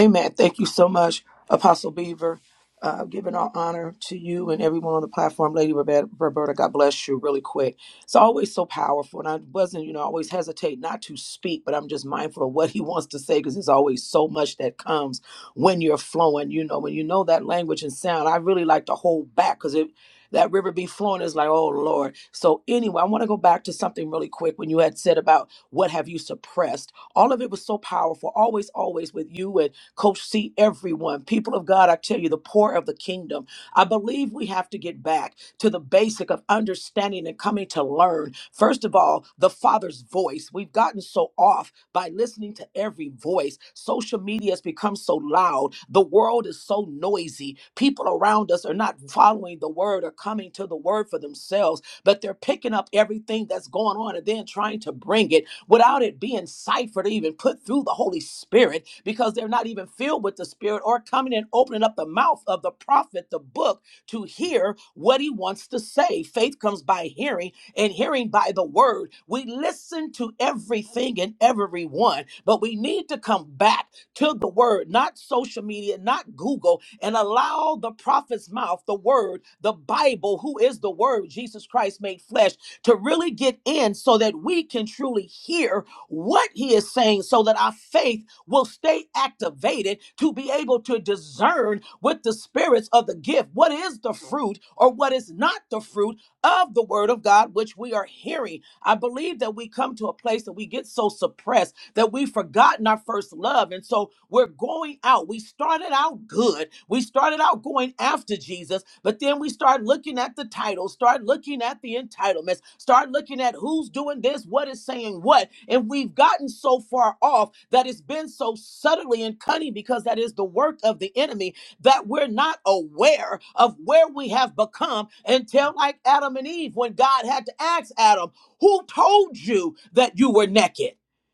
Speaker 8: Amen. Thank you so much, Apostle Beaver. Uh, giving all honor to you and everyone on the platform, Lady Roberta, Roberta. God bless you. Really quick, it's always so powerful, and I wasn't, you know, I always hesitate not to speak, but I'm just mindful of what he wants to say because there's always so much that comes when you're flowing. You know, when you know that language and sound, I really like to hold back because it. That river be flowing is like, oh Lord. So anyway, I want to go back to something really quick when you had said about what have you suppressed. All of it was so powerful. Always, always with you and Coach C, everyone, people of God, I tell you, the poor of the kingdom. I believe we have to get back to the basic of understanding and coming to learn. First of all, the Father's voice. We've gotten so off by listening to every voice. Social media has become so loud. The world is so noisy. People around us are not following the word or coming to the word for themselves but they're picking up everything that's going on and then trying to bring it without it being ciphered or even put through the Holy Spirit because they're not even filled with the Spirit or coming and opening up the mouth of the prophet, the book, to hear what he wants to say. Faith comes by hearing, and hearing by the word. We listen to everything and everyone, but we need to come back to the word, not social media, not Google, and allow the prophet's mouth, the word, the Bible, who is the word, Jesus Christ made flesh, to really get in so that we can truly hear what he is saying, so that our faith will stay activated to be able to discern with the spirits of the gift what is the fruit or what is not the fruit of the word of God, which we are hearing. I believe that we come to a place that we get so suppressed that we've forgotten our first love. And so we're going out. We started out good. We started out going after Jesus, but then we start looking at the titles, start looking at the entitlements, start looking at who's doing this, what is saying what. And we've gotten so far off that it's been so subtly and cunning because that is the work of the enemy that we're not aware of where we have become until like Adam and Eve when God had to ask Adam, who told you that you were naked?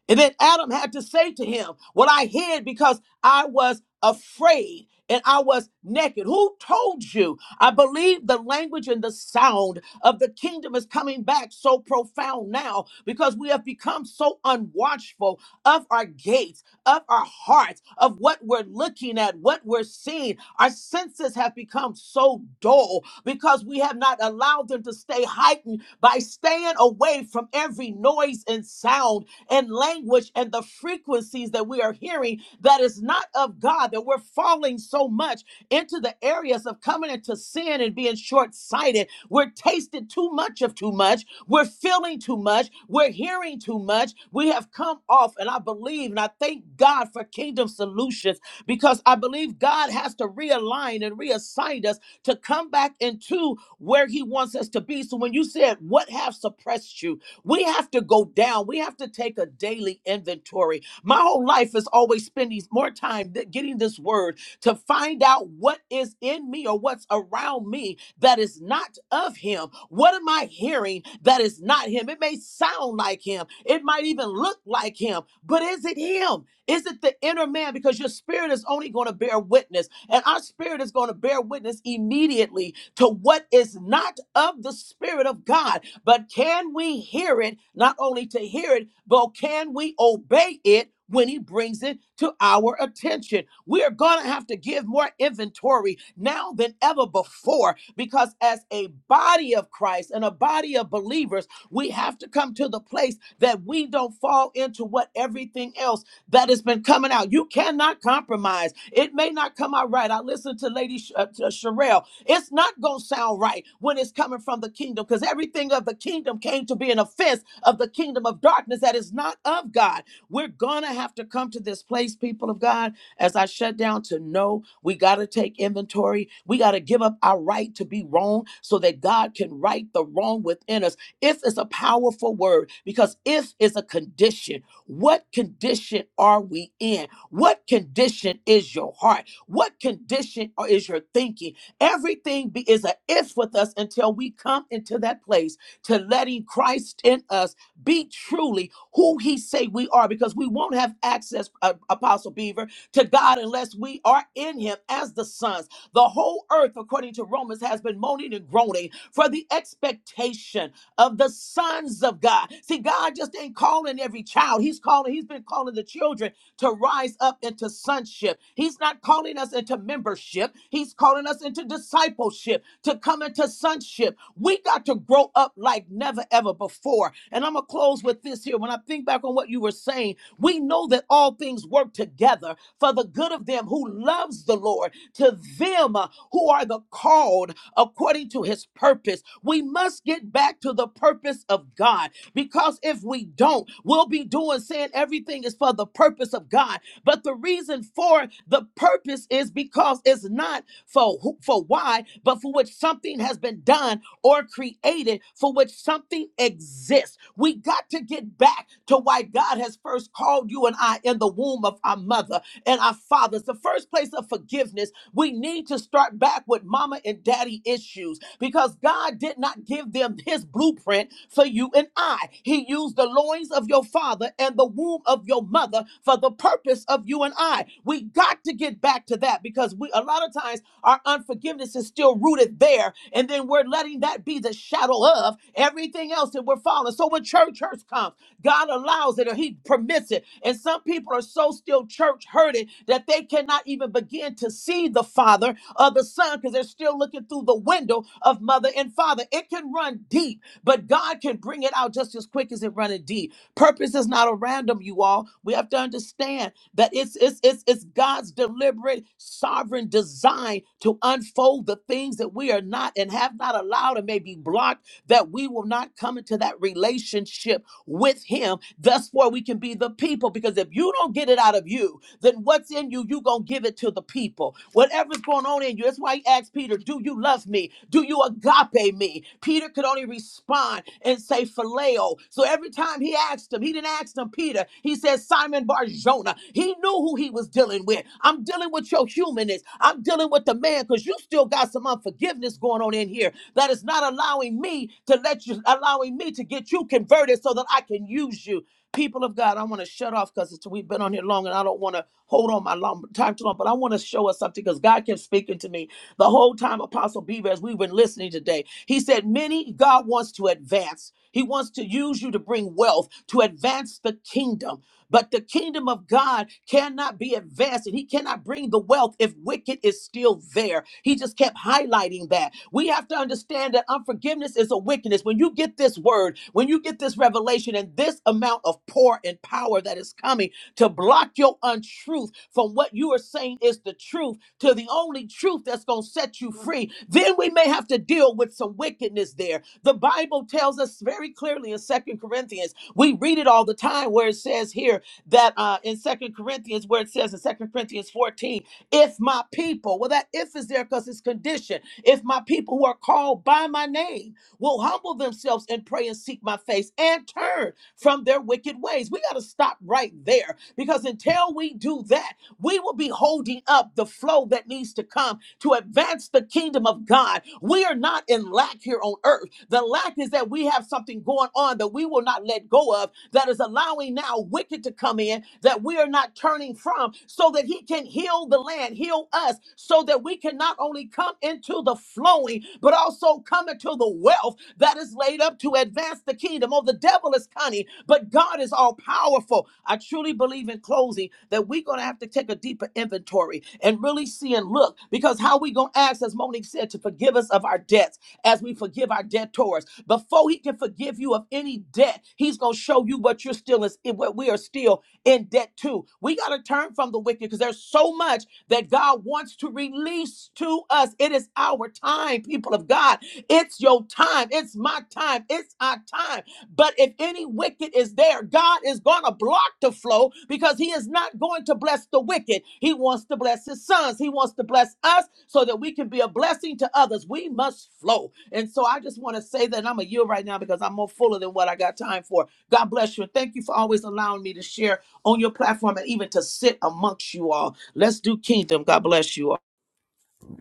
Speaker 8: And then Adam had to say to him, What I hid because I was afraid and I was naked. Who told you? I believe the language and the sound of the kingdom is coming back so profound now because we have become so unwatchful of our gates, of our hearts, of what we're looking at, what we're seeing. Our senses have become so dull because we have not allowed them to stay heightened by staying away from every noise and sound and language and the frequencies that we are hearing that is not of God, that we're falling so much into the areas of coming into sin and being short sighted. We're tasted too much of too much. We're feeling too much. We're hearing too much. We have come off, and I believe and I thank God for Kingdom Solutions because I believe God has to realign and reassign us to come back into where He wants us to be. So when you said, What have suppressed you? We have to go down. We have to take a daily inventory. My whole life is always spending more time th- getting this word to find out what is in me or what's around me that is not of him. What am I hearing that is not him? It may sound like him. It might even look like him, but is it him? Is it the inner man? Because your spirit is only going to bear witness, and our spirit is going to bear witness immediately to what is not of the spirit of God. But can we hear it, not only to hear it, but can we obey it when he brings it to our attention? We're going to have to give more inventory now than ever before because as a body of Christ and a body of believers, we have to come to the place that we don't fall into what everything else that has been coming out. You cannot compromise. It may not come out right. I listened to Lady Sh- uh, to Sherelle it's not going to sound right when it's coming from the kingdom because everything of the kingdom came to be an offense of the kingdom of darkness that is not of God. We're going to have to come to this place, people of God, as I shut down to know we got to take inventory. We got to give up our right to be wrong so that God can right the wrong within us. If is a powerful word because if is a condition. What condition are we in? What condition is your heart? What condition is your thinking? Everything be, is a if with us until we come into that place to letting Christ in us be truly who He say we are, because we won't have access, uh, Apostle Beaver, to God unless we are in Him as the sons. The whole earth, according to Romans, has been moaning and groaning for the expectation of the sons of God. See, God just ain't calling every child; He's calling. He's been calling the children to rise up into sonship. He's not calling us into membership, He's calling us into discipleship, to come into sonship. We got to grow up like never ever before. And I'm going to close with this here. When I think back on what you were saying, we know that all things work together for the good of them who loves the Lord, to them uh, who are the called according to his purpose. We must get back to the purpose of God. Because if we don't, we'll be doing saying everything is for the purpose of God. But the reason for the purpose is because it's not for who, for why, but for which something has been done or created, for which something exists. We got to get back to why God has first called you and I in the womb of our mother and our fathers. The first place of forgiveness we need to start back with mama and daddy issues because God did not give them his blueprint for you and I. He used the loins of your father and the womb of your mother for the purpose of you and I. We got to get back to that because we a lot of times our unforgiveness is still rooted there, and then we're letting that be the shadow of everything else that we're following. So when church hurts comes, God allows it or He permits it. And some people are so still church hurted that they cannot even begin to see the Father or the Son because they're still looking through the window of mother and father. It can run deep, but God can bring it out just as quick as it running deep. Purpose is not a random, you all. We have to understand that it's it's it's it's God's deliberate sovereign design to unfold the things that we are not and have not allowed and may be blocked that we will not come into that relationship with him. Thus far, we can be the people because if you don't get it out of you, then what's in you, you going to give it to the people. Whatever's going on in you. That's why he asked Peter, Do you love me? Do you agape me? Peter could only respond and say phileo. So every time he asked him, he didn't ask him Peter. He said Simon Barjona. He knew who he was dealing with. I'm dealing dealing with your humanness. I'm dealing with the man because you still got some unforgiveness going on in here that is not allowing me to let you, allowing me to get you converted so that I can use you. People of God, I want to shut off because we've been on here long and I don't want to hold on my long, time too long, but I want to show us something because God kept speaking to me the whole time Apostle Beaver, as we've been listening today. He said, Many money, God wants to advance. He wants to use you to bring wealth, to advance the kingdom. But the kingdom of God cannot be advanced, and He cannot bring the wealth if wicked is still there. He just kept highlighting that. We have to understand that unforgiveness is a wickedness. When you get this word, when you get this revelation, and this amount of pour and power that is coming to block your untruth from what you are saying is the truth to the only truth that's going to set you free, then we may have to deal with some wickedness there. The Bible tells us very clearly in Second Corinthians, we read it all the time where it says here that uh, in Second Corinthians, where it says in Second Corinthians 14, if my people, well, that if is there because it's conditioned, if my people who are called by my name will humble themselves and pray and seek my face and turn from their wicked ways. We got to stop right there because until we do that, we will be holding up the flow that needs to come to advance the kingdom of God. We are not in lack here on earth. The lack is that we have something going on that we will not let go of that is allowing now wicked to come in that we are not turning from so that he can heal the land, heal us, so that we can not only come into the flowing, but also come to the wealth that is laid up to advance the kingdom. Oh, the devil is cunning, but God is all powerful. I truly believe in closing that we're going to have to take a deeper inventory and really see and look because how we going to ask, as Monique said, to forgive us of our debts as we forgive our debtors. Before he can forgive you of any debt, he's going to show you what you're still is, what we are still in debt to. We got to turn from the wicked because there's so much that God wants to release to us. It is our time, people of God. It's your time. It's my time. It's our time. But if any wicked is there, God is going to block the flow because He is not going to bless the wicked. He wants to bless His sons. He wants to bless us so that we can be a blessing to others. We must flow. And so I just want to say that I'm a yield right now because I'm more fuller than what I got time for. God bless you. And thank you for always allowing me to share on your platform and even to sit amongst you all. Let's do kingdom. God bless you all.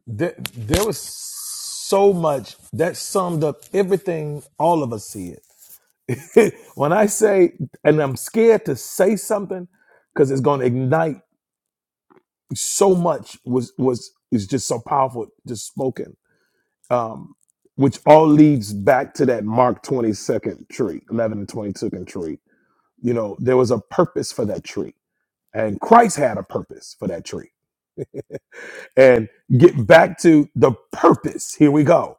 Speaker 1: there, there was so much that summed up everything all of us said. when I say, and I'm scared to say something because it's going to ignite so much was was is just so powerful, just spoken. Um, which all leads back to that Mark 22nd tree, 11 and 22nd tree. You know, there was a purpose for that tree, and Christ had a purpose for that tree. And get back to the purpose. Here we go.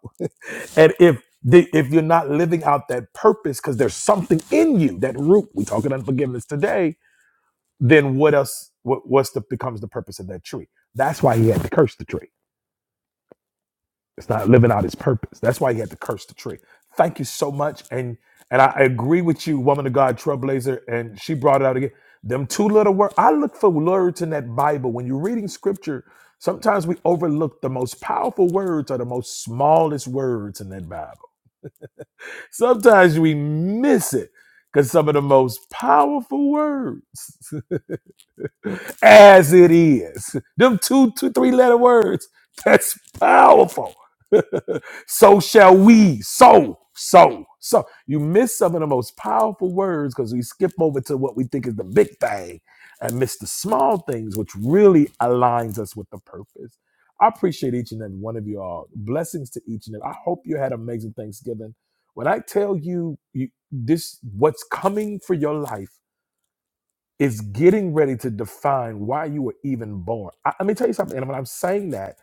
Speaker 1: And if the, if you're not living out that purpose, because there's something in you, that root, we talking unforgiveness today, then what else, what, what's the, becomes the purpose of that tree? That's why he had to curse the tree. It's not living out his purpose. That's why he had to curse the tree. Thank you so much. And, and I agree with you, woman of God, trailblazer. And she brought it out again. Them two little words. I look for words in that Bible. When you're reading scripture, sometimes we overlook the most powerful words are the most smallest words in that Bible Sometimes we miss it because some of the most powerful words as it is. Them two, two, three letter words. That's powerful. so shall we. So, so, so. You miss some of the most powerful words because we skip over to what we think is the big thing and miss the small things, which really aligns us with the purpose. I appreciate each and every one of you all. Blessings to each and every. I hope you had amazing Thanksgiving. When I tell you, you this what's coming for your life is getting ready to define why you were even born. I, let me tell you something. And when I'm saying that,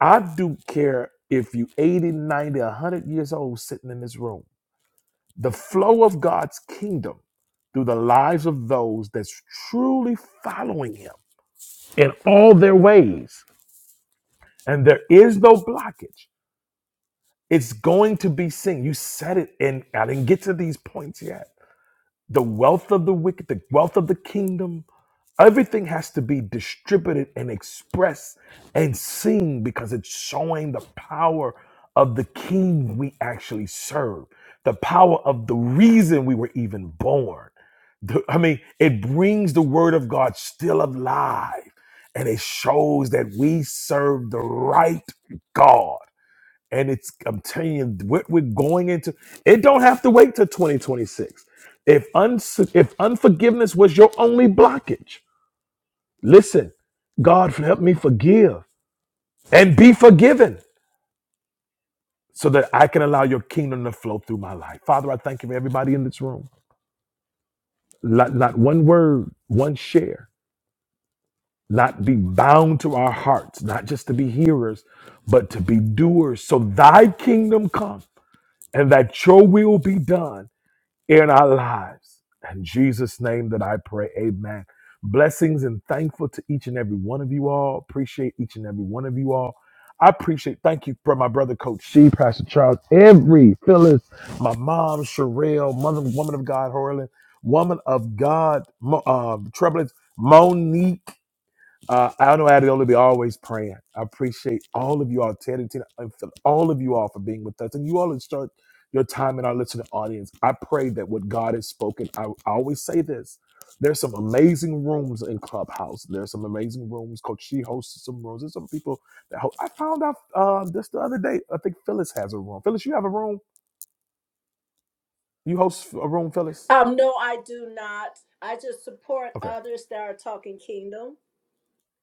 Speaker 1: I do care if you 80, 90, 100 years old sitting in this room. The flow of God's kingdom through the lives of those that's truly following him in all their ways. And there is no blockage. It's going to be seen. You said it, and I didn't get to these points yet The wealth of the wicked, the wealth of the kingdom, everything has to be distributed and expressed and seen because it's showing the power of the king we actually serve, the power of the reason we were even born. The- I mean, it brings the word of God still alive and it shows that we serve the right God and it's I'm telling you what we're going into. It don't have to wait till 2026. If uns if unforgiveness was your only blockage, listen, God help me forgive and be forgiven so that I can allow your kingdom to flow through my life. Father, I thank you for everybody in this room. Not, not one word, one share, not be bound to our hearts, not just to be hearers, but to be doers. So thy kingdom come and that your will be done in our lives. In Jesus' name that I pray, amen. Blessings and thankful to each and every one of you all. Appreciate each and every one of you all. I appreciate, thank you for my brother, Coach She, Pastor Charles, every Phyllis, my mom, Sherelle, mother, woman of God, Horland, woman of God, Mo- uh, Troublance, Monique, uh, I know I'd only be always praying. I appreciate all of you all, Ted and Tina, and for all of you all for being with us. And you all that start your time in our listening audience. I pray that what God has spoken, I, I always say this. There's some amazing rooms in Clubhouse. There's some amazing rooms. Coach She hosts some rooms. There's some people that ho- I found out uh, just the other day. I think Phyllis has a room. Phyllis, you have a room? You host a room, Phyllis?
Speaker 9: Um, no, I do not. I just support
Speaker 1: Okay.
Speaker 9: others that are talking kingdom.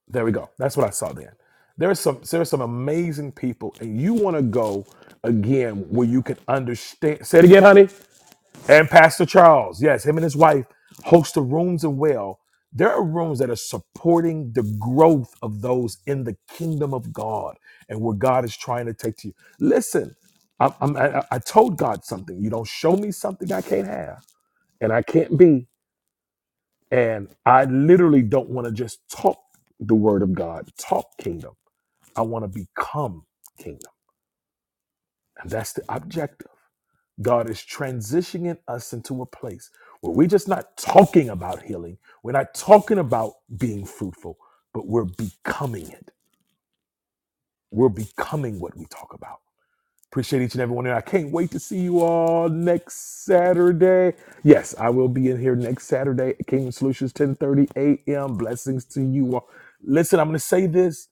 Speaker 1: There we go. That's what I saw then. There are some there are some amazing people, and you want to go again where you can understand. Say it again, honey. And Pastor Charles, yes, him and his wife host the rooms and well. There are rooms that are supporting the growth of those in the kingdom of God and where God is trying to take to you. Listen, I'm, I'm, I, I told God something. You don't show me something I can't have and I can't be. And I literally don't want to just talk the word of God, talk kingdom. I want to become kingdom. And that's the objective. God is transitioning us into a place where we're just not talking about healing. We're not talking about being fruitful, but we're becoming it. We're becoming what we talk about. Appreciate each and every one. And I can't wait to see you all next Saturday. Yes, I will be in here next Saturday. at Kingdom Solutions, 10:30 a.m. Blessings to you all. Listen, I'm going to say this.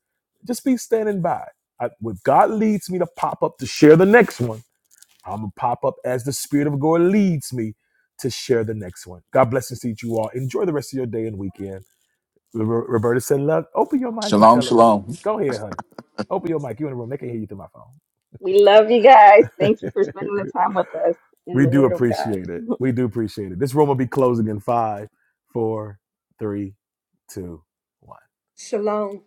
Speaker 1: Just be standing by. I, if God leads me to pop up to share the next one, I'm going to pop up as the Spirit of God leads me to share the next one. God bless and to you all. Enjoy the rest of your day and weekend. Ro- Roberta said, "Look, open your mic and
Speaker 2: Shalom,
Speaker 1: tell them.
Speaker 2: shalom.
Speaker 1: Go ahead, honey. Open your mic. You in the room. They can hear you through my
Speaker 10: We love you guys.
Speaker 1: phone."
Speaker 10: Thank you for spending the time with us in
Speaker 1: We
Speaker 10: the
Speaker 1: do
Speaker 10: Word of God.
Speaker 1: appreciate it. We do appreciate it. This room will be closing in five, four, three, two, one.
Speaker 9: Shalom.